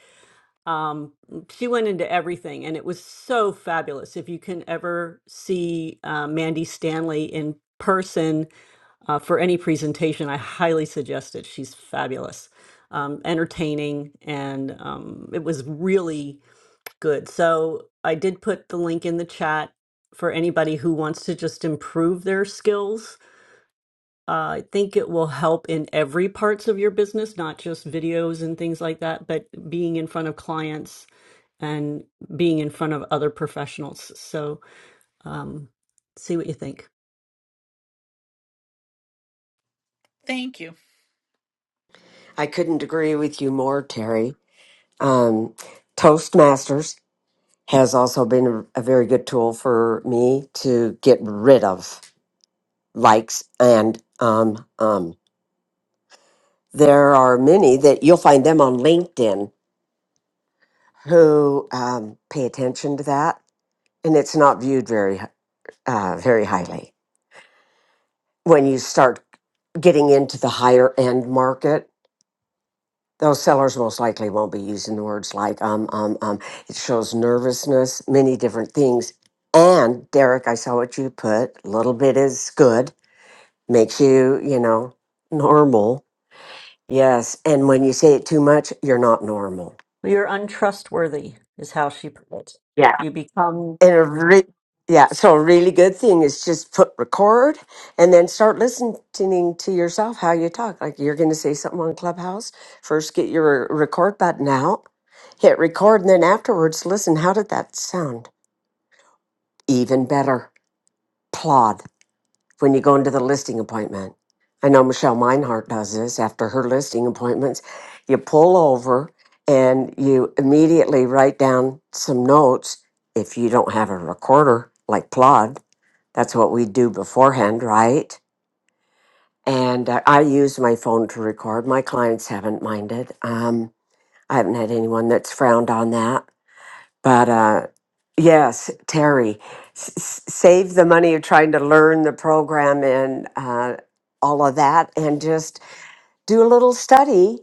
Speaker 4: um, she went into everything and it was so fabulous if you can ever see uh, mandy stanley in person uh, for any presentation, I highly suggest it. She's fabulous, um, entertaining, and um, it was really good. So I did put the link in the chat for anybody who wants to just improve their skills. Uh, I think it will help in every parts of your business, not just videos and things like that, but being in front of clients and being in front of other professionals. So um, see what you think.
Speaker 1: Thank you.
Speaker 8: I couldn't agree with you more, Terry. Um, Toastmasters. has also been a a very good tool for me to get rid of likes and um um there are many that you'll find them on linkedin who um, pay attention to that and it's not viewed very h- uh, very highly when you start getting into the higher end market those sellers most likely won't be using the words like um um um it shows nervousness many different things and derek i saw what you put a little bit is good makes you, you know, normal. Yes. And when you say it too much, you're not normal.
Speaker 4: You're untrustworthy, is how she put it.
Speaker 8: Yeah.
Speaker 4: You become
Speaker 8: And a re- yeah, so a really good thing is just put record and then start listening to yourself how you talk. Like you're going to say something on Clubhouse, first get your record button out, hit record, and then afterwards listen. How did that sound? Even better. Plod. when you go into the listing appointment. I know Michelle Meinhardt does this after her listing appointments. You pull over and you immediately write down some notes if you don't have a recorder like Plod. That's what we do beforehand, right? And uh, I use my phone to record. My clients haven't minded. Um, I haven't had anyone that's frowned on that. But uh, yes, Terry, s- s- save the money of trying to learn the program and uh, all of that, and just do a little study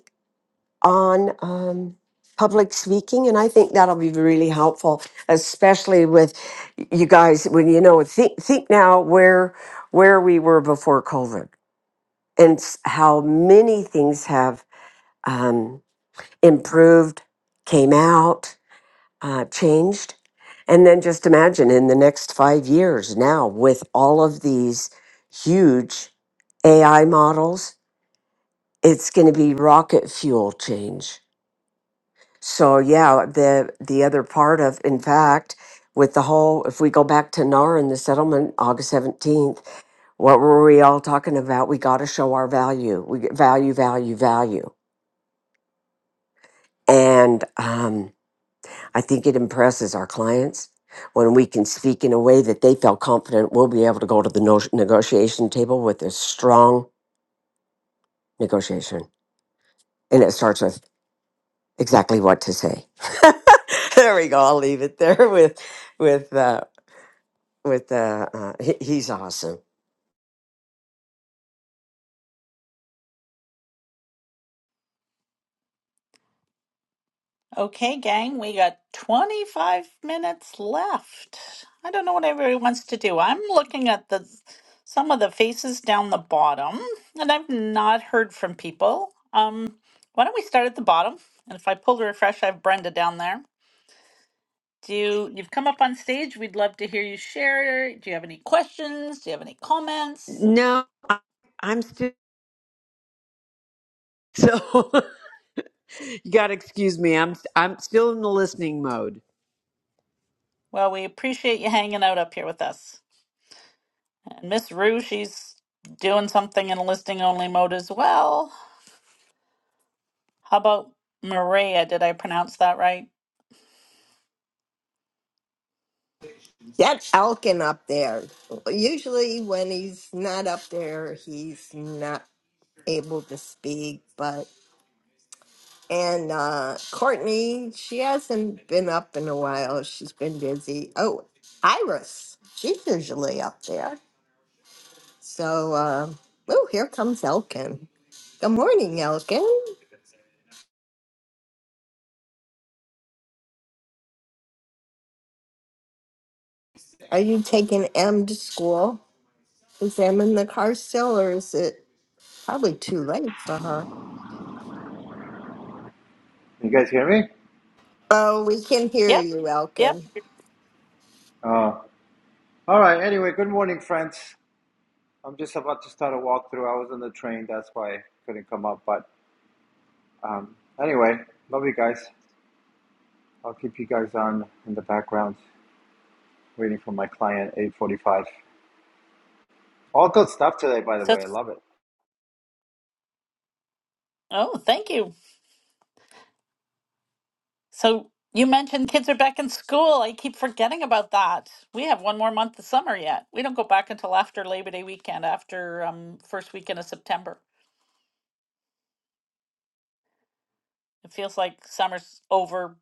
Speaker 8: on um, public speaking. And I think that'll be really helpful, especially with you guys when you know. Think think now where where we were before COVID, and s- how many things have um, improved, came out uh, changed. And then just imagine in the next five years now with all of these huge AI models, it's going to be rocket fuel change. So yeah, the the other part of, in fact, with the whole, if we go back to NAR and the settlement, August seventeenth, what were we all talking about? We got to show our value. We get value, value, value, and um, I think it impresses our clients when we can speak in a way that they feel confident we'll be able to go to the no- negotiation table with a strong negotiation. And it starts with exactly what to say. there we go. I'll leave it there with, with, uh, with, uh, uh, he- he's awesome.
Speaker 1: Okay, gang, we got 25 minutes left. I don't know what everybody wants to do. I'm looking at the some of the faces down the bottom, and I've not heard from people. Um, why don't we start at the bottom? And if I pull the refresh, I have Brenda down there. Do you've come up on stage? We'd love to hear you share. Do you have any questions? Do you have any comments?
Speaker 15: No, I- I'm still so you got to excuse me. I'm I'm still in the listening mode.
Speaker 1: Well, we appreciate you hanging out up here with us. And Miss Rue, she's doing something in a listing only mode as well. How about Maria? Did I pronounce that right?
Speaker 3: That's Elkin up there. Usually when he's not up there, he's not able to speak, but and uh Courtney, she hasn't been up in a while. She's been busy. Oh, Iris, she's usually up there. So, uh, oh, here comes Elkin. Good morning, Elkin. Are you taking Em to school? Is Em in the car still, or is it probably too late for her?
Speaker 16: You guys hear me?
Speaker 3: Oh, we can hear
Speaker 1: Yep.
Speaker 3: you,
Speaker 1: Yep.
Speaker 3: Elkin.
Speaker 16: Uh, all right. Anyway, good morning, friends. I'm just about to start a walkthrough. I was on the train, that's why I couldn't come up. But um, anyway, love you guys. I'll keep you guys on in the background, waiting for my client, 8:45. All good stuff today, by the
Speaker 1: So
Speaker 16: way. I
Speaker 1: it's,
Speaker 16: love it.
Speaker 1: oh, thank you. So you mentioned kids are back in school. I keep forgetting about that. We have one more month of summer yet. We don't go back until after Labor Day weekend, after um, first weekend of September. It feels like summer's over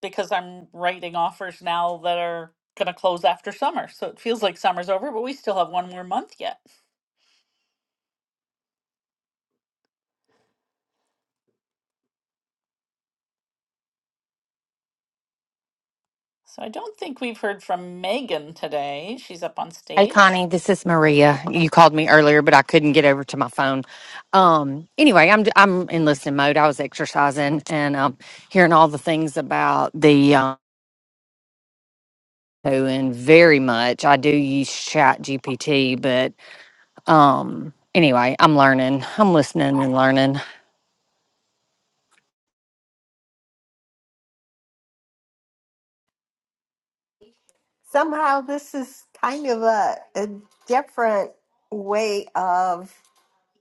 Speaker 1: because I'm writing offers now that are going to close after summer. So it feels like summer's over, but we still have one more month yet. So I don't think we've heard from Megan today. She's up on
Speaker 17: Hey
Speaker 1: stage.
Speaker 17: Connie, this is Maria. You called me earlier, but I couldn't get over to my phone. Um, anyway, I'm I'm in listening mode. I was exercising and um, hearing all the things about the um, and very much. I do use Chat GPT, but um, anyway, I'm learning. I'm listening and learning.
Speaker 3: Somehow, this is kind of a, a different way of,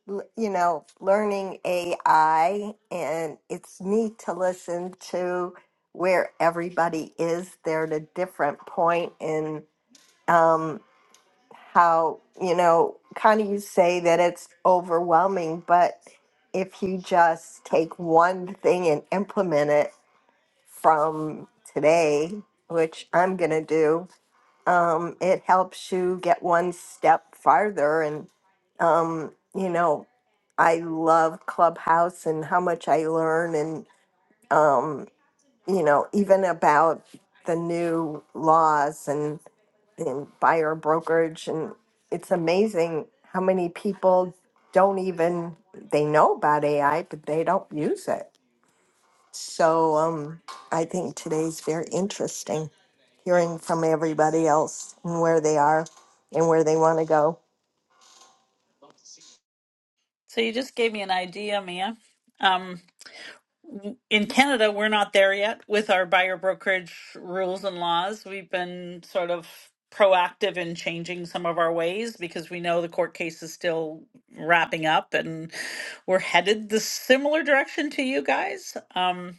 Speaker 3: l- you know, learning AI, and it's neat to listen to where everybody is. They're at a different point in. um, how you know kind of you say that it's overwhelming but if you just take one thing and implement it from today which i'm going to do um, it helps you get one step farther and um, you know i love clubhouse and how much i learn and um, you know even about the new laws and in buyer brokerage and it's amazing how many people don't even they know about AI but they don't use it. So um I think today's very interesting hearing from everybody else and where they are and where they want to go.
Speaker 1: So you just gave me an idea, Mia. Um, in Canada, we're not there yet with our buyer brokerage rules and laws. We've been sort of proactive in changing some of our ways because we know the court case is still wrapping up and we're headed the similar direction to you guys. Um,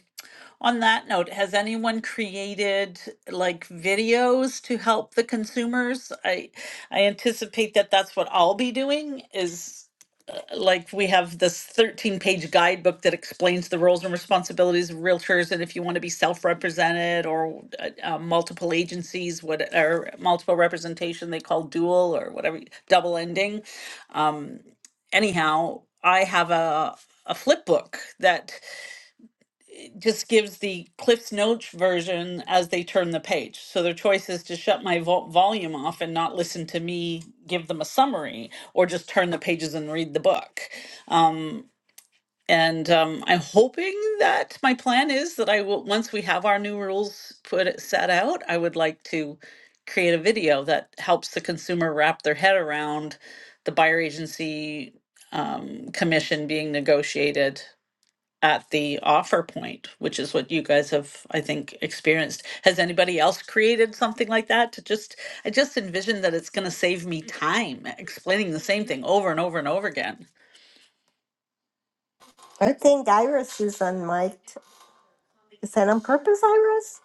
Speaker 1: on that note, has anyone created like videos to help the consumers? I I anticipate that that's what I'll be doing is uh, like we have this 13 page guidebook that explains the roles and responsibilities of realtors and if you want to be self-represented or uh, uh, multiple agencies what or multiple representation they call dual or whatever double ending um anyhow i have a a flip book that just gives the Cliff's Notes version as they turn the page. So their choice is to shut my vol volume off and not listen to me give them a summary, or just turn the pages and read the book. Um, and um, I'm hoping that my plan is that I will once we have our new rules put set out, I would like to create a video that helps the consumer wrap their head around the buyer agency um, commission being negotiated at the offer point, which is what you guys have, I think, experienced. Has anybody else created something like that to just, I just envision that it's going to save me time explaining the same thing over and over and over again.
Speaker 3: I think Iris is unmiked. Is that on purpose, Iris?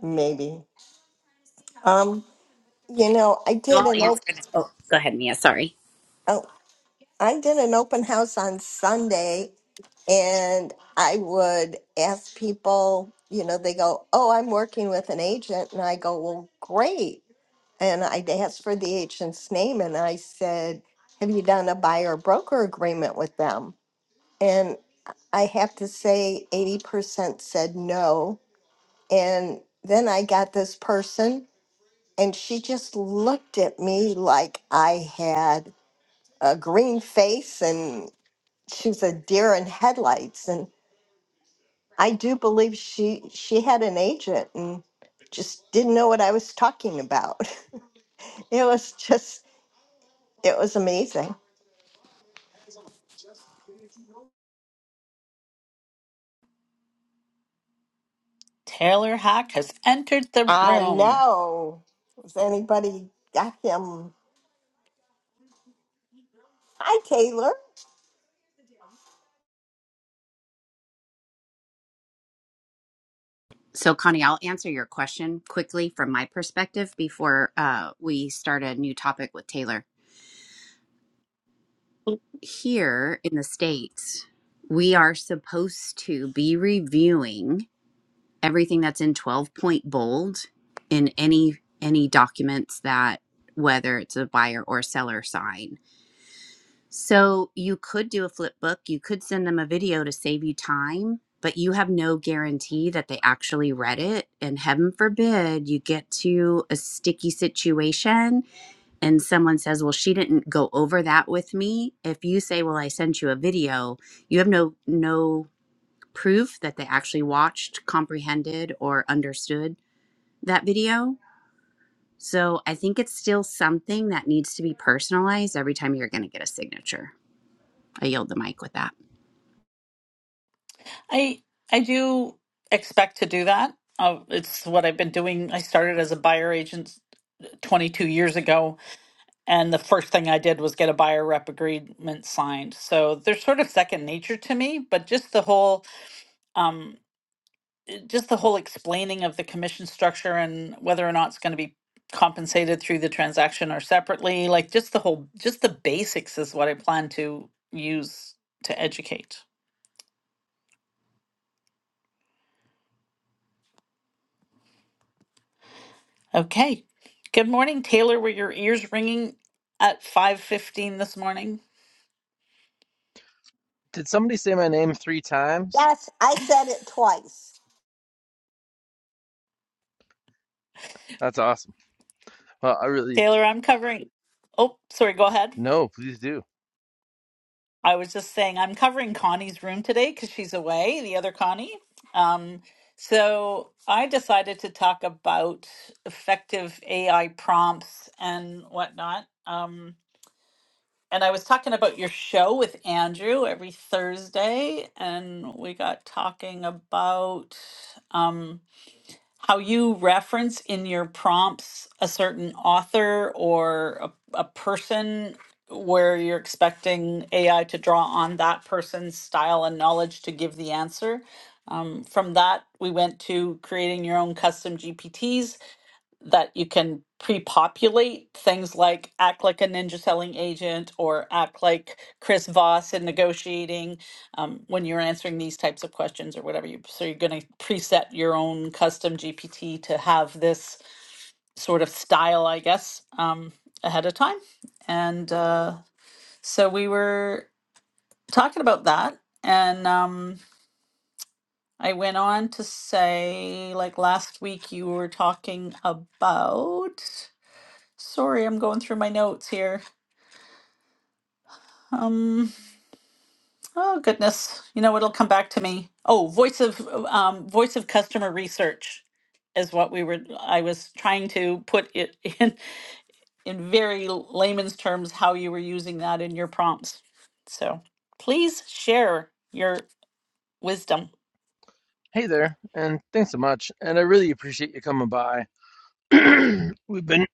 Speaker 3: Maybe. Um, you know, I
Speaker 2: So
Speaker 3: did
Speaker 2: I'll
Speaker 3: an op-
Speaker 2: answer that. Oh, go ahead, Mia. Sorry.
Speaker 3: oh, I did an open house on Sunday and I would ask people, you know, they go, Oh, I'm working with an agent. And I go, Well, great. And I'd ask for the agent's name and I said, Have you done a buyer broker agreement with them? And I have to say, 80% said no. And then I got this person and she just looked at me like I had a green face and she's a deer in headlights and i do believe she she had an agent and just didn't know what i was talking about it was just it was amazing
Speaker 1: Taylor Hack has entered the
Speaker 3: i
Speaker 1: room.
Speaker 3: know if anybody got him hi taylor
Speaker 2: So, Connie, I'll answer your question quickly from my perspective before uh, we start a new topic with Taylor. Here in the States, we are supposed to be reviewing everything that's in 12 point bold in any any documents that whether it's a buyer or seller sign So you could do a flip book, you could send them a video to save you time, but you have no guarantee that they actually read it. And heaven forbid you get to a sticky situation and someone says, Well, she didn't go over that with me. If you say, Well, I sent you a video, you have no no proof that they actually watched, comprehended, or understood that video. So I think it's still something that needs to be personalized every time you're gonna get a signature. I yield the mic with that.
Speaker 1: I I do expect to do that. Uh, it's what I've been doing. I started as a buyer agent 22 years ago, and the first thing I did was get a buyer rep agreement signed. So they're sort of second nature to me, but just the whole um, just the whole explaining of the commission structure and whether or not it's going to be compensated through the transaction or separately, like just the whole, just the basics is what I plan to use to educate. Okay. Good morning, Taylor. Were your ears ringing at 5:15 this morning?
Speaker 18: Did somebody say my name three times?
Speaker 3: yes i said it twice
Speaker 18: That's awesome. Well, I really,
Speaker 1: Taylor, I'm covering. Oh, sorry, go ahead.
Speaker 18: no, please do.
Speaker 1: I was just saying I'm covering Connie's room today because she's away, the other Connie. Um, so I decided to talk about effective AI prompts and whatnot. Um, and I was talking about your show with Andrew every Thursday, and we got talking about. um, how you reference in your prompts a certain author or a, a person where you're expecting AI to draw on that person's style and knowledge to give the answer. Um, from that, we went to creating your own custom GPTs that you can pre-populate things like act like a ninja selling agent or act like chris voss in negotiating um, when you're answering these types of questions or whatever you so you're going to preset your own custom gpt to have this sort of style i guess um, ahead of time and uh, so we were talking about that and um, i went on to say like last week you were talking about Sorry, I'm going through my notes here. Um, oh goodness, you know it'll come back to me. Oh, voice of um, voice of customer research is what we were. I was trying to put it in in very layman's terms how you were using that in your prompts. So please share your wisdom.
Speaker 18: Hey there, and thanks so much. And I really appreciate you coming by. we've been,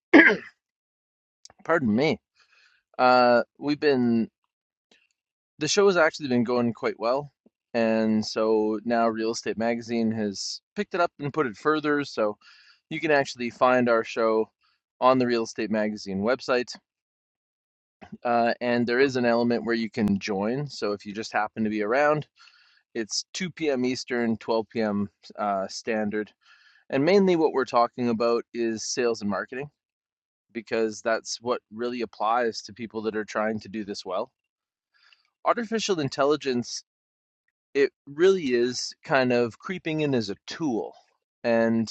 Speaker 18: pardon me, uh, we've been, the show has actually been going quite well. And so now Real Estate Magazine has picked it up and put it further. So you can actually find our show on the Real Estate Magazine website. Uh, and there is an element where you can join. So if you just happen to be around, It's 2 p.m. Eastern, 12 p.m. Uh, standard. And mainly what we're talking about is sales and marketing because that's what really applies to people that are trying to do this well. Artificial intelligence, it really is kind of creeping in as a tool. And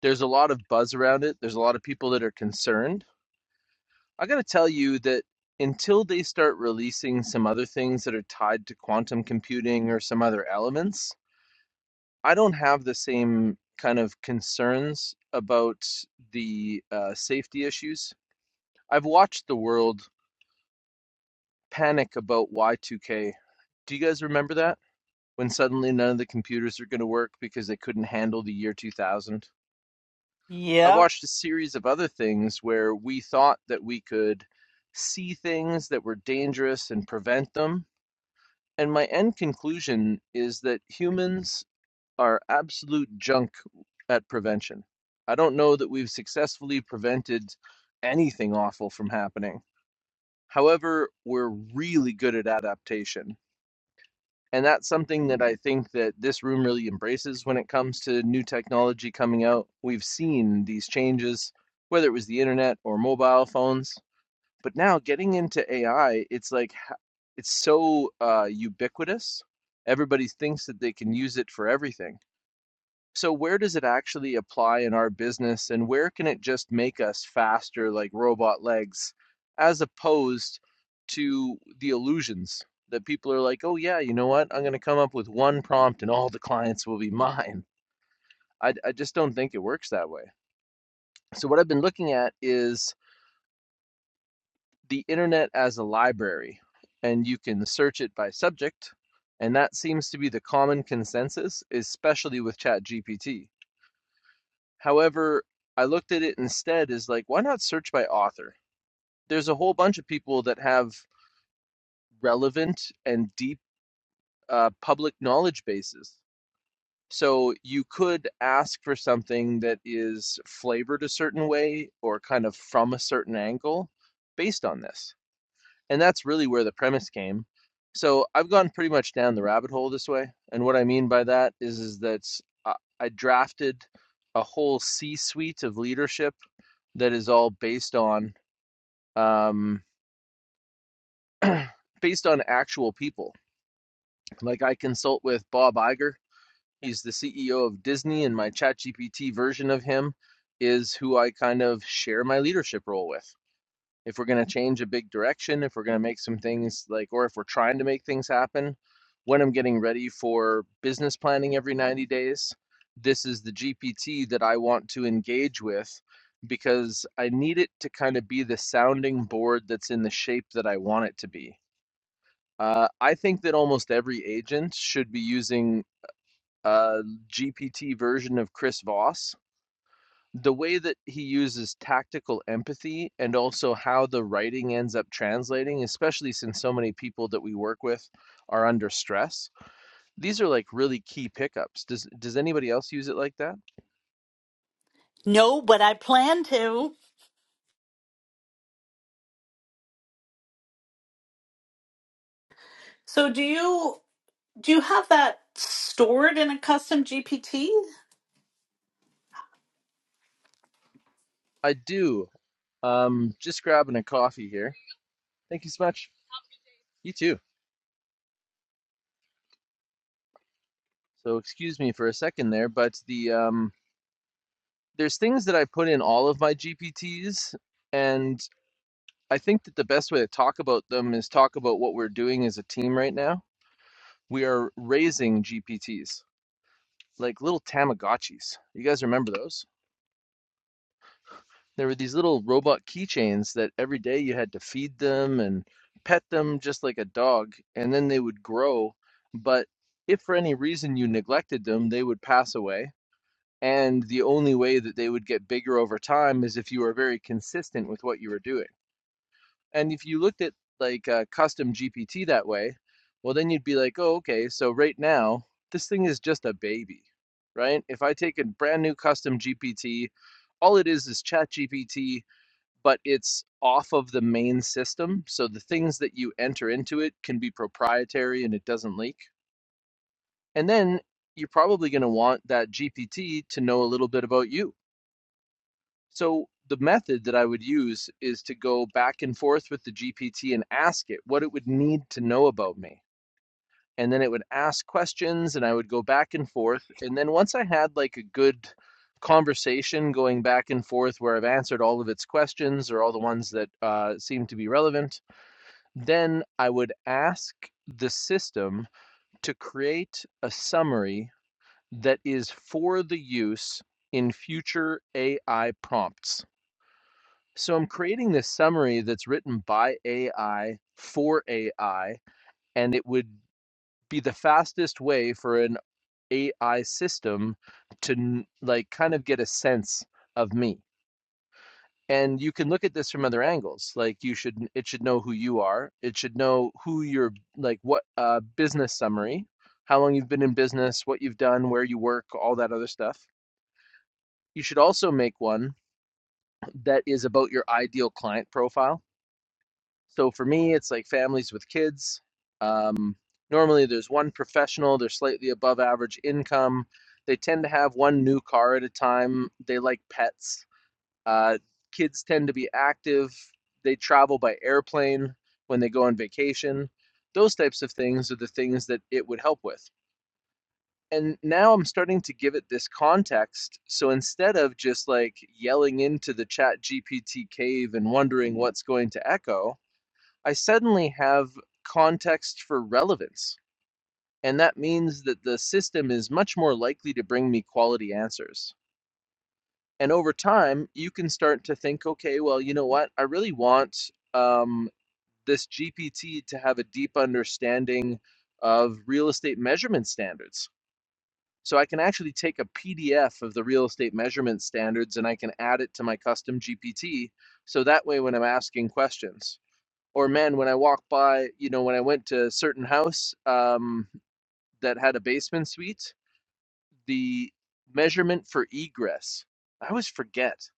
Speaker 18: there's a lot of buzz around it, there's a lot of people that are concerned. I got to tell you that until they start releasing some other things that are tied to quantum computing or some other elements, I don't have the same kind of concerns about the uh, safety issues. I've watched the world panic about Y2K. Do you guys remember that? When suddenly none of the computers are going to work because they couldn't handle the year 2000? I
Speaker 1: Yep.
Speaker 18: watched a series of other things where we thought that we could see things that were dangerous and prevent them. And my end conclusion is that humans are absolute junk at prevention. I don't know that we've successfully prevented anything awful from happening. However, we're really good at adaptation. And that's something that I think that this room really embraces when it comes to new technology coming out. We've seen these changes, whether it was the internet or mobile phones. But now getting into AI, it's like it's so uh, ubiquitous. Everybody thinks that they can use it for everything so where does it actually apply in our business and where can it just make us faster like robot legs as opposed to the illusions that people are like, "Oh yeah, you know what? I'm going to come up with one prompt and all the clients will be mine." I I just don't think it works that way. So what I've been looking at is the internet as a library and you can search it by subject and that seems to be the common consensus especially with ChatGPT However, I looked at it instead as like, why not search by author? There's a whole bunch of people that have relevant and deep uh, public knowledge bases. So you could ask for something that is flavored a certain way or kind of from a certain angle based on this. And that's really where the premise came. So I've gone pretty much down the rabbit hole this way. And what I mean by that is, is that I I drafted a whole C suite of leadership that is all based on um, based on actual people. Like I consult with Bob Iger. He's the CEO of Disney, and my ChatGPT version of him is who I kind of share my leadership role with. if we're going to change a big direction, if we're going to make some things like, or if we're trying to make things happen, when I'm getting ready for business planning every 90 days, this is the GPT that I want to engage with because I need it to kind of be the sounding board that's in the shape that I want it to be. Uh, I think that almost every agent should be using a GPT version of Chris Voss the way that he uses tactical empathy and also how the writing ends up translating, especially since so many people that we work with are under stress these are like really key pickups. Does does anybody else use it like that?
Speaker 1: No, but I plan to. So do you do you have that stored in a custom GPT?
Speaker 18: I do. Um, just grabbing a coffee here. Thank you so much. You too. So excuse me for a second there, but the um, there's things that I put in all of my GPTs, and I think that the best way to talk about them is talk about what we're doing as a team right now. We are raising GPTs, like little Tamagotchis. You guys remember those? There were these little robot keychains that every day you had to feed them and pet them just like a dog, and then they would grow. But if for any reason you neglected them, they would pass away. And the only way that they would get bigger over time is if you were very consistent with what you were doing. And if you looked at like uh, custom GPT that way, well, then you'd be like, oh, okay, so right now, this thing is just a baby, right? If I take a brand new custom GPT, all it is is chat GPT, but it's off of the main system. So the things that you enter into it can be proprietary and it doesn't leak. And then you're probably going to want that GPT to know a little bit about you so the method that I would use is to go back and forth with the GPT and ask it what it would need to know about me. And then it would ask questions and I would go back and forth. And then once I had like a good conversation going back and forth where I've answered all of its questions or all the ones that uh, seem to be relevant, then I would ask the system to create a summary that is for the use in future AI prompts. So I'm creating this summary that's written by AI for AI, and it would be the fastest way for an AI system to like kind of get a sense of me. And you can look at this from other angles. Like you should, it should know who you are. It should know who your like what uh, business summary, how long you've been in business, what you've done, where you work, all that other stuff. You should also make one that is about your ideal client profile So for me, it's like families with kids. Um, normally, there's one professional, they're slightly above average income. They tend to have one new car at a time. They like pets. Uh, kids tend to be active. They travel by airplane when they go on vacation. Those types of things are the things that it would help with. And now I'm starting to give it this context. So instead of just like yelling into the chat GPT cave and wondering what's going to echo, I suddenly have context for relevance. And that means that the system is much more likely to bring me quality answers. And over time, you can start to think, okay, well, you know what? I really want um, this GPT to have a deep understanding of real estate measurement standards. So I can actually take a PDF of the real estate measurement standards and I can add it to my custom GPT. So that way, when I'm asking questions, or man, when I walk by, you know, when I went to a certain house um, that had a basement suite, the measurement for egress, I always forget,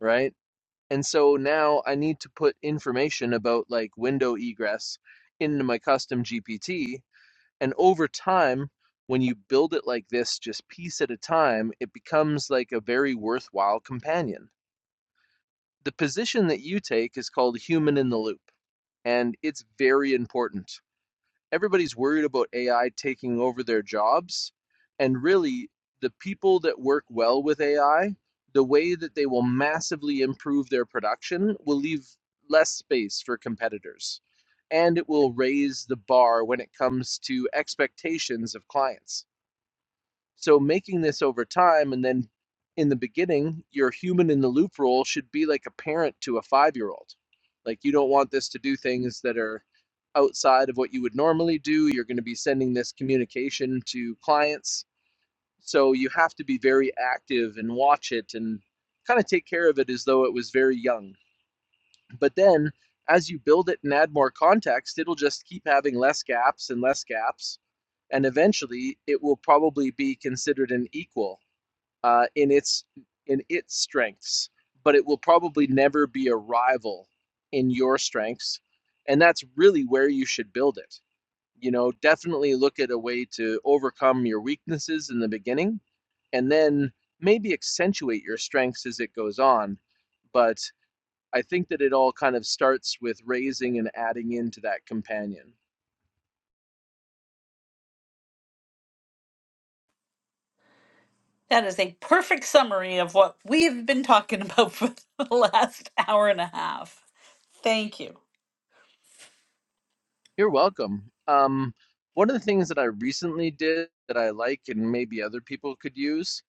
Speaker 18: right? And so now I need to put information about like window egress into my custom GPT. And over time, when you build it like this, just piece at a time, it becomes like a very worthwhile companion. The position that you take is called human in the loop, and it's very important everybody's worried about AI taking over their jobs. And really, the people that work well with AI, the way that they will massively improve their production will leave less space for competitors. And it will raise the bar when it comes to expectations of clients. So making this over time and then in the beginning, your human in the loop rule should be like a parent to a five year old. Like you don't want this to do things that are outside of what you would normally do. You're going to be sending this communication to clients. So you have to be very active and watch it and kind of take care of it as though it was very young. But then as you build it and add more context, it'll just keep having less gaps and less gaps. And eventually it will probably be considered an equal uh, in its in its strengths, but it will probably never be a rival in your strengths, and that's really where you should build it. You know, definitely look at a way to overcome your weaknesses in the beginning, and then maybe accentuate your strengths as it goes on. But I think that it all kind of starts with raising and adding into that companion.
Speaker 1: That is a perfect summary of what we've been talking about for the last hour and a half. Thank you.
Speaker 18: You're welcome. Um, one of the things that I recently did that I like and maybe other people could use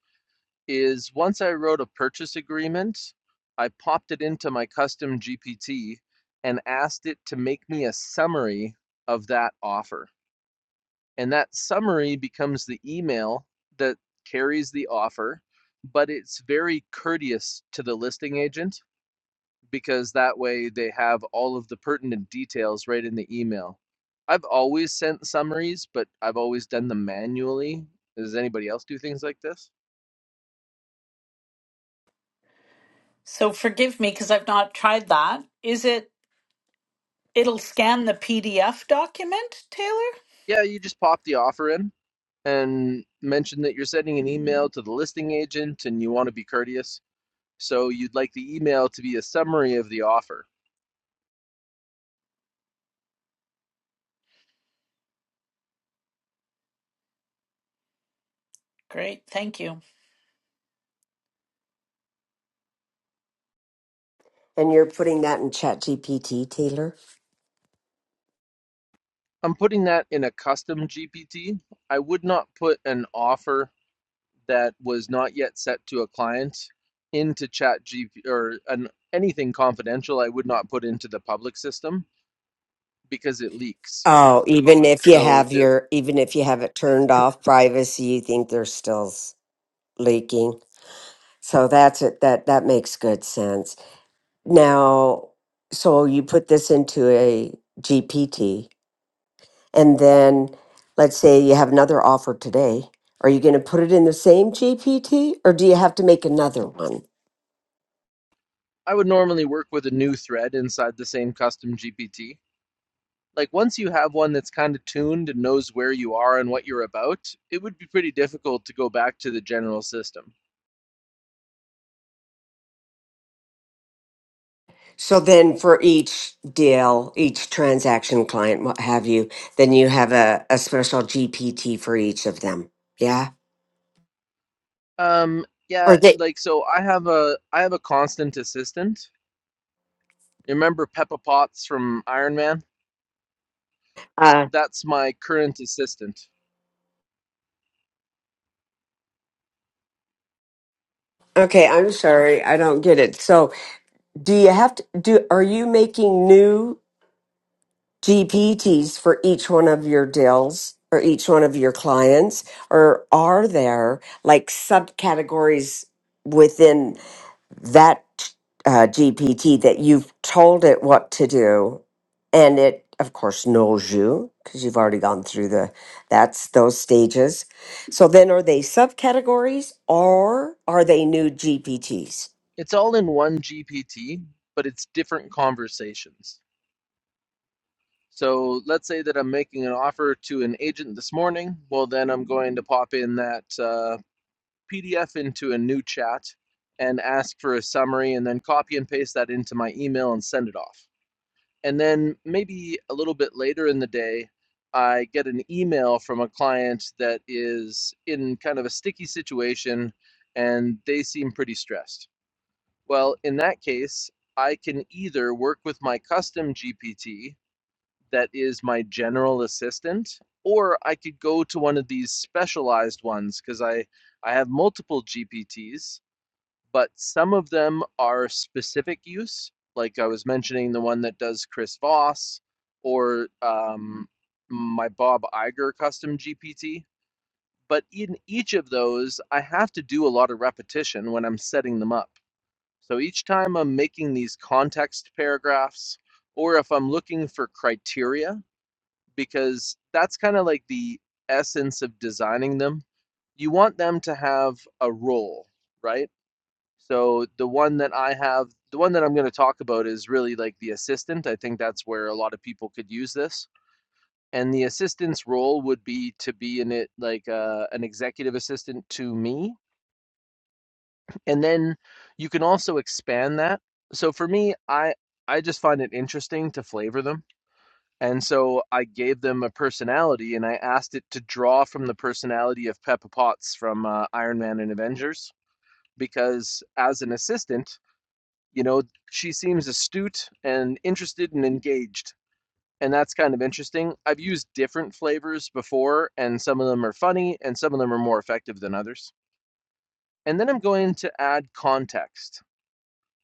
Speaker 18: is once I wrote a purchase agreement, I popped it into my custom GPT and asked it to make me a summary of that offer. And that summary becomes the email that carries the offer, but it's very courteous to the listing agent because that way they have all of the pertinent details right in the email. I've always sent summaries, but I've always done them manually. Does anybody else do things like this?
Speaker 1: So forgive me because I've not tried that. Is it, it'll scan the PDF document, Taylor?
Speaker 18: Yeah, you just pop the offer in and mention that you're sending an email to the listing agent and you want to be courteous. So you'd like the email to be a summary of the offer.
Speaker 1: Great, thank you.
Speaker 8: And you're putting that in ChatGPT, Taylor?
Speaker 18: I'm putting that in a custom GPT. I would not put an offer that was not yet set to a client into chat gp or an, anything confidential i would not put into the public system because it leaks
Speaker 8: Oh, even if you
Speaker 18: so
Speaker 8: have
Speaker 18: there
Speaker 8: your, even if you have it turned off privacy, you think they're still s- leaking. So that's it. That, that makes good sense. Now, so you put this into a GPT, and then let's say you have another offer today. Are you going to put it in the same GPT or do you have to make another one?
Speaker 18: i would normally work with a new thread inside the same custom gpt like once you have one that's kind of tuned and knows where you are and what you're about it would be pretty difficult to go back to the general system
Speaker 8: So then for each deal, each transaction client, what have you, then you have a, a special GPT for each of them. Yeah.
Speaker 18: um yeah
Speaker 8: Or they,
Speaker 18: like so i have a i have a constant assistant you remember peppa potts from iron man
Speaker 8: uh,
Speaker 18: that's my current assistant
Speaker 8: okay, I'm sorry. I don't get it. So do you have to do, are you making new? GPTs for each one of your deals or each one of your clients? Or are there like subcategories within that uh, GPT that you've told it what to do? And it, of course, knows you because you've already gone through the that's those stages. So then, are they subcategories or are they new GPTs?
Speaker 18: it's all in one GPT, but it's different conversations. So let's say that I'm making an offer to an agent this morning. Well, then I'm going to pop in that uh, PDF into a new chat and ask for a summary and then copy and paste that into my email and send it off. And then maybe a little bit later in the day, I get an email from a client that is in kind of a sticky situation and they seem pretty stressed Well, in that case, I can either work with my custom GPT that is my general assistant, or I could go to one of these specialized ones because I, I have multiple GPTs, but some of them are specific use. Like I was mentioning, the one that does Chris Voss or um, my Bob Iger custom GPT. But in each of those, I have to do a lot of repetition when I'm setting them up. So each time I'm making these context paragraphs, or if I'm looking for criteria, because that's kind of like the essence of designing them, you want them to have a role, right? So the one that I have, the one that I'm going to talk about is really like the assistant. I think that's where a lot of people could use this. And the assistant's role would be to be in it like uh, an executive assistant to me, and then you can also expand that so for me i i just find it interesting to flavor them and so i gave them a personality and i asked it to draw from the personality of peppa potts from uh, iron man and avengers because as an assistant you know she seems astute and interested and engaged and that's kind of interesting i've used different flavors before and some of them are funny and some of them are more effective than others and then i'm going to add context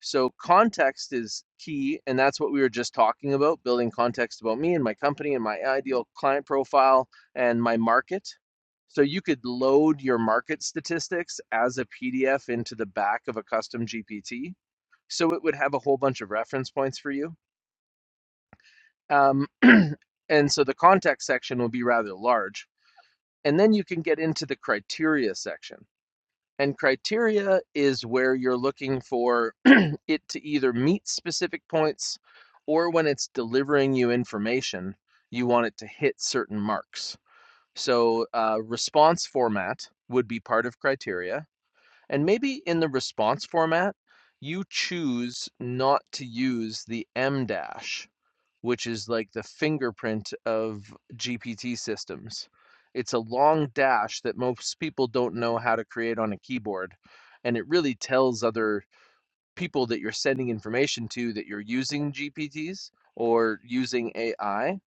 Speaker 18: So context is key, and that's what we were just talking about, building context about me and my company and my ideal client profile and my market. So you could load your market statistics as a PDF into the back of a custom GPT. So it would have a whole bunch of reference points for you. Um, and so the context section will be rather large. And then you can get into the criteria section. And criteria is where you're looking for it to either meet specific points or when it's delivering you information, you want it to hit certain marks. So, uh, response format would be part of criteria. And maybe in the response format, you choose not to use the M dash, which is like the fingerprint of GPT systems. It's a long dash that most people don't know how to create on a keyboard. And it really tells other people that you're sending information to that you're using GPTs or using AI.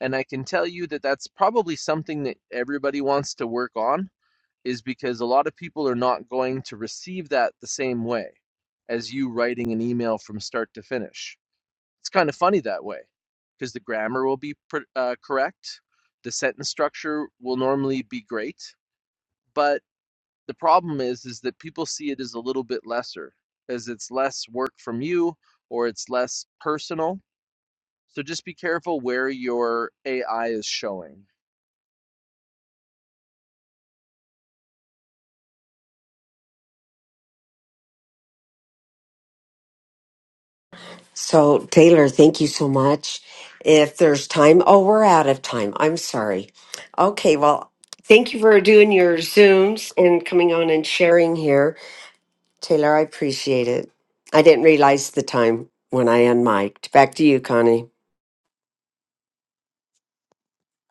Speaker 18: And I can tell you that that's probably something that everybody wants to work on, is because a lot of people are not going to receive that the same way as you writing an email from start to finish. It's kind of funny that way because the grammar will be uh, correct, the sentence structure will normally be great, but the problem is is that people see it as a little bit lesser as it's less work from you or it's less personal so just be careful where your ai is showing
Speaker 8: So, Taylor, thank you so much. If there's time, oh, we're out of time. I'm sorry. Okay, well, thank you for doing your Zooms and coming on and sharing here. Taylor, I appreciate it. I didn't realize the time when I unmiked. Back to you, Connie.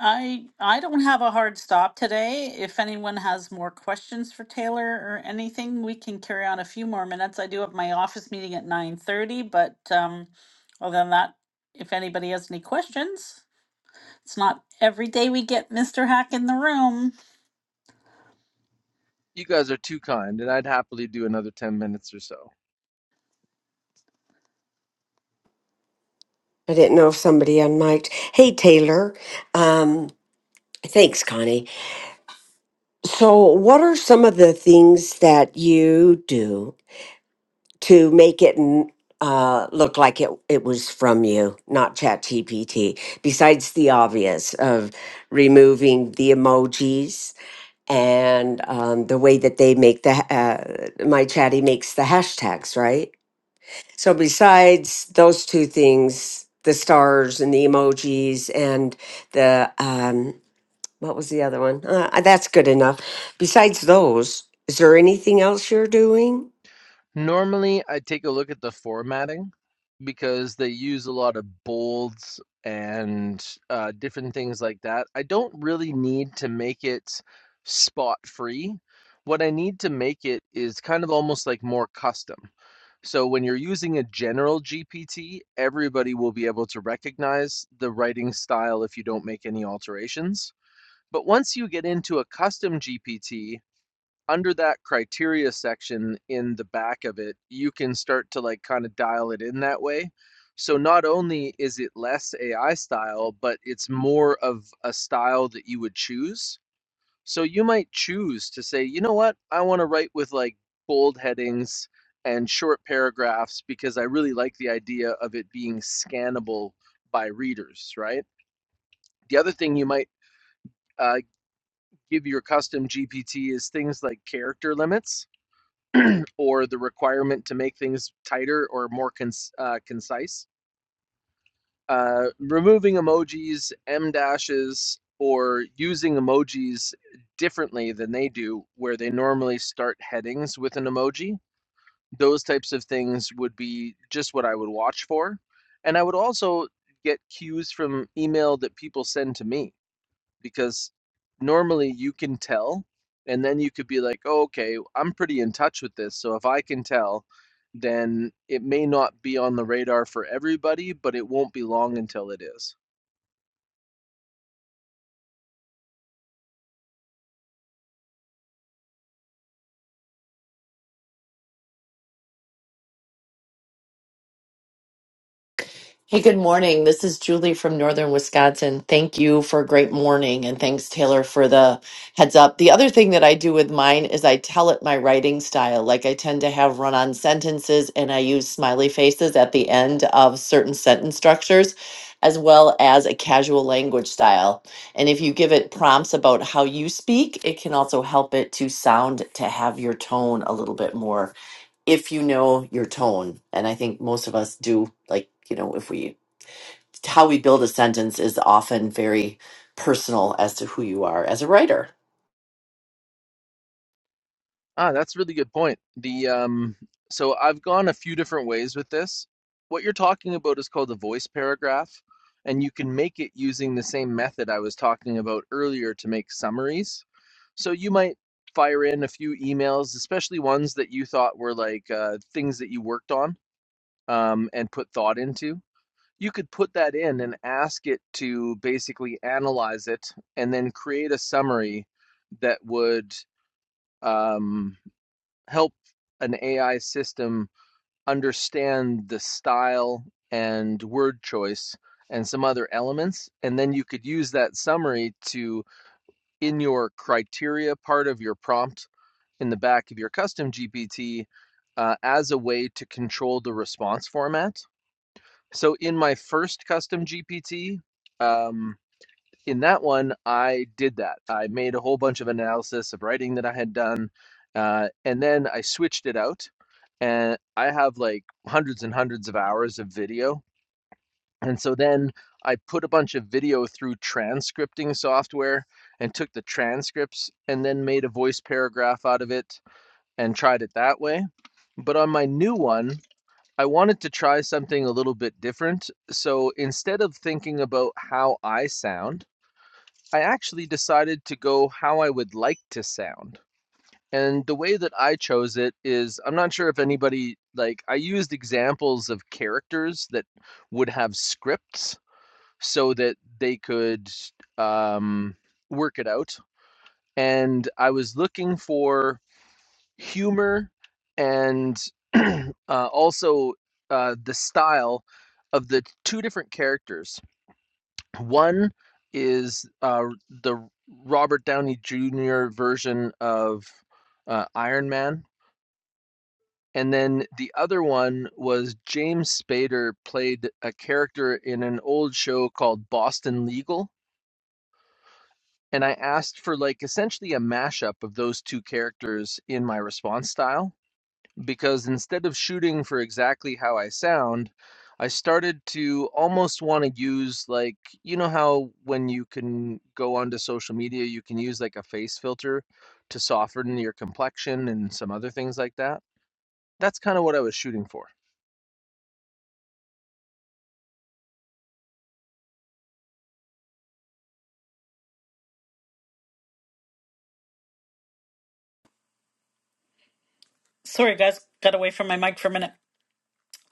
Speaker 1: I I don't have a hard stop today. If anyone has more questions for Taylor or anything, we can carry on a few more minutes. I do have my office meeting at 9:30, but um other than that, if anybody has any questions, It's not every day we get Mr. Hack in the room.
Speaker 18: you guys are too kind and i'd happily do another 10 minutes or so
Speaker 8: I didn't know if somebody unmiked. Hey, Taylor. Um, thanks, Connie. So, what are some of the things that you do to make it n- uh, look like it, it was from you, not ChatGPT, besides the obvious of removing the emojis and um, the way that they make the, uh, my chatty makes the hashtags, right? So, besides those two things, the stars and the emojis and the um, what was the other one? Uh, uh, that's good enough. Besides those, is there anything else you're doing?
Speaker 18: normally i take a look at the formatting because they use a lot of bolds and uh, different things like that i don't really need to make it spot free what i need to make it is kind of almost like more custom So when you're using a general GPT, everybody will be able to recognize the writing style if you don't make any alterations. But once you get into a custom GPT, under that criteria section in the back of it, you can start to like kind of dial it in that way. So not only is it less AI style, but it's more of a style that you would choose so you might choose to say, you know what, I want to write with like bold headings and short paragraphs because I really like the idea of it being scannable by readers, right? The other thing you might uh, give your custom GPT is things like character limits or the requirement to make things tighter or more cons- uh, concise uh, removing emojis, M dashes, or using emojis differently than they do, where they normally start headings with an emoji. Those types of things would be just what I would watch for. And I would also get cues from email that people send to me because normally you can tell and then you could be like oh, okay i'm pretty in touch with this so if i can tell then it may not be on the radar for everybody but it won't be long until it is
Speaker 13: Hey, good morning. This is Julie from Northern Wisconsin. Thank you for a great morning and thanks Taylor for the heads up. The other thing that I do with mine is I tell it my writing style. Like I tend to have run-on sentences and I use smiley faces at the end of certain sentence structures as well as a casual language style. And if you give it prompts about how you speak, it can also help it to sound to have your tone a little bit more if you know your tone and i think most of us do like you know if we how we build a sentence is often very personal as to who you are as a writer
Speaker 18: Ah, that's a really good point. The um, so I've gone a few different ways with this. What you're talking about is called a voice paragraph, and you can make it using the same method I was talking about earlier to make summaries. So you might fire in a few emails, especially ones that you thought were like uh, things that you worked on um, and put thought into. You could put that in and ask it to basically analyze it and then create a summary that would. Um, help an AI system understand the style and word choice and some other elements. And then you could use that summary to, in your criteria part of your prompt in the back of your custom GPT, uh, as a way to control the response format. So in my first custom GPT, um, in that one, I did that. I made a whole bunch of analysis of writing that I had done, uh, and then I switched it out. And I have like hundreds and hundreds of hours of video. And so then I put a bunch of video through transcripting software and took the transcripts and then made a voice paragraph out of it and tried it that way. But on my new one, I wanted to try something a little bit different. So instead of thinking about how I sound, I actually decided to go how I would like to sound. And the way that I chose it is I'm not sure if anybody like I used examples of characters that would have scripts so that they could um, work it out. And I was looking for humor and uh, also uh, the style of the two different characters. One is uh, the Robert Downey Jr. version of uh, Iron Man. And then the other one was James Spader played a character in an old show called Boston Legal. And I asked for like essentially a mashup of those two characters in my response style because instead of shooting for exactly how I sound, I started to almost want to use like you know how when you can go onto social media you can use like a face filter to soften your complexion and some other things like that. That's kind of what I was shooting for.
Speaker 1: Sorry, guys, got away from my mic for a minute.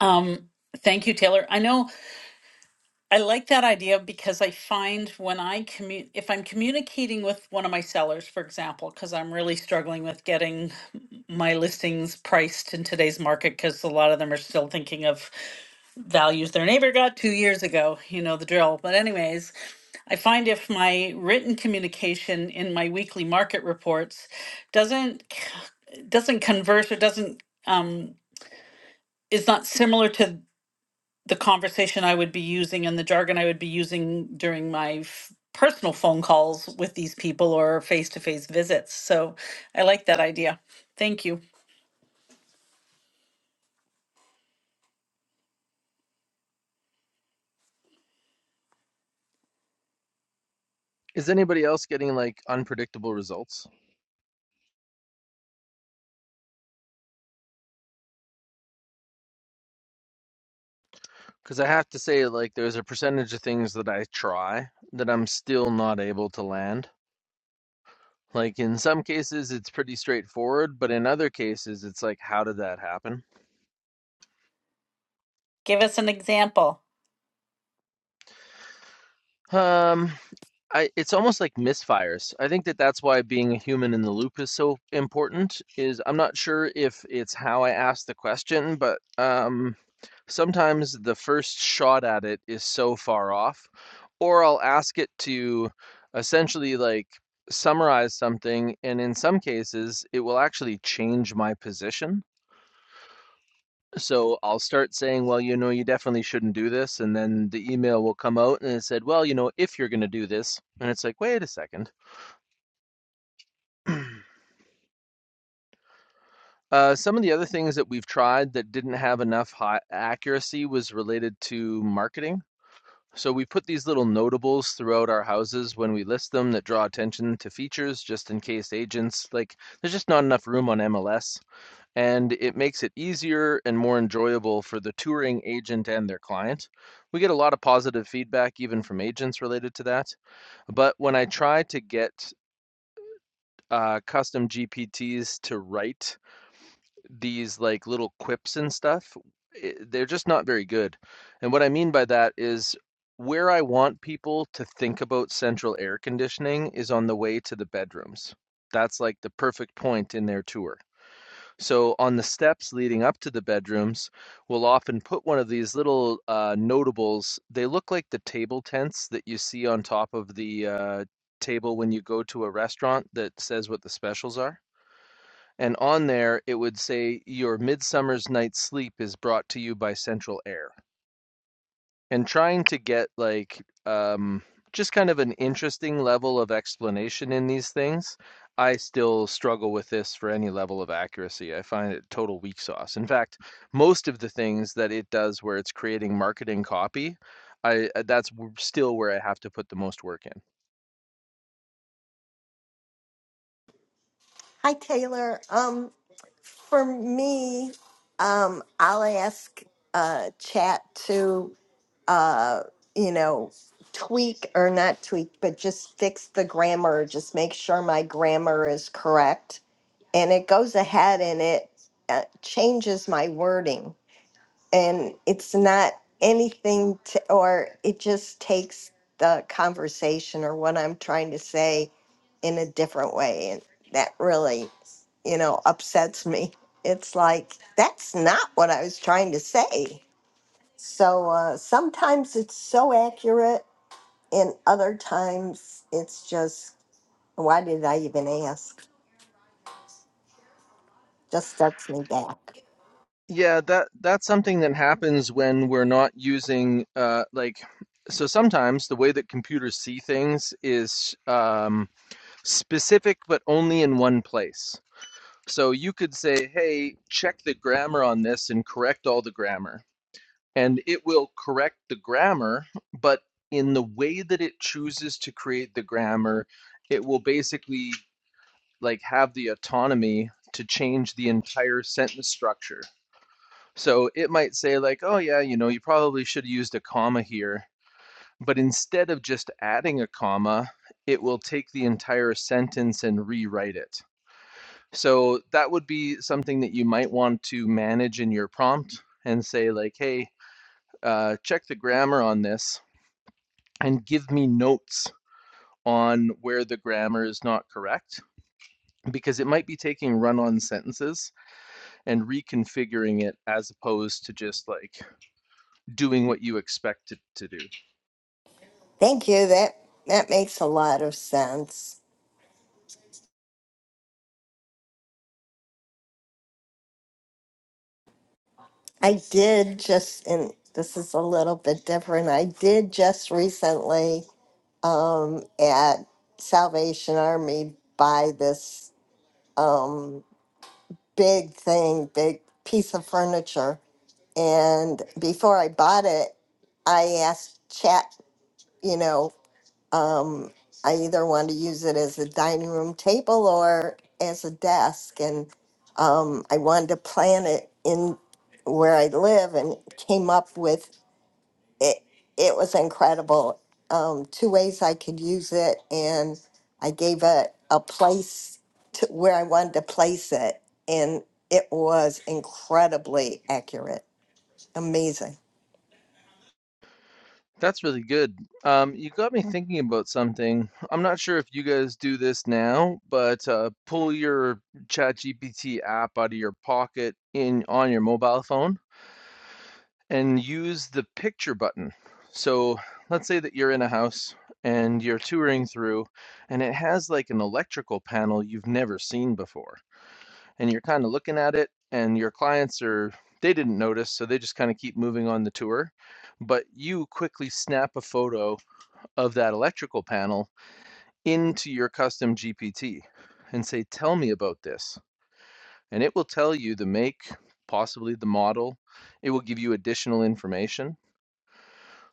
Speaker 1: Um, thank you, Taylor. I know I like that idea because I find when I commu if I'm communicating with one of my sellers, for example, because I'm really struggling with getting my listings priced in today's market because a lot of them are still thinking of values their neighbor got two years ago. You know the drill. But, anyways, I find if my written communication in my weekly market reports doesn't c- doesn't converse or doesn't um, is not similar to the conversation I would be using and the jargon I would be using during my f- personal phone calls with these people or face to face visits. So I like that idea. Thank you.
Speaker 18: Is anybody else getting like unpredictable results? Cuz I have to say like there's a percentage of things that I try that I'm still not able to land. Like in some cases it's pretty straightforward, but in other cases it's like how did that happen?
Speaker 1: Give us an example.
Speaker 18: Um, I it's almost like misfires. I think that that's why being a human in the loop is so important. Is I'm not sure if it's how I asked the question, but um, sometimes the first shot at it is so far off, or I'll ask it to essentially like summarize something, and in some cases, it will actually change my position. So I'll start saying, well, you know, you definitely shouldn't do this. And then the email will come out and it said, well, you know, if you're going to do this. And it's like, wait a second. Uh, some of the other things that we've tried that didn't have enough high accuracy was related to marketing. So we put these little notables throughout our houses when we list them that draw attention to features just in case agents like there's just not enough room on MLS and it makes it easier and more enjoyable for the touring agent and their client. We get a lot of positive feedback, even from agents related to that. But when I try to get uh, custom GPTs to write these like little quips and stuff, i they're just not very good. And what I mean by that is where I want people to think about central air conditioning is on the way to the bedrooms. That's like the perfect point in their tour. So on the steps leading up to the bedrooms, we'll often put one of these little uh, notables. They look like the table tents that you see on top of the uh, table when you go to a restaurant that says what the specials are. And on there, it would say, Your Midsummer's Night's Sleep is brought to you by Central Air and trying to get like um, just kind of an interesting level of explanation in these things. I still struggle with this for any level of accuracy. I find it total weak sauce. In fact, most of the things that it does where it's creating marketing copy, I uh, that's still where I have to put the most work in.
Speaker 3: hi taylor um for me um i'll ask uh chat to. uh, you know, tweak or not tweak, but just fix the grammar, just make sure my grammar is correct. And it goes ahead and it uh, changes my wording. And it's not anything to, or it just takes the conversation or what I'm trying to say in a different way. And that really, you know, upsets me. It's like, that's not what I was trying to say. So uh, sometimes it's so accurate, and other times it's just, why did I even ask? Just starts me back.
Speaker 18: Yeah, that that's something that happens when we're not using uh like so sometimes the way that computers see things is um specific but only in one place. So you could say, hey, check the grammar on this and correct all the grammar. And it will correct the grammar, but in the way that it chooses to create the grammar, it will basically like have the autonomy to change the entire sentence structure. So it might say like, oh yeah, you know, you probably should have used a comma here, but instead of just adding a comma, it will take the entire sentence and rewrite it. So that would be something that you might want to manage in your prompt and say, like, hey, uh, check the grammar on this and give me notes on where the grammar is not correct because it might be taking run on sentences and reconfiguring it as opposed to just like doing what you expect it to do.
Speaker 3: Thank you. That that makes a lot of sense. I did just, and this is a little bit different. I did just recently um, at Salvation Army buy this um, big thing, big piece of furniture And before I bought it, I asked Chat, you know, um, I either want to use it as a dining room table or as a desk. And um, I wanted to plan it in where I live and came up with it. It was incredible. Um, two ways I could use it. And I gave it a place to where I wanted to place it. And it was incredibly accurate. Amazing.
Speaker 18: That's really good. Um, you got me thinking about something. I'm not sure if you guys do this now, but uh, pull your ChatGPT app out of your pocket in on your mobile phone and use the picture button. So let's say that you're in a house and you're touring through, and it has like an electrical panel you've never seen before, and you're kind of looking at it, and your clients are they didn't notice, so they just kind of keep moving on the tour. But you quickly snap a photo of that electrical panel into your custom GPT and say, tell me about this. And it will tell you the make, possibly the model. It will give you additional information.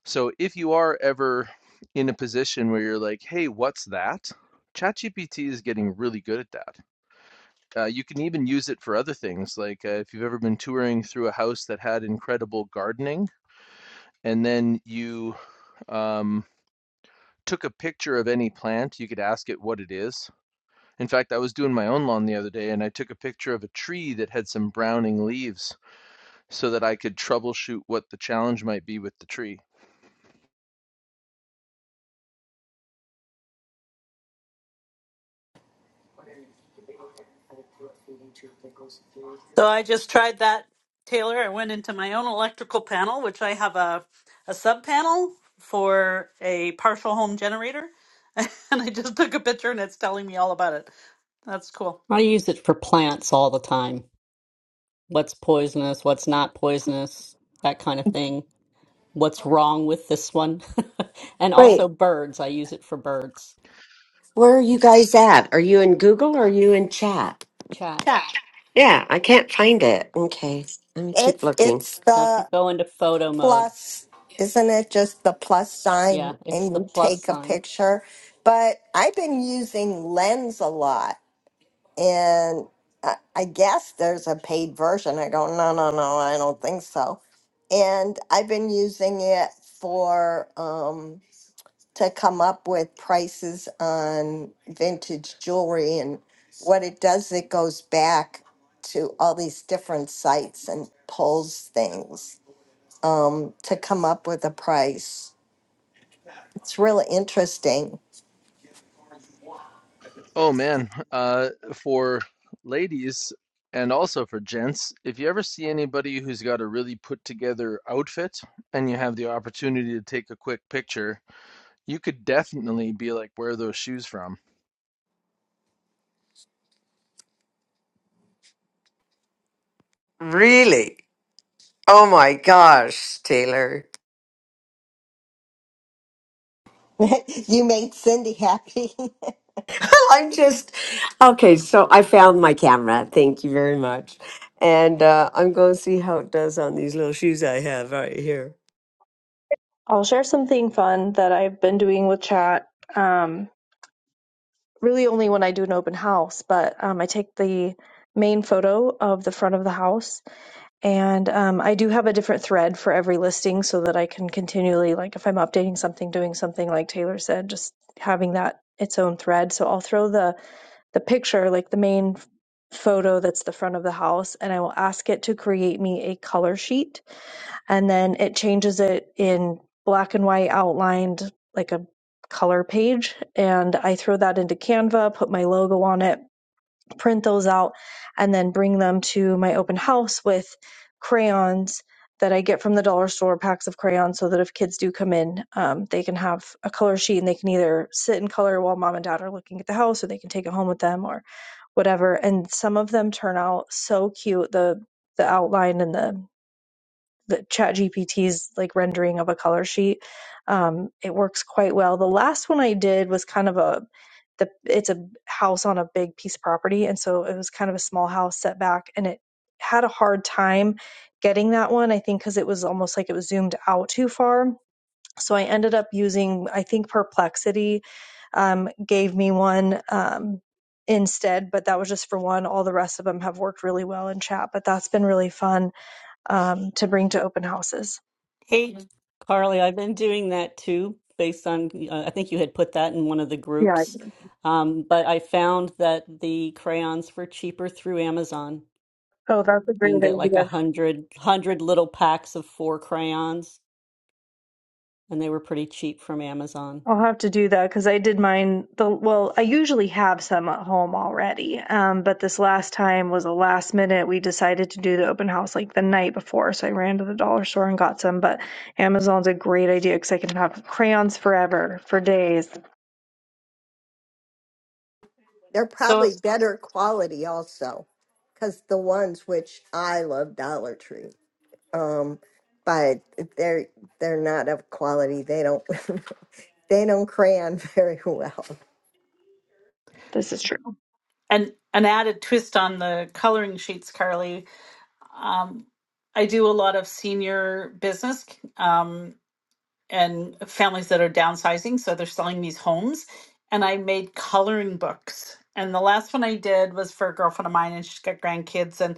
Speaker 18: So if you are ever in a position where you're like, hey, what's that? ChatGPT is getting really good at that. Uh, you can even use it for other things. Like uh, if you've ever been touring through a house that had incredible gardening, and then you um, took a picture of any plant, you could ask it what it is, In fact, I was doing my own lawn the other day and I took a picture of a tree that had some browning leaves so that I could troubleshoot what the challenge might be with the tree.
Speaker 1: So I just tried that, Taylor. I went into my own electrical panel, which I have a, a sub panel for a partial home generator. And I just took a picture and it's telling me all about it. That's cool.
Speaker 4: I use it for plants all the time. What's poisonous, what's not poisonous, that kind of thing. What's wrong with this one? and
Speaker 8: Wait,
Speaker 4: also birds. I use it for birds.
Speaker 8: where are you guys at? Are you in Google or are you in chat?
Speaker 4: Chat.
Speaker 1: Chat.
Speaker 8: Yeah, I can't find it. Okay, let me keep
Speaker 3: It's
Speaker 8: looking.
Speaker 3: it's
Speaker 4: I have to
Speaker 3: the
Speaker 4: go into photo mode.
Speaker 3: plus, isn't it? Just the plus
Speaker 4: Yeah,
Speaker 3: sign, and
Speaker 4: it's the
Speaker 3: you
Speaker 4: plus
Speaker 3: take a
Speaker 4: sign.
Speaker 3: picture. But I've been using Lens a lot, and I, I guess there's a paid version. I go, no, no, no, I don't think so. And I've been using it for um, to come up with prices on vintage jewelry, and what it does, it goes back to all these different sites and pulls things um, to come up with a price. It's really interesting.
Speaker 18: Oh man, uh, for ladies and also for gents, if you ever see anybody who's got a really put together outfit and you have the opportunity to take a quick picture, you could definitely be like, where are those shoes from?
Speaker 8: Really? Oh my gosh, Taylor.
Speaker 3: you made Cindy happy.
Speaker 8: I'm just okay. So I found my camera. Thank you very much. And uh, I'm going to see how it does on these little shoes I have right here.
Speaker 19: I'll share something fun that I've been doing with chat. Um, really, only when I do an open house, but um, I take the main photo of the front of the house, and um, I do have a different thread for every listing so that I can continually, like, if I'm updating something, doing something, like Taylor said, just having that its own thread. So I'll throw the the picture, like the main photo that's the front of the house, and I will ask it to create me a color sheet and then it changes it in black and white outlined like a color page and i throw that into canva put my logo on it print those out and then bring them to my open house with crayons that i get from the dollar store packs of crayons so that if kids do come in um, they can have a color sheet and they can either sit and color while mom and dad are looking at the house or they can take it home with them or whatever and some of them turn out so cute the the outline and the the ChatGPT's like rendering of a color sheet. Um, it works quite well. The last one I did was kind of a the it's a house on a big piece of property, and so it was kind of a small house set back, and it had a hard time getting that one. I think because it was almost like it was zoomed out too far. So I ended up using I think Perplexity um, gave me one. Um, instead but that was just for one all the rest of them have worked really well in chat but that's been really fun um, to bring to open houses.
Speaker 1: Hey,
Speaker 4: Carly, I've been doing that too, based on, uh, I think you had put that in one of the
Speaker 19: Yeah.
Speaker 4: groups. Um, but I found that the crayons were cheaper through Amazon.
Speaker 19: Oh, that's a
Speaker 4: You
Speaker 19: great
Speaker 4: can get like a
Speaker 19: idea.
Speaker 4: hundred hundred little packs of four crayons, and they were pretty cheap from Amazon.
Speaker 19: I'll have to do that because I did mine the well, I usually have some at home already. Um, but this last time was a last minute. We decided to do the open house like the night before, so I ran to the dollar store and got some. But Amazon's a great idea because I can have crayons forever for days.
Speaker 3: They're
Speaker 1: so
Speaker 3: probably better quality also, because the ones which I love Dollar Tree, um, but they're they're not of quality. They don't they don't crayon very well.
Speaker 19: This is true.
Speaker 1: an, an added twist on the coloring sheets, Carly. Um, I do a lot of senior business. Um, and families that are downsizing. So they're selling these homes. And I made coloring books. And the last one I did was for a girlfriend of mine, and she's got grandkids. And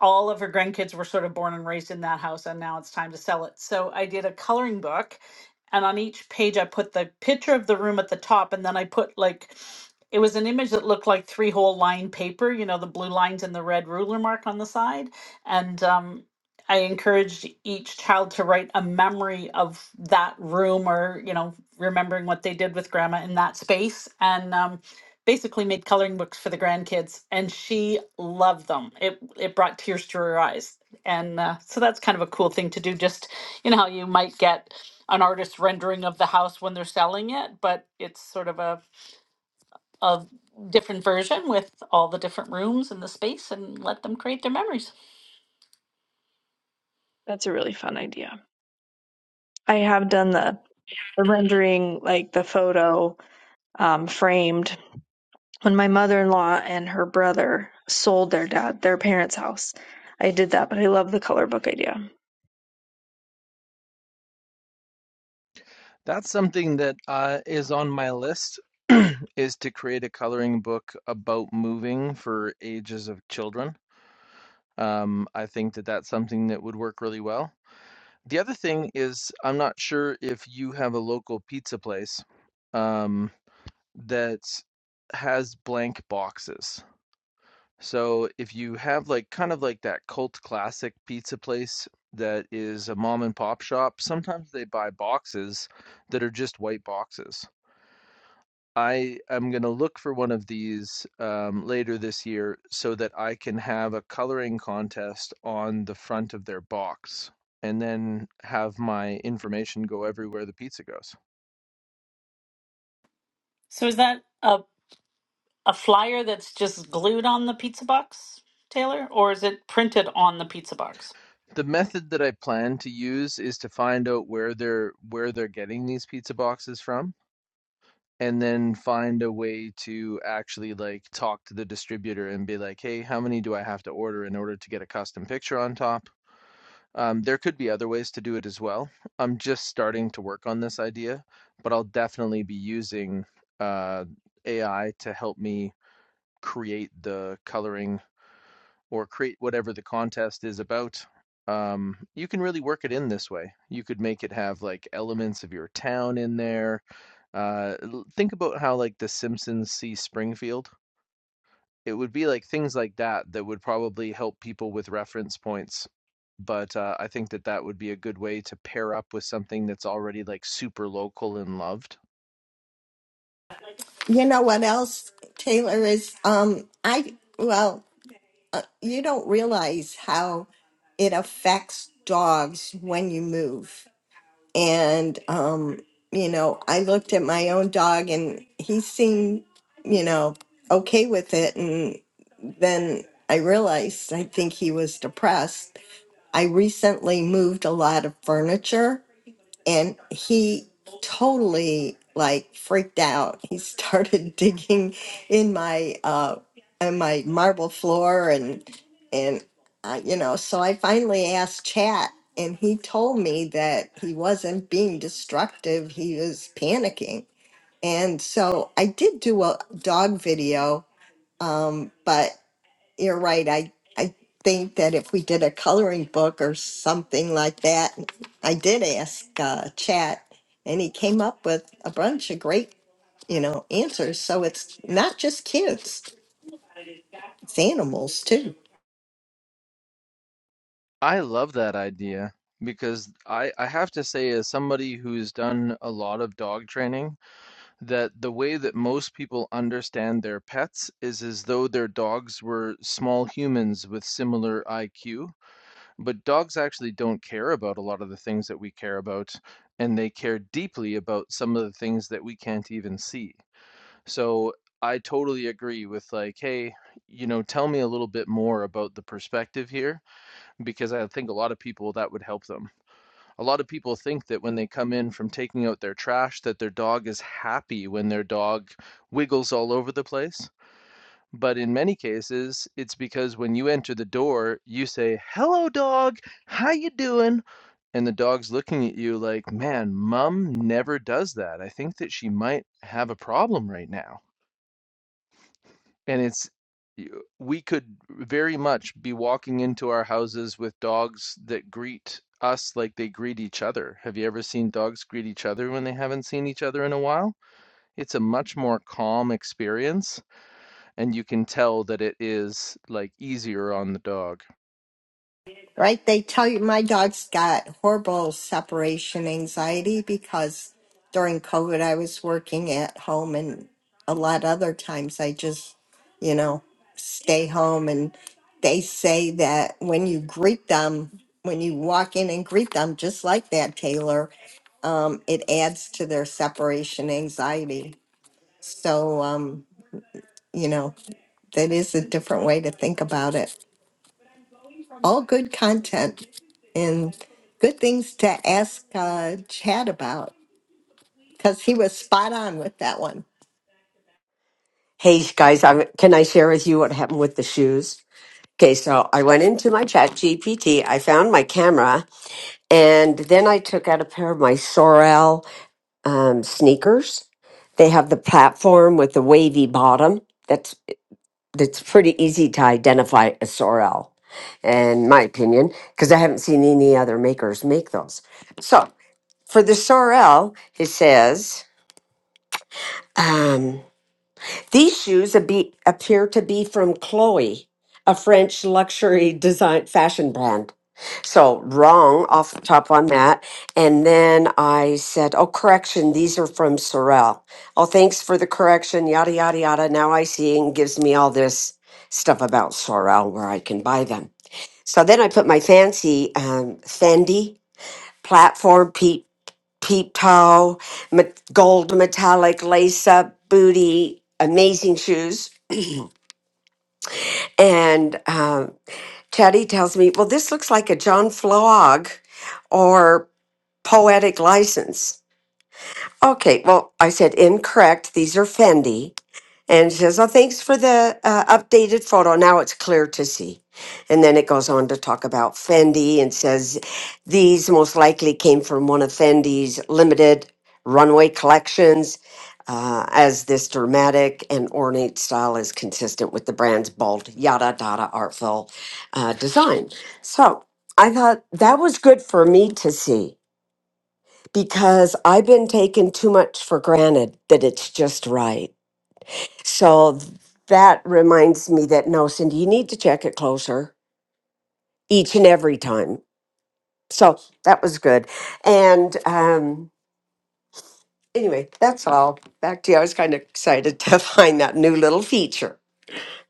Speaker 1: all of her grandkids were sort of born and raised in that house. And now it's time to sell it. So I did a coloring book. And on each page, I put the picture of the room at the top. And then I put like, it was an image that looked like three whole line paper, you know, the blue lines and the red ruler mark on the side. And um, I encouraged each child to write a memory of that room or, you know, remembering what they did with grandma in that space and um, basically made coloring books for the grandkids. And she loved them. It, it brought tears to her eyes. And uh, so that's kind of a cool thing to do. Just, you know, how you might get an artist rendering of the house when they're selling it, but it's sort of a, a different version with all the different rooms and the space and let them create their memories.
Speaker 19: That's a really fun idea. I have done the the rendering like the photo um, framed When my mother-in-law and her brother sold their dad their parents' house, I did that, but I love the color book idea.
Speaker 18: That's something that uh, is on my list is to create a coloring book about moving for ages of children. Um, I think that that's something that would work really well. The other thing is, I'm not sure if you have a local pizza place um, that has blank boxes. So if you have like kind of like that cult classic pizza place that is a mom and pop shop, sometimes they buy boxes that are just white boxes. I am going to look for one of these um, later this year so that I can have a coloring contest on the front of their box and then have my information go everywhere the pizza goes.
Speaker 1: So is that a a flyer that's just glued on the pizza box, Taylor, or is it printed on the pizza box?
Speaker 18: The method that I plan to use is to find out where they're where they're getting these pizza boxes from and then find a way to actually like talk to the distributor and be like, "Hey, how many do I have to order in order to get a custom picture on top?" Um, there could be other ways to do it as well. I'm just starting to work on this idea, but I'll definitely be using uh, AI to help me create the coloring or create whatever the contest is about. Um, you can really work it in this way. You could make it have like elements of your town in there. Uh, think about how like The Simpsons see Springfield it would be like things like that that would probably help people with reference points. But uh, I think that that would be a good way to pair up with something that's already like super local and loved.
Speaker 3: You know what else, Taylor is um I well uh, you don't realize how it affects dogs when you move. and um you know i looked at my own dog and he seemed you know okay with it and then i realized i think he was depressed i recently moved a lot of furniture and he totally like freaked out he started digging in my uh in my marble floor and and uh, you know so i finally asked chat and he told me that he wasn't being destructive he was panicking and so i did do a dog video um, but you're right. I, I think that if we did a coloring book or something like that, I did ask uh, Chat, and he came up with a bunch of great, you know, answers. So it's not just kids; it's animals too.
Speaker 18: I love that idea because I, I have to say, as somebody who's done a lot of dog training, that the way that most people understand their pets is as though their dogs were small humans with similar IQ. But dogs actually don't care about a lot of the things that we care about, and they care deeply about some of the things that we can't even see. So I totally agree with like, hey, you know, tell me a little bit more about the perspective here, because I think a lot of people that would help them. A lot of people think that when they come in from taking out their trash, that their dog is happy when their dog wiggles all over the place but in many cases, it's because when you enter the door, you say, "Hello, dog. How you doing?" And the dog's looking at you like, "Man, mom never does that. I think that she might have a problem right now." And it's y- we could very much be walking into our houses with dogs that greet us like they greet each other. Have you ever seen dogs greet each other when they haven't seen each other in a while? It's a much more calm experience and you can tell that it is like easier on the dog.
Speaker 3: right? They tell you my dog's got horrible separation anxiety because during COVID I was working at home and a lot other times I just, you know, stay home and they say that when you greet them, when you walk in and greet them just like that, Taylor, it adds to their separation anxiety. So um, you know, that is a different way to think about it. all good content and good things to ask uh, Chad about because he was spot on with that one.
Speaker 8: Hey guys, I'm, can I share with you what happened with the shoes? Okay, so I went into my chat GPT. I found my camera, and then I took out a pair of my Sorel um, sneakers. They have the platform with the wavy bottom. That's it's pretty easy to identify a sorrel, in my opinion, because I haven't seen any other makers make those. So for the sorrel, it says um, these shoes abe- appear to be from Chloe, a French luxury design fashion brand. So wrong off the top on that. And then I said, Oh, correction, these are from Sorel. Oh, thanks for the correction, yada, yada, yada. Now I see and gives me all this stuff about Sorel where I can buy them. So then I put my fancy um, Fendi platform, peep, peep toe, met- gold metallic lace up booty, amazing shoes. And um, Teddy tells me, Well, this looks like a John Flog or poetic license. Okay, well, I said incorrect. These are Fendi. And she says, oh, thanks for the uh, updated photo. Now it's clear to see. And then it goes on to talk about Fendi and says, these most likely came from one of Fendi's limited runway collections, uh, as this dramatic and ornate style is consistent with the brand's bold, yada, yada, artful uh, design. So I thought that was good for me to see because I've been taking too much for granted that it's just right. So th- that reminds me that no, Cindy, you need to check it closer each and every time. So that was good. And um, anyway, that's all. Back to you. I was kind of excited to find that new little feature.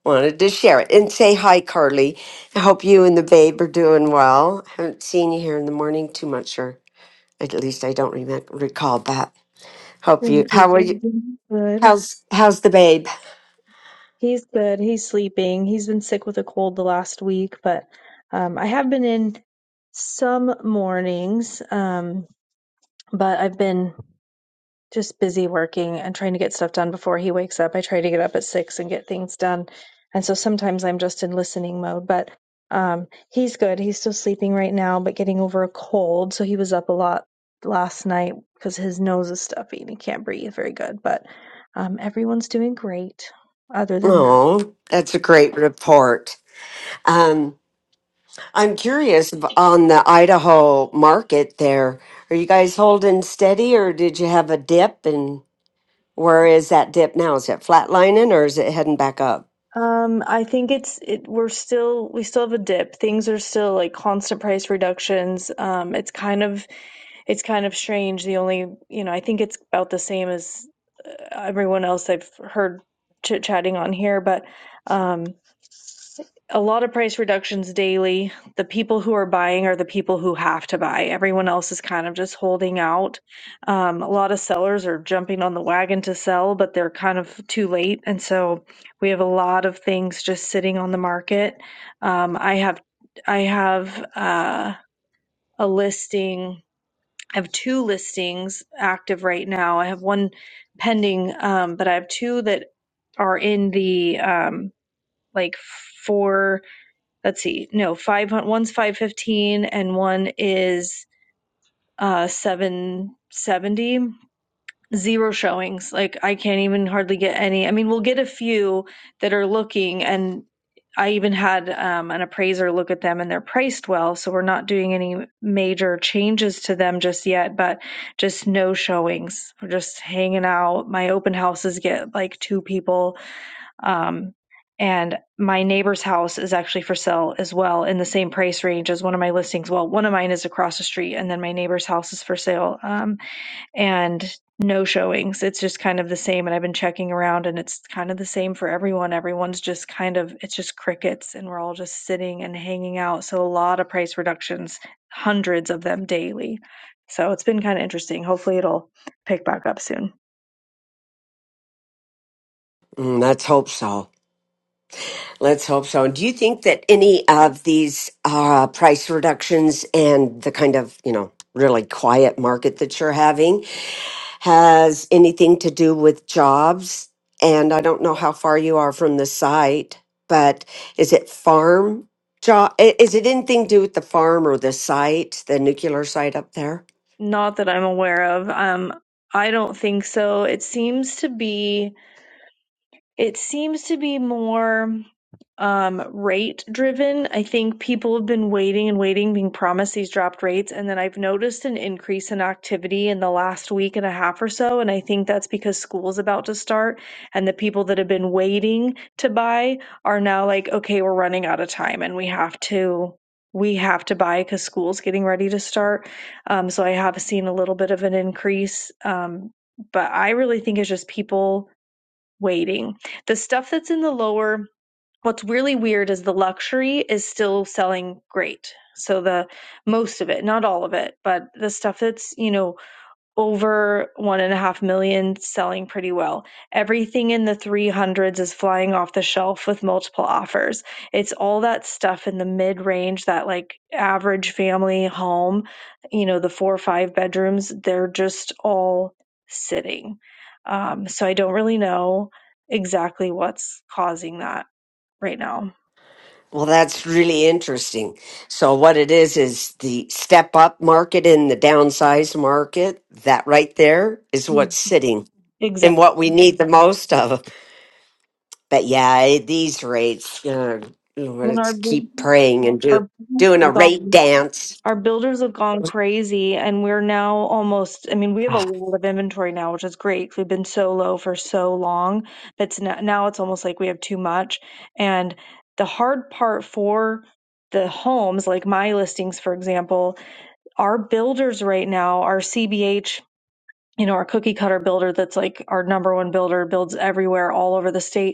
Speaker 8: Wanted to share it and say hi, Carly. I hope you and the babe are doing well. Haven't seen you here in the morning too much, or at least I don't remem- recall that. Hope you.
Speaker 19: Thank you.
Speaker 8: How are you?
Speaker 19: Good.
Speaker 8: How's how's the babe?
Speaker 19: He's good. He's sleeping. He's been sick with a cold the last week, but um, I have been in some mornings. Um, but I've been just busy working and trying to get stuff done before he wakes up. I try to get up at six and get things done. And so sometimes I'm just in listening mode, but um, he's good. He's still sleeping right now, but getting over a cold. So he was up a lot last night because his nose is stuffy and he can't breathe very good. But um, everyone's doing great other than that.
Speaker 8: Oh, that's a great report. Um, I'm curious ab- on the Idaho market there. Are you guys holding steady or did you have a dip? And where is that dip now? Is it flatlining or is it heading back up?
Speaker 19: Um, I think it's it we're still we still have a dip. Things are still like constant price reductions. Um, it's kind of it's kind of strange. The only, you know, I think it's about the same as uh, everyone else I've heard chit-chatting on here, but um a lot of price reductions daily. The people who are buying are the people who have to buy. Everyone else is kind of just holding out. Um, a lot of sellers are jumping on the wagon to sell, but they're kind of too late. And so we have a lot of things just sitting on the market. Um, I have, I have uh, a listing. I have two listings active right now. I have one pending, um, but I have two that are in the um, like four let's see, no, five hundred. one's five fifteen and one is uh seven seventy. Zero showings. Like I can't even hardly get any. I mean, we'll get a few that are looking, and I even had um, an appraiser look at them, and they're priced well, so we're not doing any major changes to them just yet. But just no showings. We're just hanging out. My open houses get like two people um, and my neighbor's house is actually for sale as well in the same price range as one of my listings. Well, one of mine is across the street, and then my neighbor's house is for sale. Um, and no showings. It's just kind of the same. And I've been checking around, and it's kind of the same for everyone. Everyone's just kind of, it's just crickets, and we're all just sitting and hanging out. So a lot of price reductions, hundreds of them daily. So it's been kind of interesting. Hopefully, it'll pick back up soon.
Speaker 8: Mm, let's hope so. Let's hope so. do you think that any of these uh, price reductions and the kind of, you know, really quiet market that you're having has anything to do with jobs? And I don't know how far you are from the site, but is it farm job? Is it anything to do with the farm or the site, the nuclear site up there?
Speaker 19: Not that I'm aware of. Um, I don't think so. It seems to be. It seems to be more um, rate driven. I think people have been waiting and waiting, being promised these dropped rates. And then I've noticed an increase in activity in the last week and a half or so. And I think that's because school's about to start. And the people that have been waiting to buy are now like, okay, we're running out of time and we have to. We have to buy because school's getting ready to start. Um, so I have seen a little bit of an increase. Um, but I really think it's just people waiting. The stuff that's in the lower, what's really weird is the luxury is still selling great. So the most of it, not all of it, but the stuff that's, you know, over one and a half million, selling pretty well. Everything in the 300s is flying off the shelf with multiple offers. It's all that stuff in the mid range, that like average family home, you know, the four or five bedrooms, they're just all sitting. Um, so I don't really know exactly what's causing that right now.
Speaker 8: Well, that's really interesting. So, what it is is the step up market and the downsize market. That right there is
Speaker 19: Mm,
Speaker 8: what's sitting and
Speaker 19: Exactly.
Speaker 8: what we need the most of. But yeah, at these rates, you know,
Speaker 19: When our
Speaker 8: let's keep praying and do doing a
Speaker 19: our
Speaker 8: rate dance.
Speaker 19: our builders have gone crazy and we're now almost i mean we have a
Speaker 8: Ah,
Speaker 19: lot of inventory now which is great 'cause we've been so low for so long it's now, now it's almost like we have too much and the hard part for the homes like my listings for example our builders right now our cbh you know our cookie cutter builder that's like our number one builder builds everywhere all over the state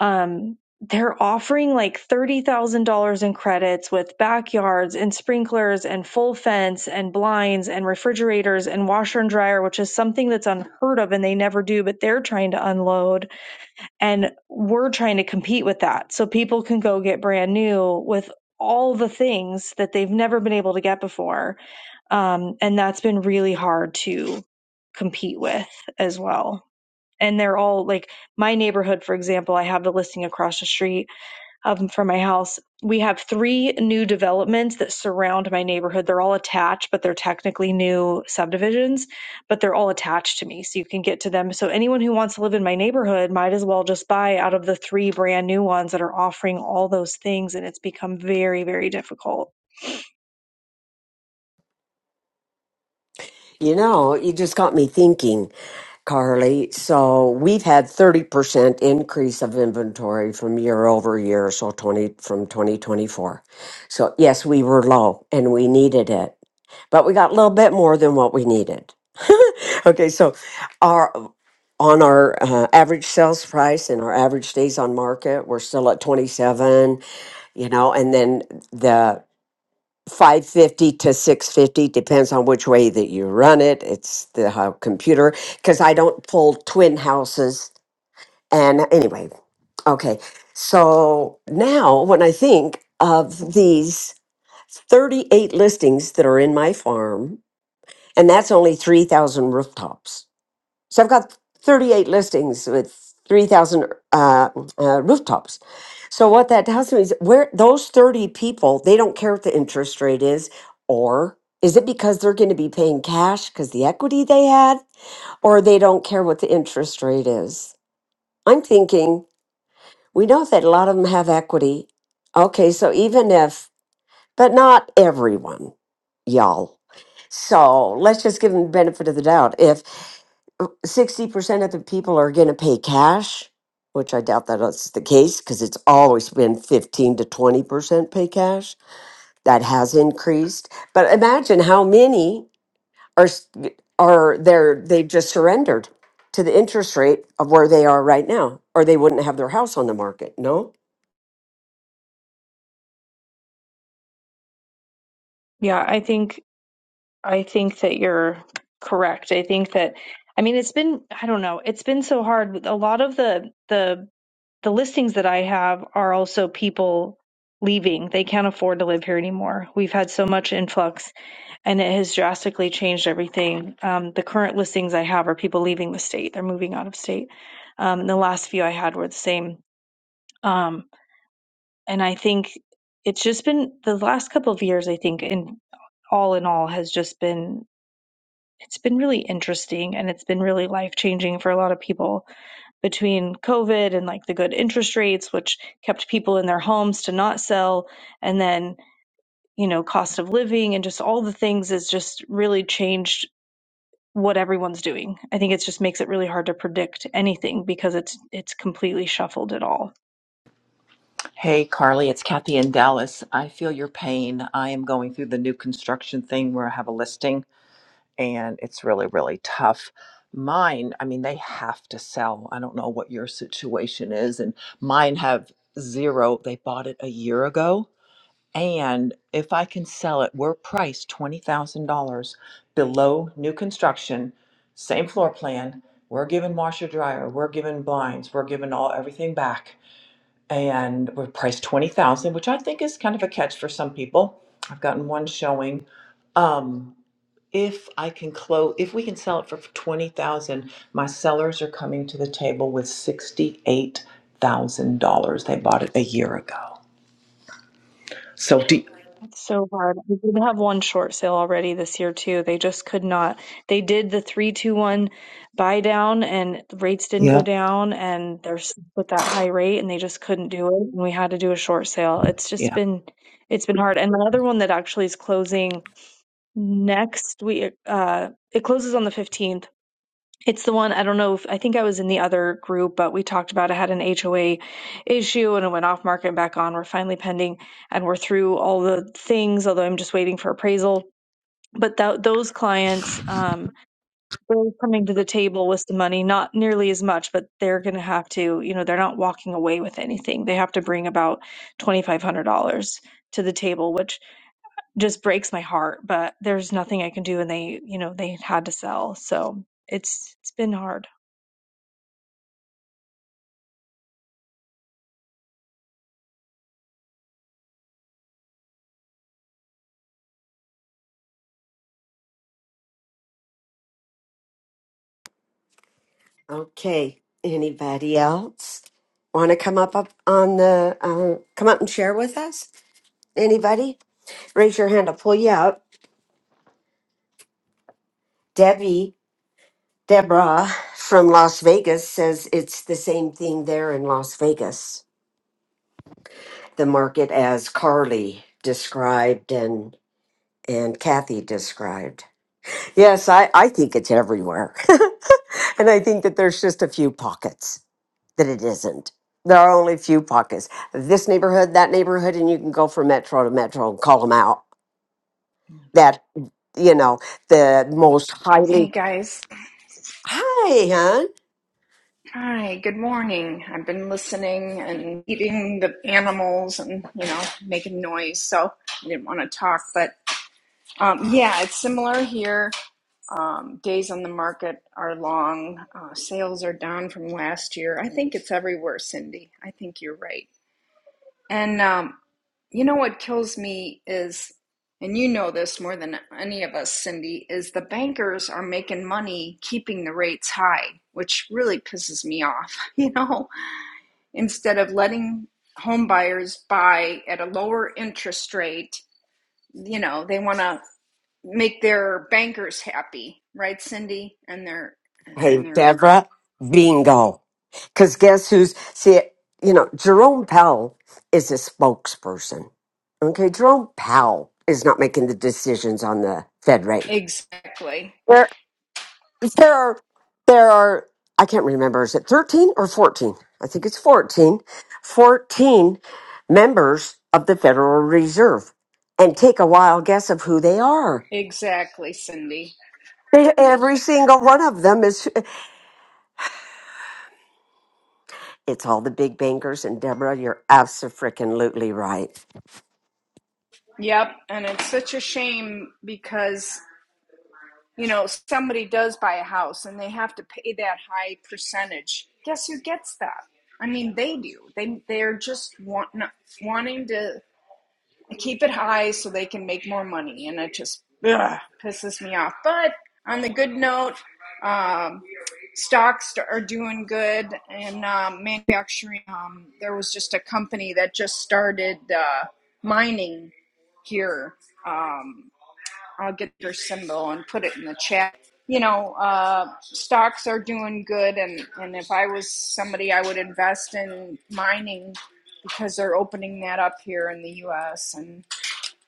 Speaker 19: um, they're offering like $30,000 in credits with backyards and sprinklers and full fence and blinds and refrigerators and washer and dryer, which is something that's unheard of and they never do, but they're trying to unload. And we're trying to compete with that. So people can go get brand new with all the things that they've never been able to get before. Um, and that's been really hard to compete with as well and they're all like my neighborhood for example i have the listing across the street um, from my house we have three new developments that surround my neighborhood they're all attached but they're technically new subdivisions but they're all attached to me so you can get to them so anyone who wants to live in my neighborhood might as well just buy out of the three brand new ones that are offering all those things and it's become very very difficult
Speaker 8: You know, you just got me thinking. Carly. So we've had 30% increase of inventory from year over year, so 20 from 2024. So yes, we were low and we needed it, but we got a little bit more than what we needed. okay, so our on our uh, average sales price and our average days on market, we're still at 27, you know, and then the 550 to 650 depends on which way that you run it it's the how computer because i don't pull twin houses and anyway okay so now when i think of these 38 listings that are in my farm and that's only 3000 rooftops so I've got 38 listings with 3,000 uh, uh, rooftops. So what that tells me is where those 30 people, they don't care what the interest rate is, or is it because they're going to be paying cash because the equity they had, or they don't care what the interest rate is? I'm thinking we know that a lot of them have equity. Okay, so even if but not everyone, y'all. So let's just give them the benefit of the doubt. If 60% of the people are going to pay cash, which I doubt that that's the case because it's always been 15 to 20% pay cash. That has increased. But imagine how many are s- are there they've just surrendered to the interest rate of where they are right now or they wouldn't have their house on the market, no?
Speaker 19: yeah i think I think that you're correct. I think that I mean it's been I don't know, it's been so hard. A lot of the the the listings that I have are also people leaving. They can't afford to live here anymore. We've had so much influx and it has drastically changed everything. Um, the current listings I have are people leaving the state. They're moving out of state. Um, and the last few I had were the same. Um, and I think it's just been the last couple of years, I think, in all in all has just been it's been really interesting and it's been really life changing for a lot of people between COVID and like the good interest rates, which kept people in their homes to not sell, and then, you know, cost of living and just all the things has just really changed what everyone's doing. I think it just makes it really hard to predict anything because it's it's completely shuffled it all.
Speaker 10: Hey, Carly, it's Kathy in Dallas. I feel your pain. I am going through the new construction thing where I have a listing and it's really, really tough. Mine, I mean, they have to sell. I don't know what your situation is. And mine have zero. They bought it a year ago And if I can sell it, we're priced $20,000 below new construction, same floor plan. We're giving washer dryer, we're giving blinds, we're giving all everything back. And we're priced 20,000, which I think is kind of a catch for some people. I've gotten one showing um if i can close if we can sell it for 20000 my sellers are coming to the table with $68000 they bought it a year ago so do,
Speaker 19: It's so hard. We did have one short sale already this year too. They just could not. They did the three two one buy down, and the rates didn't go
Speaker 10: yeah
Speaker 19: down, and they're stuck with that high rate, and they just couldn't do it. And we had to do a short sale. It's just
Speaker 10: yeah.
Speaker 19: been, it's been hard. And the other one that actually is closing next week, uh, it closes on the fifteenth. It's the one I don't know if I think I was in the other group, but we talked about I had an HOA issue and it went off market and back on. We're finally pending and we're through all the things, although I'm just waiting for appraisal. But tho- those clients, um, they're coming to the table with some money, not nearly as much, but they're going to have to, you know, they're not walking away with anything. They have to bring about $2,500 to the table, which just breaks my heart, but there's nothing I can do. And they, you know, they had to sell. So it's, it's been hard.
Speaker 8: Okay. Anybody else want to come up, up on the uh, come up and share with us? Anybody? Raise your hand. I'll pull you up. Debbie Deborah from Las Vegas says it's the same thing there in Las Vegas. The market as Carly described and and Kathy described. Yes, I, I think it's everywhere. and I think that there's just a few pockets. that it isn't. There are only a few pockets. This neighborhood, that neighborhood, and you can go from metro to metro and call them out. That, you know, the most highly.
Speaker 20: Hey guys.
Speaker 8: Hi, hon.
Speaker 20: Hi, good morning. I've been listening and eating the animals and, you know, making noise, so I didn't want to talk. But um, yeah, it's similar here. Um, days on the market are long. Uh, sales are down from last year. I think it's everywhere, Cindy. I think you're right. And um, You know what kills me is, and you know this more than any of us, Cindy, is the bankers are making money keeping the rates high, which really pisses me off, you know, instead of letting home buyers buy at a lower interest rate, you know, they want to make their bankers happy, right, Cindy? And they're,
Speaker 8: Hey,
Speaker 20: and they're
Speaker 8: Deborah. Bingo. Because guess who's. See, you know, Jerome Powell is a spokesperson. Okay, Jerome Powell is not making the decisions on the Fed rate.
Speaker 20: exactly.
Speaker 8: there are there are I can't remember is it 13 or 14? I think it's 14. 14 members of the Federal Reserve. And take a wild guess of who they are.
Speaker 20: Exactly, Cindy.
Speaker 8: They, every single one of them is it's all the big bankers and Deborah you're absolutely right.
Speaker 20: Yep, and it's such a shame because you know, somebody does buy a house and they have to pay that high percentage. Guess who gets that? I mean, they do. They they're just want, wanting to keep it high so they can make more money, and it just ugh, pisses me off. But on the good note, um, stocks are doing good, and um, manufacturing. Um, there was just a company that just started uh, mining here. Um, I'll get your symbol and put it in the chat. You know, uh, stocks are doing good, and, and if I was somebody, I would invest in mining because they're opening that up here in the U.S. and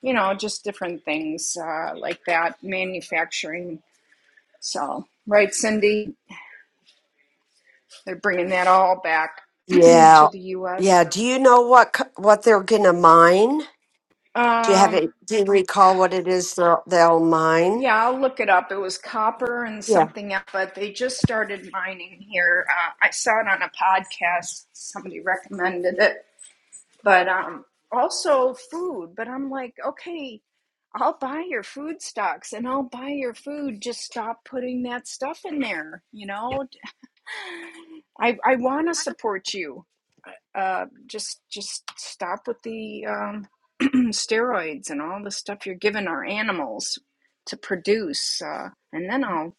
Speaker 20: you know just different things uh, like that, manufacturing. So right, Cindy, they're bringing that all back to
Speaker 8: Yeah.
Speaker 20: the U.S.
Speaker 8: Yeah, do you know what co- what they're going to mine? Do you have
Speaker 20: Um,
Speaker 8: it do you recall what it is they'll, they'll mine?
Speaker 20: Yeah, I'll look it up. It was copper and something else, but they just started mining here. Uh, I saw it on a podcast. Somebody recommended it, but um, also food. But I'm like, okay, I'll buy your food stocks and I'll buy your food. Just stop putting that stuff in there. You know, I I want to support you uh, just just stop with the um, steroids and all the stuff you're giving our animals to produce, uh, and then I'll.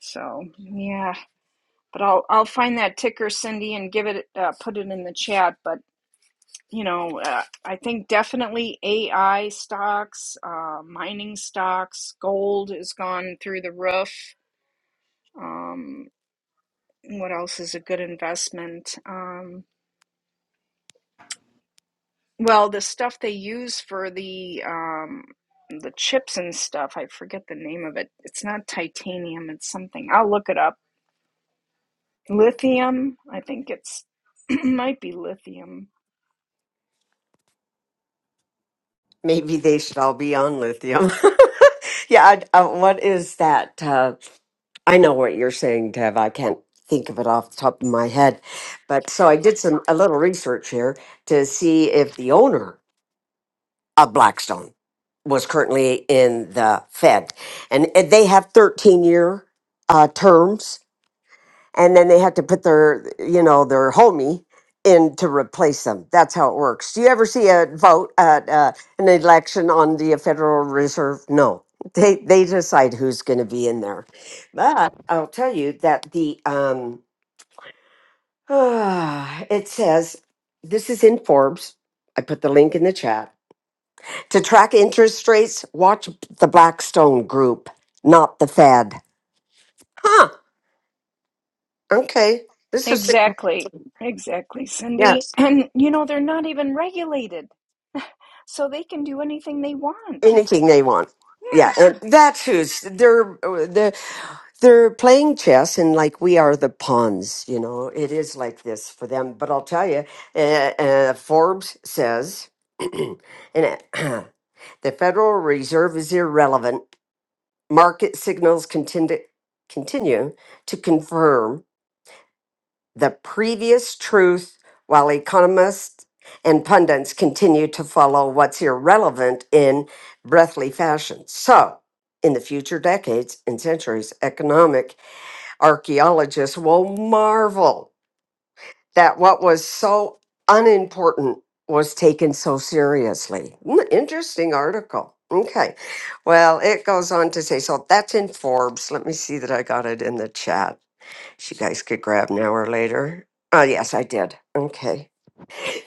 Speaker 20: So yeah, but I'll I'll find that ticker, Cindy, and give it uh, put it in the chat. But you know, uh, I think definitely AI stocks, uh, mining stocks, gold has gone through the roof. Um, what else is a good investment? Um, Well, the stuff they use for the um the chips and stuff, I forget the name of it. It's not titanium, it's something. I'll look it up. Lithium, I think it's might be lithium.
Speaker 8: Maybe they should all be on lithium. yeah, I, uh, what is that? Uh, I know what you're saying, Dev. I can't think of it off the top of my head. But so I did some a little research here to see if the owner of Blackstone was currently in the Fed, and, and they have 13 year uh, terms and then they have to put their you know their homie in to replace them that's how it works do you ever see a vote at uh, an election on the uh, federal reserve no they they decide who's going to be in there but i'll tell you that the um it says this is in forbes i put the link in the chat to track interest rates watch the blackstone group not the fed huh okay this is
Speaker 20: Exactly. Exactly, Cindy.
Speaker 8: yes
Speaker 20: And you know, they're not even regulated, so they can do anything they want.
Speaker 8: anything they want. Yeah,
Speaker 20: Yeah.
Speaker 8: and that's who's they're they're they're playing chess, and like we are the pawns. You know, it is like this for them. But I'll tell you, uh, uh, Forbes says, and it, the Federal Reserve is irrelevant. Market signals continue continue to confirm the previous truth while economists and pundits continue to follow what's irrelevant in breathly fashion. So, in the future decades and centuries, economic archaeologists will marvel that what was so unimportant was taken so seriously. Mm, Interesting article. Okay. Well, it goes on to say so that's in Forbes. Let me see that I got it in the chat you guys could grab now or later. Oh, yes, I did. Okay.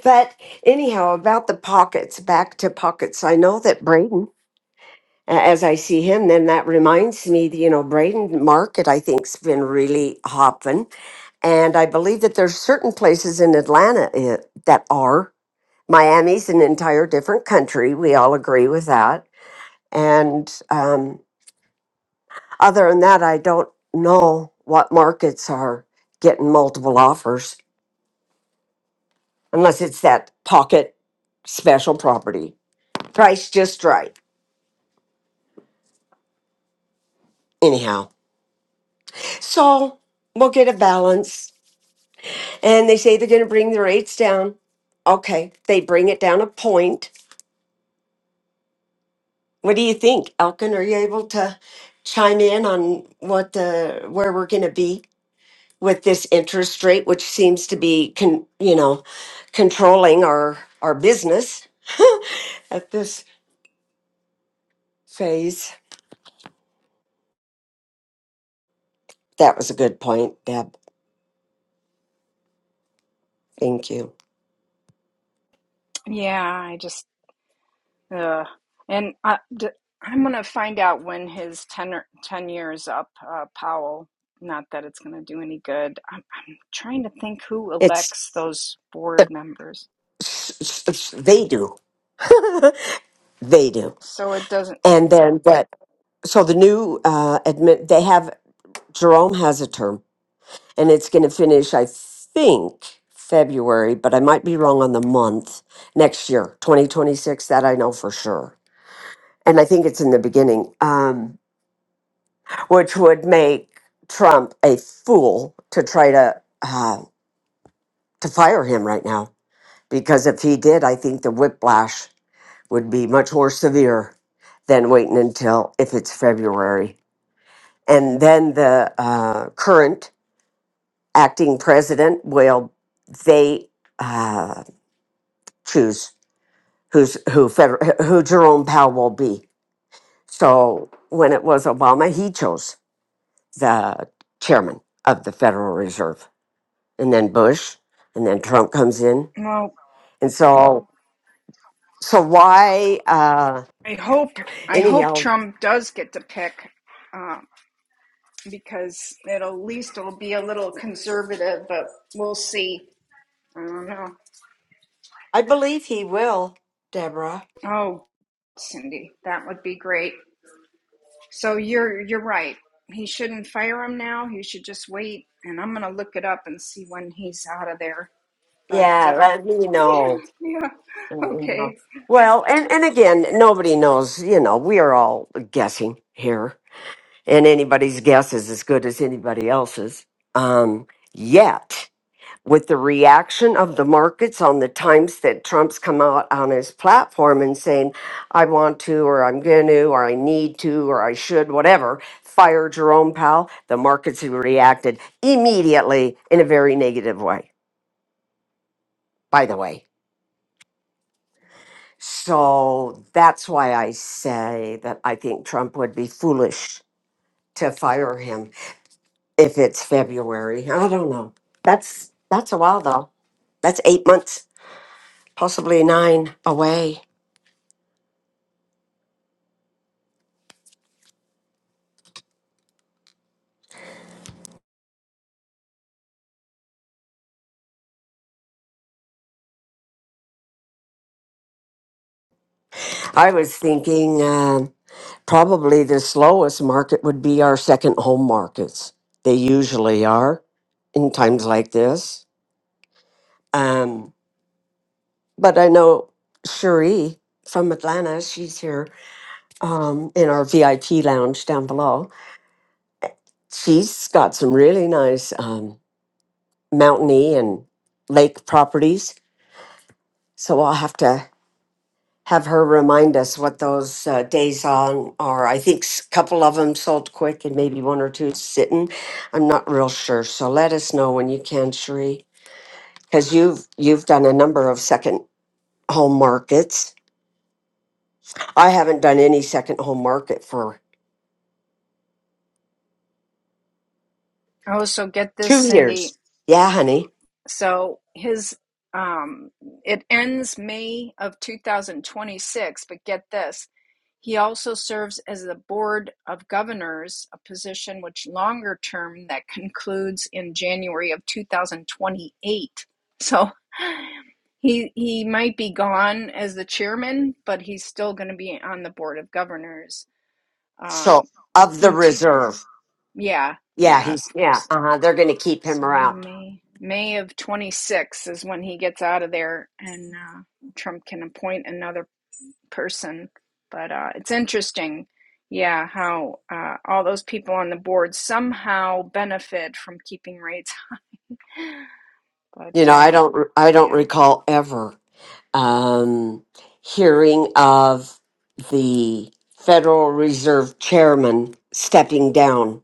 Speaker 8: But anyhow, about the pockets, back to pockets. I know that Braden, a- as I see him, then that reminds me, that, you know, Braden Market, I think, has been really hopping. And I believe that there's certain places in Atlanta eh, that are. Miami's an entire different country. We all agree with that. And um, other than that, I don't know what markets are getting multiple offers. unless it's that pocket special property. Price just right. Anyhow, so we'll get a balance. And they say they're going to bring the rates down. Okay, they bring it down a point. What do you think, Elkin? Are you able to chime in on what the where we're going to be with this interest rate, which seems to be, con, you know, controlling our our business at this phase? That was a good point, Deb. Thank you.
Speaker 20: Yeah, I just Uh, and I, d- I'm going to find out when his 10, 10 years up, uh, Powell. Not that it's going to do any good. I'm, I'm trying to think who
Speaker 8: It's
Speaker 20: elects those board members.
Speaker 8: s- s- they do they do
Speaker 20: So it doesn't.
Speaker 8: and then but so the new uh admit they have jerome has a term and it's going to finish i think february but i might be wrong on the month next year 2026 that i know for sure and i think it's in the beginning um which would make trump a fool to try to uh to fire him right now because if he did i think the whiplash would be much more severe than waiting until if it's February. And then the uh, current acting president will they uh, choose who's who Feder- who Jerome Powell will be. So when it was Obama, he chose the chairman of the Federal Reserve, and then Bush, and then Trump comes in,
Speaker 20: Well,
Speaker 8: and so so why uh,
Speaker 20: I hope I hope
Speaker 8: anyhow?
Speaker 20: Trump does get to pick, uh, because it at least will be a little conservative. But we'll see. I don't know.
Speaker 8: I believe he will, Deborah.
Speaker 20: Oh, Cindy, that would be great. So you're you're right. He shouldn't fire him now. He should just wait. And I'm gonna look it up and see when he's out of there. But
Speaker 8: Yeah,
Speaker 20: uh,
Speaker 8: let me
Speaker 20: yeah,
Speaker 8: know.
Speaker 20: yeah,
Speaker 8: Let me know.
Speaker 20: okay.
Speaker 8: Well, and, and again, nobody knows, you know, we are all guessing here, and anybody's guess is as good as anybody else's. Um, yet, with the reaction of the markets on the times that Trump's come out on his platform and saying, I want to, or I'm going to, or I need to, or I should, whatever, fire Jerome Powell, the markets have reacted immediately in a very negative way, by the way. So that's why I say that I think Trump would be foolish to fire him if it's February. I don't know. That's that's a while though. That's eight months, possibly nine away. I was thinking um probably the slowest market would be our second home markets. They usually are in times like this. Um, but I know Cherie from Atlanta, she's here um, in our VIP lounge down below. She's got some really nice um, mountainy and lake properties. So I'll have to have her remind us what those uh, days on are. I think a couple of them sold quick and maybe one or two sitting. I'm not real sure. So let us know when you can, Cherie, because you've you've done a number of second home markets. I haven't done any second home market for
Speaker 20: Oh, so get this,
Speaker 8: two
Speaker 20: Cindy.
Speaker 8: years. Yeah, honey.
Speaker 20: So his um, it ends May of 2026, but get this. He also serves as the board of governors, a position which longer term that concludes in January of 2028. So he he might be gone as the chairman, but he's still going to be on the board of governors. Um,
Speaker 8: So of the reserve.
Speaker 20: yeah,
Speaker 8: Yeah,
Speaker 20: yeah.
Speaker 8: he's yeah. Uh-huh. They're going to keep him
Speaker 20: So
Speaker 8: around.
Speaker 20: May May of 26 is when he gets out of there, and uh, Trump can appoint another person. But uh, it's interesting, yeah, how uh, all those people on the board somehow benefit from keeping rates.
Speaker 8: You
Speaker 20: But
Speaker 8: know, I
Speaker 20: uh,
Speaker 8: don't re- I don't
Speaker 20: yeah,
Speaker 8: recall ever um hearing of the Federal Reserve chairman stepping down.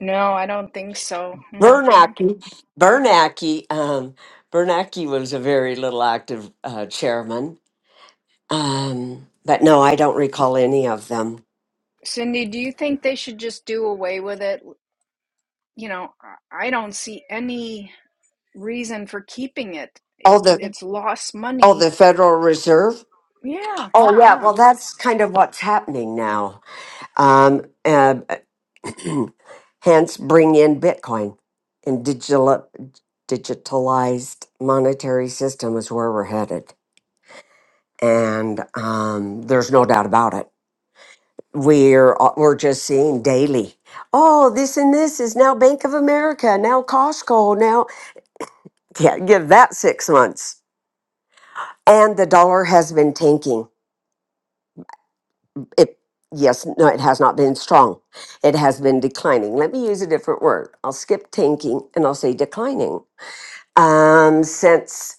Speaker 20: no, I don't think so. hmm
Speaker 8: Bernanke, Bernanke, um Bernanke was a very little active uh chairman. Um but no, I don't recall any of them.
Speaker 20: Cindy, do you think they should just do away with it? You know, I don't see any reason for keeping it.
Speaker 8: Oh,
Speaker 20: it
Speaker 8: the
Speaker 20: it's lost
Speaker 8: oh,
Speaker 20: money.
Speaker 8: the Federal Reserve?
Speaker 20: Yeah,
Speaker 8: Oh yeah,
Speaker 20: yeah.
Speaker 8: well that's kind of what's happening now Um, uh, hence, bring in Bitcoin and digital, digitalized monetary system is where we're headed, and um, there's no doubt about it. We're uh, we're just seeing daily. Oh, this and this is now Bank of America, now Costco, now yeah, give that six months. And the dollar has been tanking It yes, no, it has not been strong. It has been declining. Let me use a different word. I'll skip tanking and I'll say declining. Um, since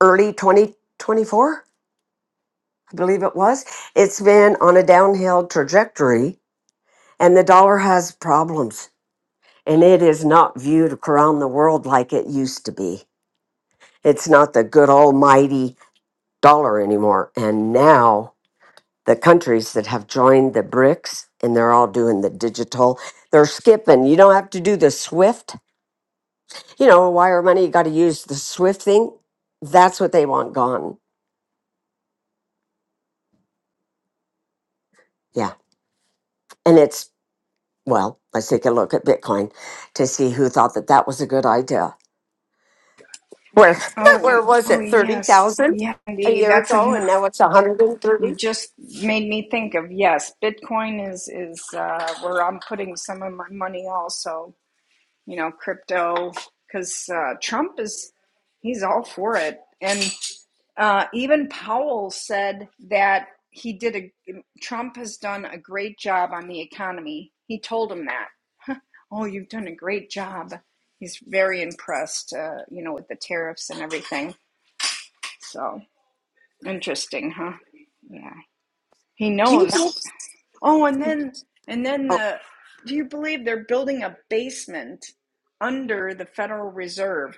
Speaker 8: early 2024, I believe it was, it's been on a downhill trajectory, and the dollar has problems. And it is not viewed around the world like it used to be. It's not the good almighty dollar anymore. And now the countries that have joined the BRICS and they're all doing the digital. They're skipping. You don't have to do the SWIFT, you know, wire money. You got to use the SWIFT thing. That's what they want gone. Yeah. And it's, well, let's take a look at Bitcoin to see who thought that that was a good idea. Where,
Speaker 20: Oh,
Speaker 8: where was
Speaker 20: oh
Speaker 8: it?
Speaker 20: yes,
Speaker 8: 30,000
Speaker 20: yeah,
Speaker 8: a
Speaker 20: indeed.
Speaker 8: year
Speaker 20: That's
Speaker 8: ago
Speaker 20: an.
Speaker 8: and now it's 130.
Speaker 20: You just made me think of yes. Bitcoin is is uh, where I'm putting some of my money. Also, you know, crypto because uh, Trump is he's all for it, and uh, even Powell said that he did a. Trump has done a great job on the economy. He told him that. Oh, you've done a great job. He's very impressed, uh, you know, with the tariffs and everything. So. Interesting, huh? Yeah. He
Speaker 8: Do you
Speaker 20: knows.
Speaker 8: think,
Speaker 20: Oh, and then and then
Speaker 8: oh,
Speaker 20: the do you believe they're building a basement under the Federal Reserve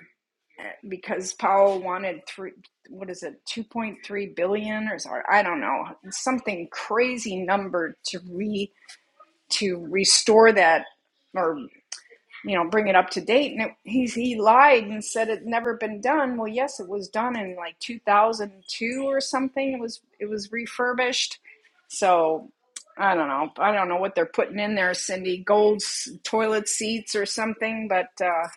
Speaker 20: eh, because Powell wanted three what is it, 2.3 billion or so, I don't know, something crazy number to re to restore that or you know, bring it up to date. And it, he's, he lied and said it never been done. Well, yes, it was done in like 2002 or something. It was, it was refurbished. So I don't know. I don't know what they're putting in there, Cindy, gold s- toilet seats or something, but, uh,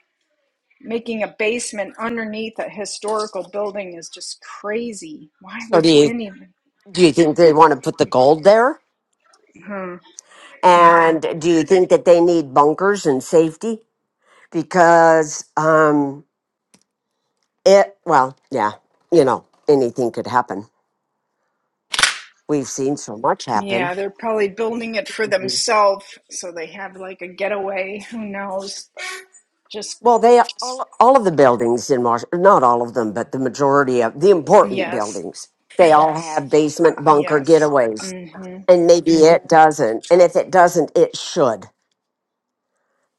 Speaker 20: making a basement underneath a historical building is just crazy. Why
Speaker 8: so do
Speaker 20: would
Speaker 8: you,
Speaker 20: anyone?
Speaker 8: do you think they want to put the gold there?
Speaker 20: Hmm.
Speaker 8: And do you think that they need bunkers and safety? because um it well yeah you know anything could happen we've seen so much happen
Speaker 20: Yeah, they're probably building it for
Speaker 8: Mhm.
Speaker 20: themselves so they have like a getaway. Who knows? Just,
Speaker 8: well they all, all of the buildings in washington not all of them but the majority of the important
Speaker 20: yes.
Speaker 8: buildings they all have basement bunker
Speaker 20: Yes.
Speaker 8: getaways
Speaker 20: hmm
Speaker 8: and maybe Mhm. it doesn't and if it doesn't it should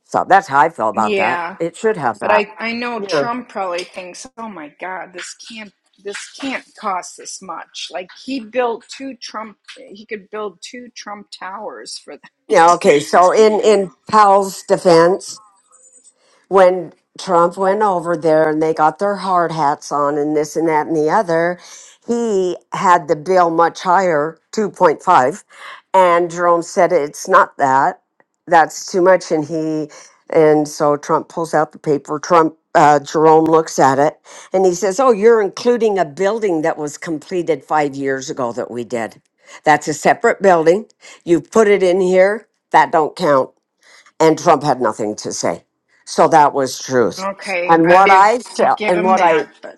Speaker 8: so that's how i feel about that
Speaker 20: Yeah.
Speaker 8: it should have
Speaker 20: But
Speaker 8: that
Speaker 20: I, I know
Speaker 8: yeah
Speaker 20: Trump probably thinks, oh my God, this can't this can't cost this much. Like he built two Trump he could build two Trump towers for
Speaker 8: yeah okay so in in powell's defense when Trump went over there and they got their hard hats on and this and that and the other, he had the bill much higher, 2.5. And Jerome said, it's not that. That's too much. And he, and so Trump pulls out the paper. Trump, uh, Jerome looks at it and he says, Oh, you're including a building that was completed five years ago that we did. That's a separate building. You put it in here. That don't count and Trump had nothing to say. So that was truth.
Speaker 20: that. Okay,
Speaker 8: And
Speaker 20: I
Speaker 8: what I
Speaker 20: give do
Speaker 8: felt,
Speaker 20: give
Speaker 8: and
Speaker 20: him
Speaker 8: what I
Speaker 20: that, but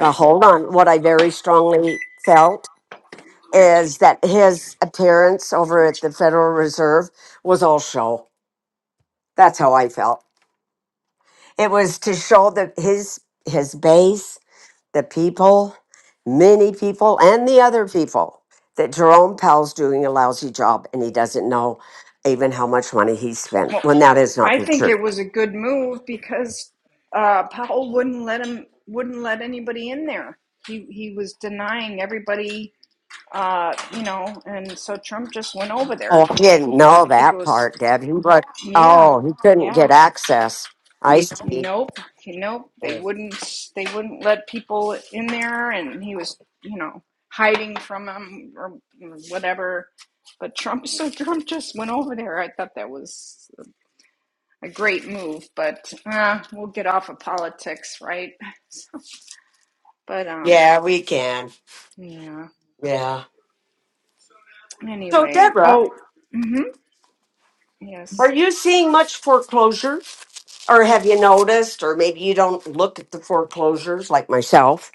Speaker 8: uh, hold on, what I very strongly felt is that his appearance over at the Federal Reserve was all show. That's how I felt. It was to show that his his base, the people, many people, and the other people that Jerome Powell's doing a lousy job, and he doesn't know even how much money he spent.
Speaker 20: Well,
Speaker 8: When that is not
Speaker 20: I
Speaker 8: the
Speaker 20: think
Speaker 8: truth.
Speaker 20: it was a good move because uh, Powell wouldn't let him wouldn't let anybody in there. He he was denying everybody, uh, you know, and so Trump just went over there.
Speaker 8: Oh, I didn't know
Speaker 20: I think it
Speaker 8: that
Speaker 20: was
Speaker 8: part, Deb. He was,
Speaker 20: Yeah,
Speaker 8: oh, he couldn't
Speaker 20: yeah.
Speaker 8: get access. I see.
Speaker 20: Nope, nope.
Speaker 8: Yeah,
Speaker 20: They wouldn't. They wouldn't let people in there, and he was, you know, hiding from them or whatever. But Trump, so Trump just went over there. I thought that was a great move, but uh, we'll get off of politics, right? But um,
Speaker 8: Yeah, we can.
Speaker 20: yeah.
Speaker 8: Yeah. So,
Speaker 20: Anyway,
Speaker 8: Deborah,
Speaker 20: oh, mm-hmm,
Speaker 8: are
Speaker 20: yes.
Speaker 8: you seeing much foreclosure? Or have you noticed, or maybe you don't look at the foreclosures like myself?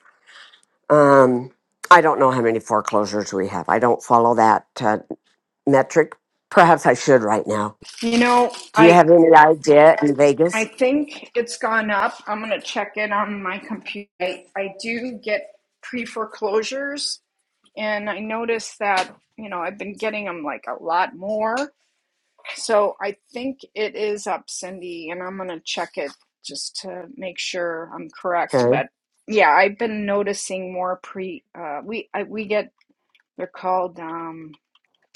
Speaker 8: Um, I don't know how many foreclosures we have. I don't follow that uh, metric. Perhaps I should right now.
Speaker 20: You know,
Speaker 8: Do you
Speaker 20: I
Speaker 8: have any idea in Vegas?
Speaker 20: I think it's gone up. I'm going to check it on my computer. I, I do get pre foreclosures, and I noticed that, you know, I've been getting them like a lot more. So I think it is up, Cindy, and I'm going to check it just to make sure I'm correct.
Speaker 8: Okay.
Speaker 20: But yeah, I've been noticing more pre, uh, we, I, we get, they're called um,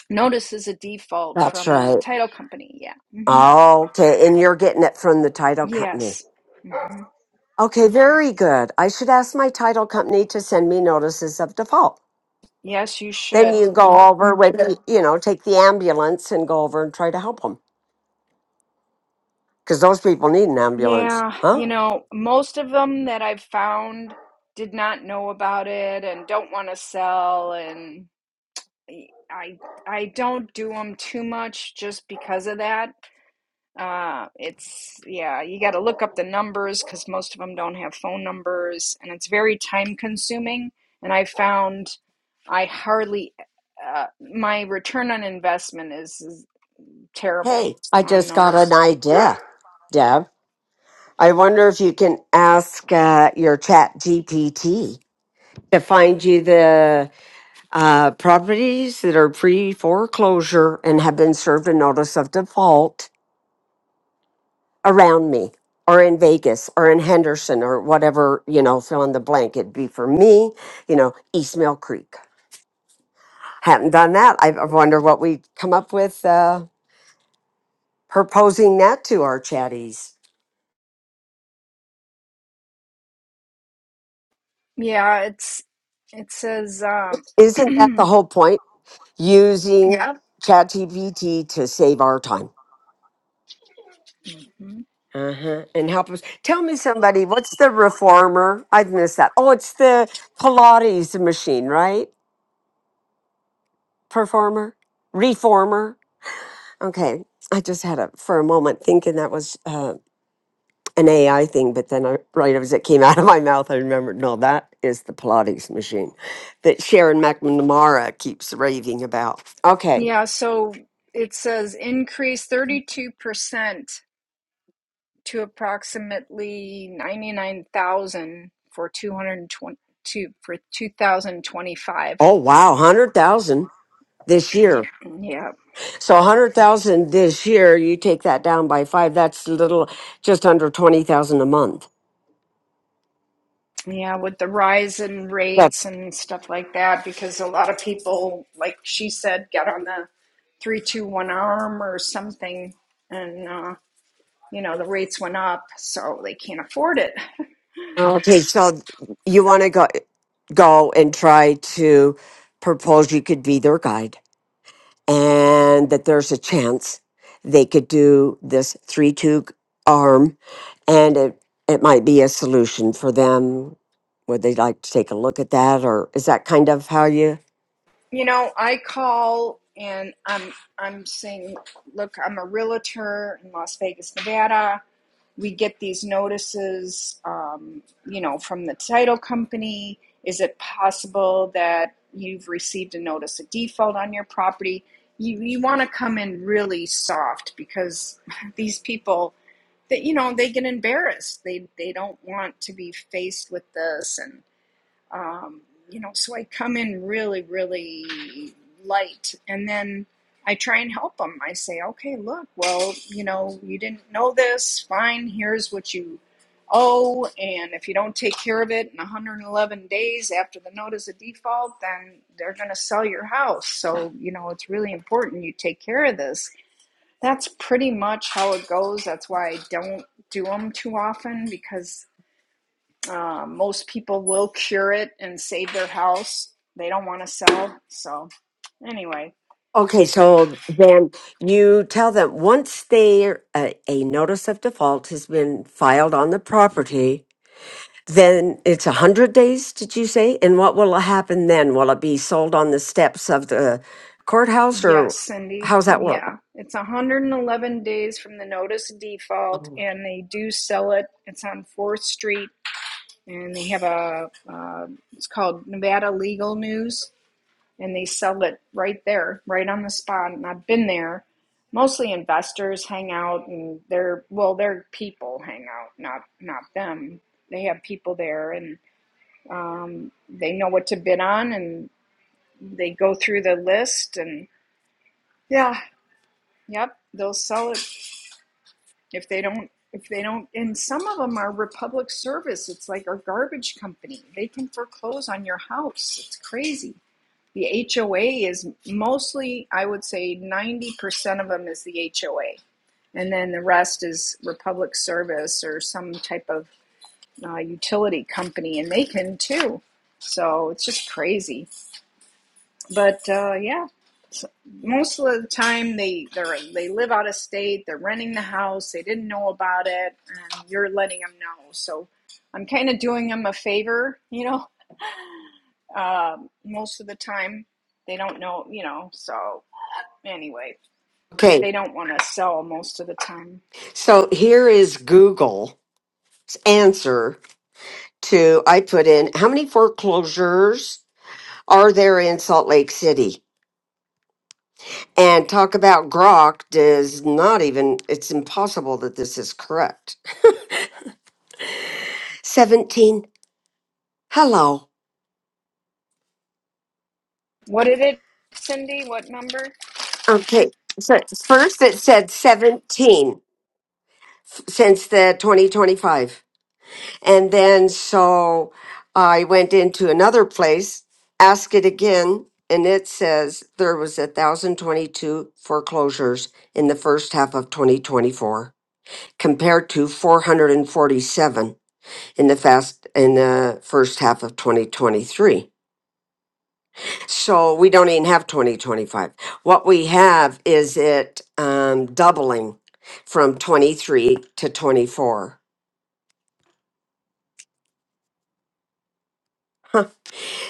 Speaker 20: notices of default
Speaker 8: That's
Speaker 20: from the
Speaker 8: right.
Speaker 20: title company. Yeah. hmm
Speaker 8: Okay. And you're getting it from the title company.
Speaker 20: Yes. hmm
Speaker 8: Okay, very good. I should ask my title company to send me notices of default.
Speaker 20: Yes, you
Speaker 8: Then
Speaker 20: should.
Speaker 8: you go over with, the- you know, take the ambulance and go over and try to help them because those people need an ambulance,
Speaker 20: Yeah,
Speaker 8: huh?
Speaker 20: you know, most of them that I've found did not know about it and don't want to sell and I I don't do them too much just because of that. Uh it's yeah, you got to look up the numbers because most of them don't have phone numbers and it's very time consuming and I found I hardly uh, my return on investment is, is terrible
Speaker 8: Hey, I
Speaker 20: on
Speaker 8: just got
Speaker 20: those.
Speaker 8: an idea, Deb. I wonder if you can ask uh, your chat GPT to find you the uh, properties that are pre foreclosure and have been served a notice of default around me or in Vegas or in Henderson or whatever, you know, fill in the blank. It'd be for me, you know, East Mill Creek. Hadn't done that. I I wonder what we come up with uh, proposing that to our chatties.
Speaker 20: Yeah, it's it says um
Speaker 8: Isn't that the whole point? Using yeah.
Speaker 20: yep.
Speaker 8: ChatGPT to save our time.
Speaker 20: hmm
Speaker 8: Uh-huh. And help us. Tell me somebody, what's the reformer? I've missed that. Oh, it's the Pilates machine, right? Performer? Reformer? Okay. I just had a for a moment thinking that was uh, an AI thing, but then I, right as it came out of my mouth, I remembered no, that is the Pilates machine that Sharon McNamara keeps raving about. Okay.
Speaker 20: Yeah, so it says increase 32% to approximately 99,000 for two hundred and twenty two for 2025.
Speaker 8: Oh wow, hundred thousand this year.
Speaker 20: Yeah.
Speaker 8: So hundred thousand this year. You take that down by five. That's a little just under twenty thousand a month.
Speaker 20: Yeah, with the rise in rates
Speaker 8: That's
Speaker 20: and stuff like that because a lot of people like she said got on the 321 arm or something and uh you know, the rates went up, so they can't afford it.
Speaker 8: okay. So you want to go go and try to propose you could be their guide and that there's a chance they could do this 3 2 arm, and it, it might be a solution for them. Would they like to take a look at that, or is that kind of how you?
Speaker 20: You know, I call and I'm I'm saying, look, I'm a realtor in Las Vegas, Nevada. We get these notices, um, you know, from the title company. Is it possible that you've received a notice of default on your property? You you want to come in really soft because these people that you know they get embarrassed. They they don't want to be faced with this and um, you know so i come in really really light and then i try and help them i say okay look well you know you didn't know this fine here's what you owe and if you don't take care of it in 111 days after the notice of default then they're going to sell your house so you know it's really important you take care of this that's pretty much how it goes that's why i don't do them too often because um, most people will cure it and save their house. They don't want to sell. So, anyway,
Speaker 8: Okay, so then you tell them once they a, a notice of default has been filed on the property, then it's a hundred days. Did you say? And what will happen then? Will it be sold on the steps of the courthouse, or
Speaker 20: yes, Cindy.
Speaker 8: how's that work?
Speaker 20: Yeah, it's 111 days from the notice of default, and they do sell it. It's on 4th Street, and they have a, uh, it's called Nevada Legal News, and they sell it right there, right on the spot. And I've been there. Mostly investors hang out, and they're well, their people hang out, not not them. They have people there, and Um, they know what to bid on and they go through the list and yeah, yep, they'll sell it if they don't if they don't and some of them are republic service it's like our garbage company they can foreclose on your house it's crazy the hoa is mostly i would say 90% of them is the hoa and then the rest is Republic Service or some type of uh, utility company, and they can too. So it's just crazy But uh, yeah, so most of the time they they're, they live out of state. They're renting the house. They didn't know about it, and you're letting them know. So I'm kind of doing them a favor, you know. Um, most of the time they don't know, you know. So anyway, but
Speaker 8: Okay,
Speaker 20: they don't want to sell most of the time.
Speaker 8: So here is Google's answer to I put in how many foreclosures are there in Salt Lake City? And talk about Grok does not even, it's impossible that this is correct. 17. Hello.
Speaker 20: What did it, Cindy? What number?
Speaker 8: Okay. So first it said 17 since the 2025. And then so I went into another place, ask it again, and it says there was 1,022 foreclosures in the first half of 2024 compared to 447 in the fast in the first half of 2023. So we don't even have 2025. What we have is it um, doubling from 23 to 24.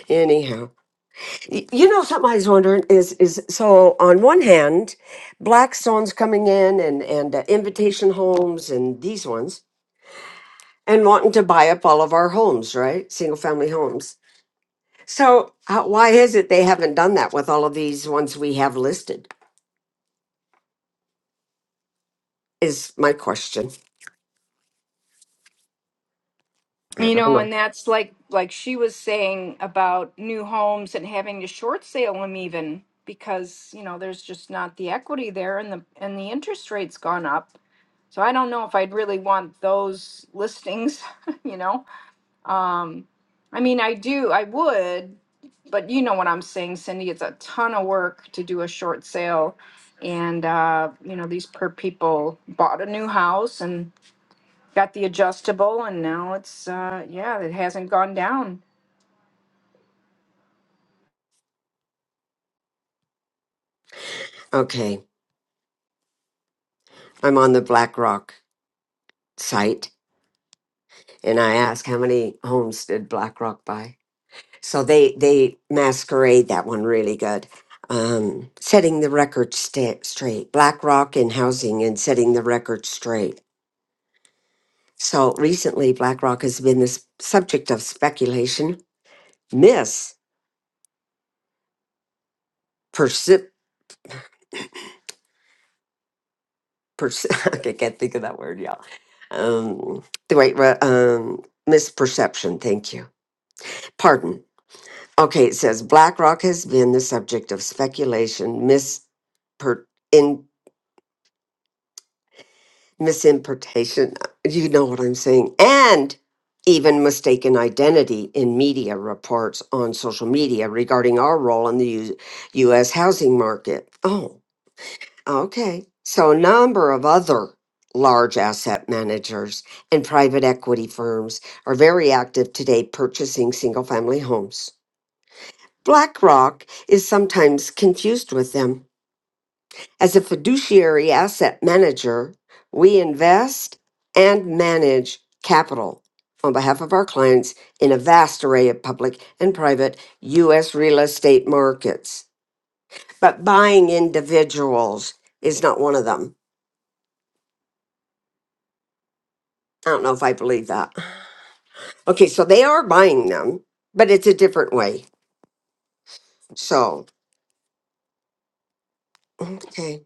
Speaker 8: Anyhow. Y- You know, something I was wondering is is so on one hand, Blackstone's coming in and and uh, Invitation Homes and these ones and wanting to buy up all of our homes, right? Single family homes. So how, why is it they haven't done that with all of these ones we have listed? Is my question.
Speaker 20: You know, and that's like like she was saying about new homes and having to short sale them even because, you know, there's just not the equity there and the and the interest rate's gone up. So I don't know if I'd really want those listings, you know. Um I mean, I do, I would, but you know what I'm saying, Cindy, it's a ton of work to do a short sale and uh, you know, these per people bought a new house and Got the adjustable, and now it's uh, yeah, it hasn't gone down.
Speaker 8: Okay, I'm on the BlackRock site and I ask how many homes did BlackRock buy? So they they masquerade that one really good. Um, setting the record sta- straight, BlackRock in housing and setting the record straight. So recently, BlackRock has been the s- subject of speculation, Miss persi- persi- I can't think of that word, y'all. Um, the right, re- um, misperception. Thank you. Pardon. Okay, it says BlackRock has been the subject of speculation, mis, misimportation, you know what I'm saying, and even mistaken identity in media reports on social media regarding our role in the U- U.S. housing market. Oh, okay. So, a number of other large asset managers and private equity firms are very active today purchasing single family homes. BlackRock is sometimes confused with them as a fiduciary asset manager, we invest and manage capital on behalf of our clients in a vast array of public and private U.S. real estate markets. But buying individuals is not one of them. I don't know if I believe that. Okay, so they are buying them, but it's a different way. So, okay.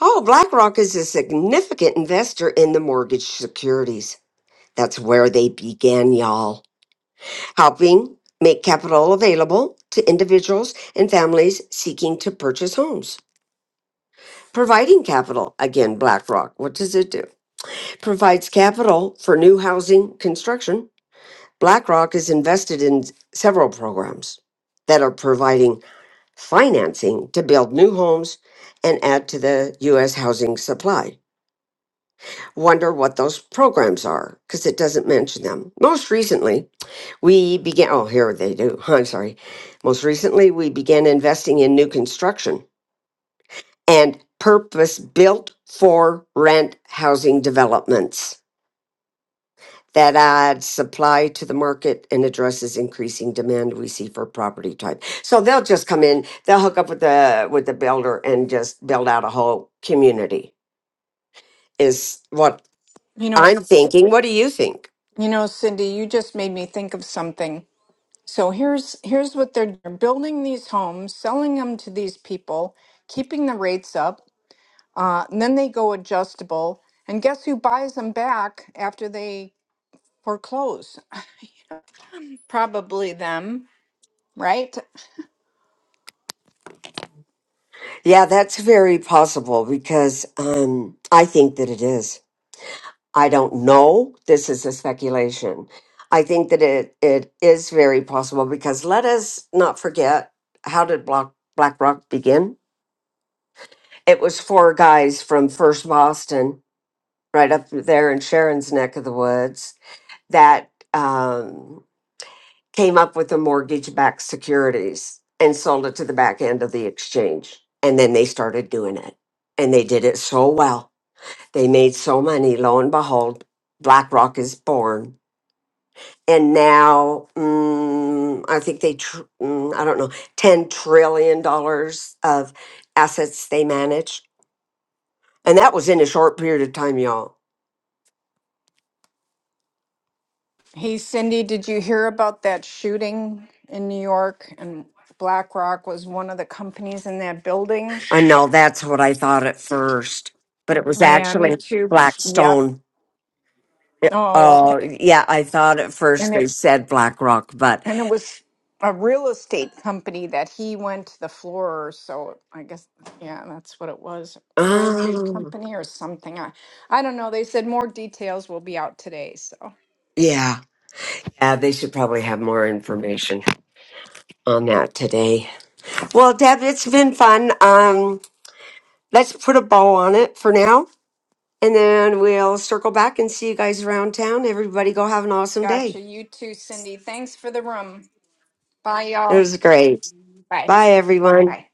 Speaker 8: Oh, BlackRock is a significant investor in the mortgage securities. That's where they began, y'all. helping make capital available to individuals and families seeking to purchase homes. Providing capital, again, BlackRock, what does it do? Provides capital for new housing construction. BlackRock is invested in several programs that are providing financing to build new homes and add to the U.S. housing supply. Wonder what those programs are because it doesn't mention them. Most recently, We began, oh, here they do. I'm sorry. Most recently, we began investing in new construction and purpose built for rent housing developments that adds supply to the market and addresses increasing demand we see for property type. So they'll just come in, they'll hook up with the with the builder and just build out a whole community is what
Speaker 20: You know,
Speaker 8: I'm
Speaker 20: C-
Speaker 8: thinking. What do you think?
Speaker 20: you know, Cindy, you just made me think of something. So here's here's what they're doing. building these homes, selling them to these people, keeping the rates up, uh, and then they go adjustable. And guess who buys them back after they foreclose? Probably them, right?
Speaker 8: Yeah, that's very possible because um I think that it is. I don't know. This is a speculation. I think that it, it is very possible because let us not forget how did Black, BlackRock begin? It was four guys from First Boston, right up there in Sharon's neck of the woods, that um, came up with the mortgage backed securities and sold it to the back end of the exchange. And then they started doing it. And they did it so well. They made so money. Lo and behold, BlackRock is born and now mm, I think they, tr- mm, I don't know, ten trillion dollars of assets they manage, and that was in a short period of time, y'all.
Speaker 20: Hey, Cindy, did you hear about that shooting in New York? And BlackRock was one of the companies in that building.
Speaker 8: I know that's what I thought at first, but it was
Speaker 20: Yeah, me
Speaker 8: actually
Speaker 20: too. Yep.
Speaker 8: Blackstone. It-
Speaker 20: Oh,
Speaker 8: Oh,
Speaker 20: okay.
Speaker 8: yeah, I thought at first
Speaker 20: And
Speaker 8: they
Speaker 20: it
Speaker 8: said BlackRock, but
Speaker 20: and it was a real estate company that he went to the floor, so I guess yeah, that's what it was. Real estate
Speaker 8: oh,
Speaker 20: company or something. I I don't know. They said more details will be out today, so
Speaker 8: yeah, yeah, they should probably have more information on that today. Well, Deb, it's been fun. Um, let's put a bow on it for now And then we'll circle back and see you guys around town. Everybody go have an awesome
Speaker 20: gotcha.
Speaker 8: day.
Speaker 20: You too, Cindy. Thanks for the room. Bye
Speaker 8: It
Speaker 20: y'all.
Speaker 8: was great.
Speaker 20: Bye.
Speaker 8: Bye, everyone.
Speaker 20: Bye.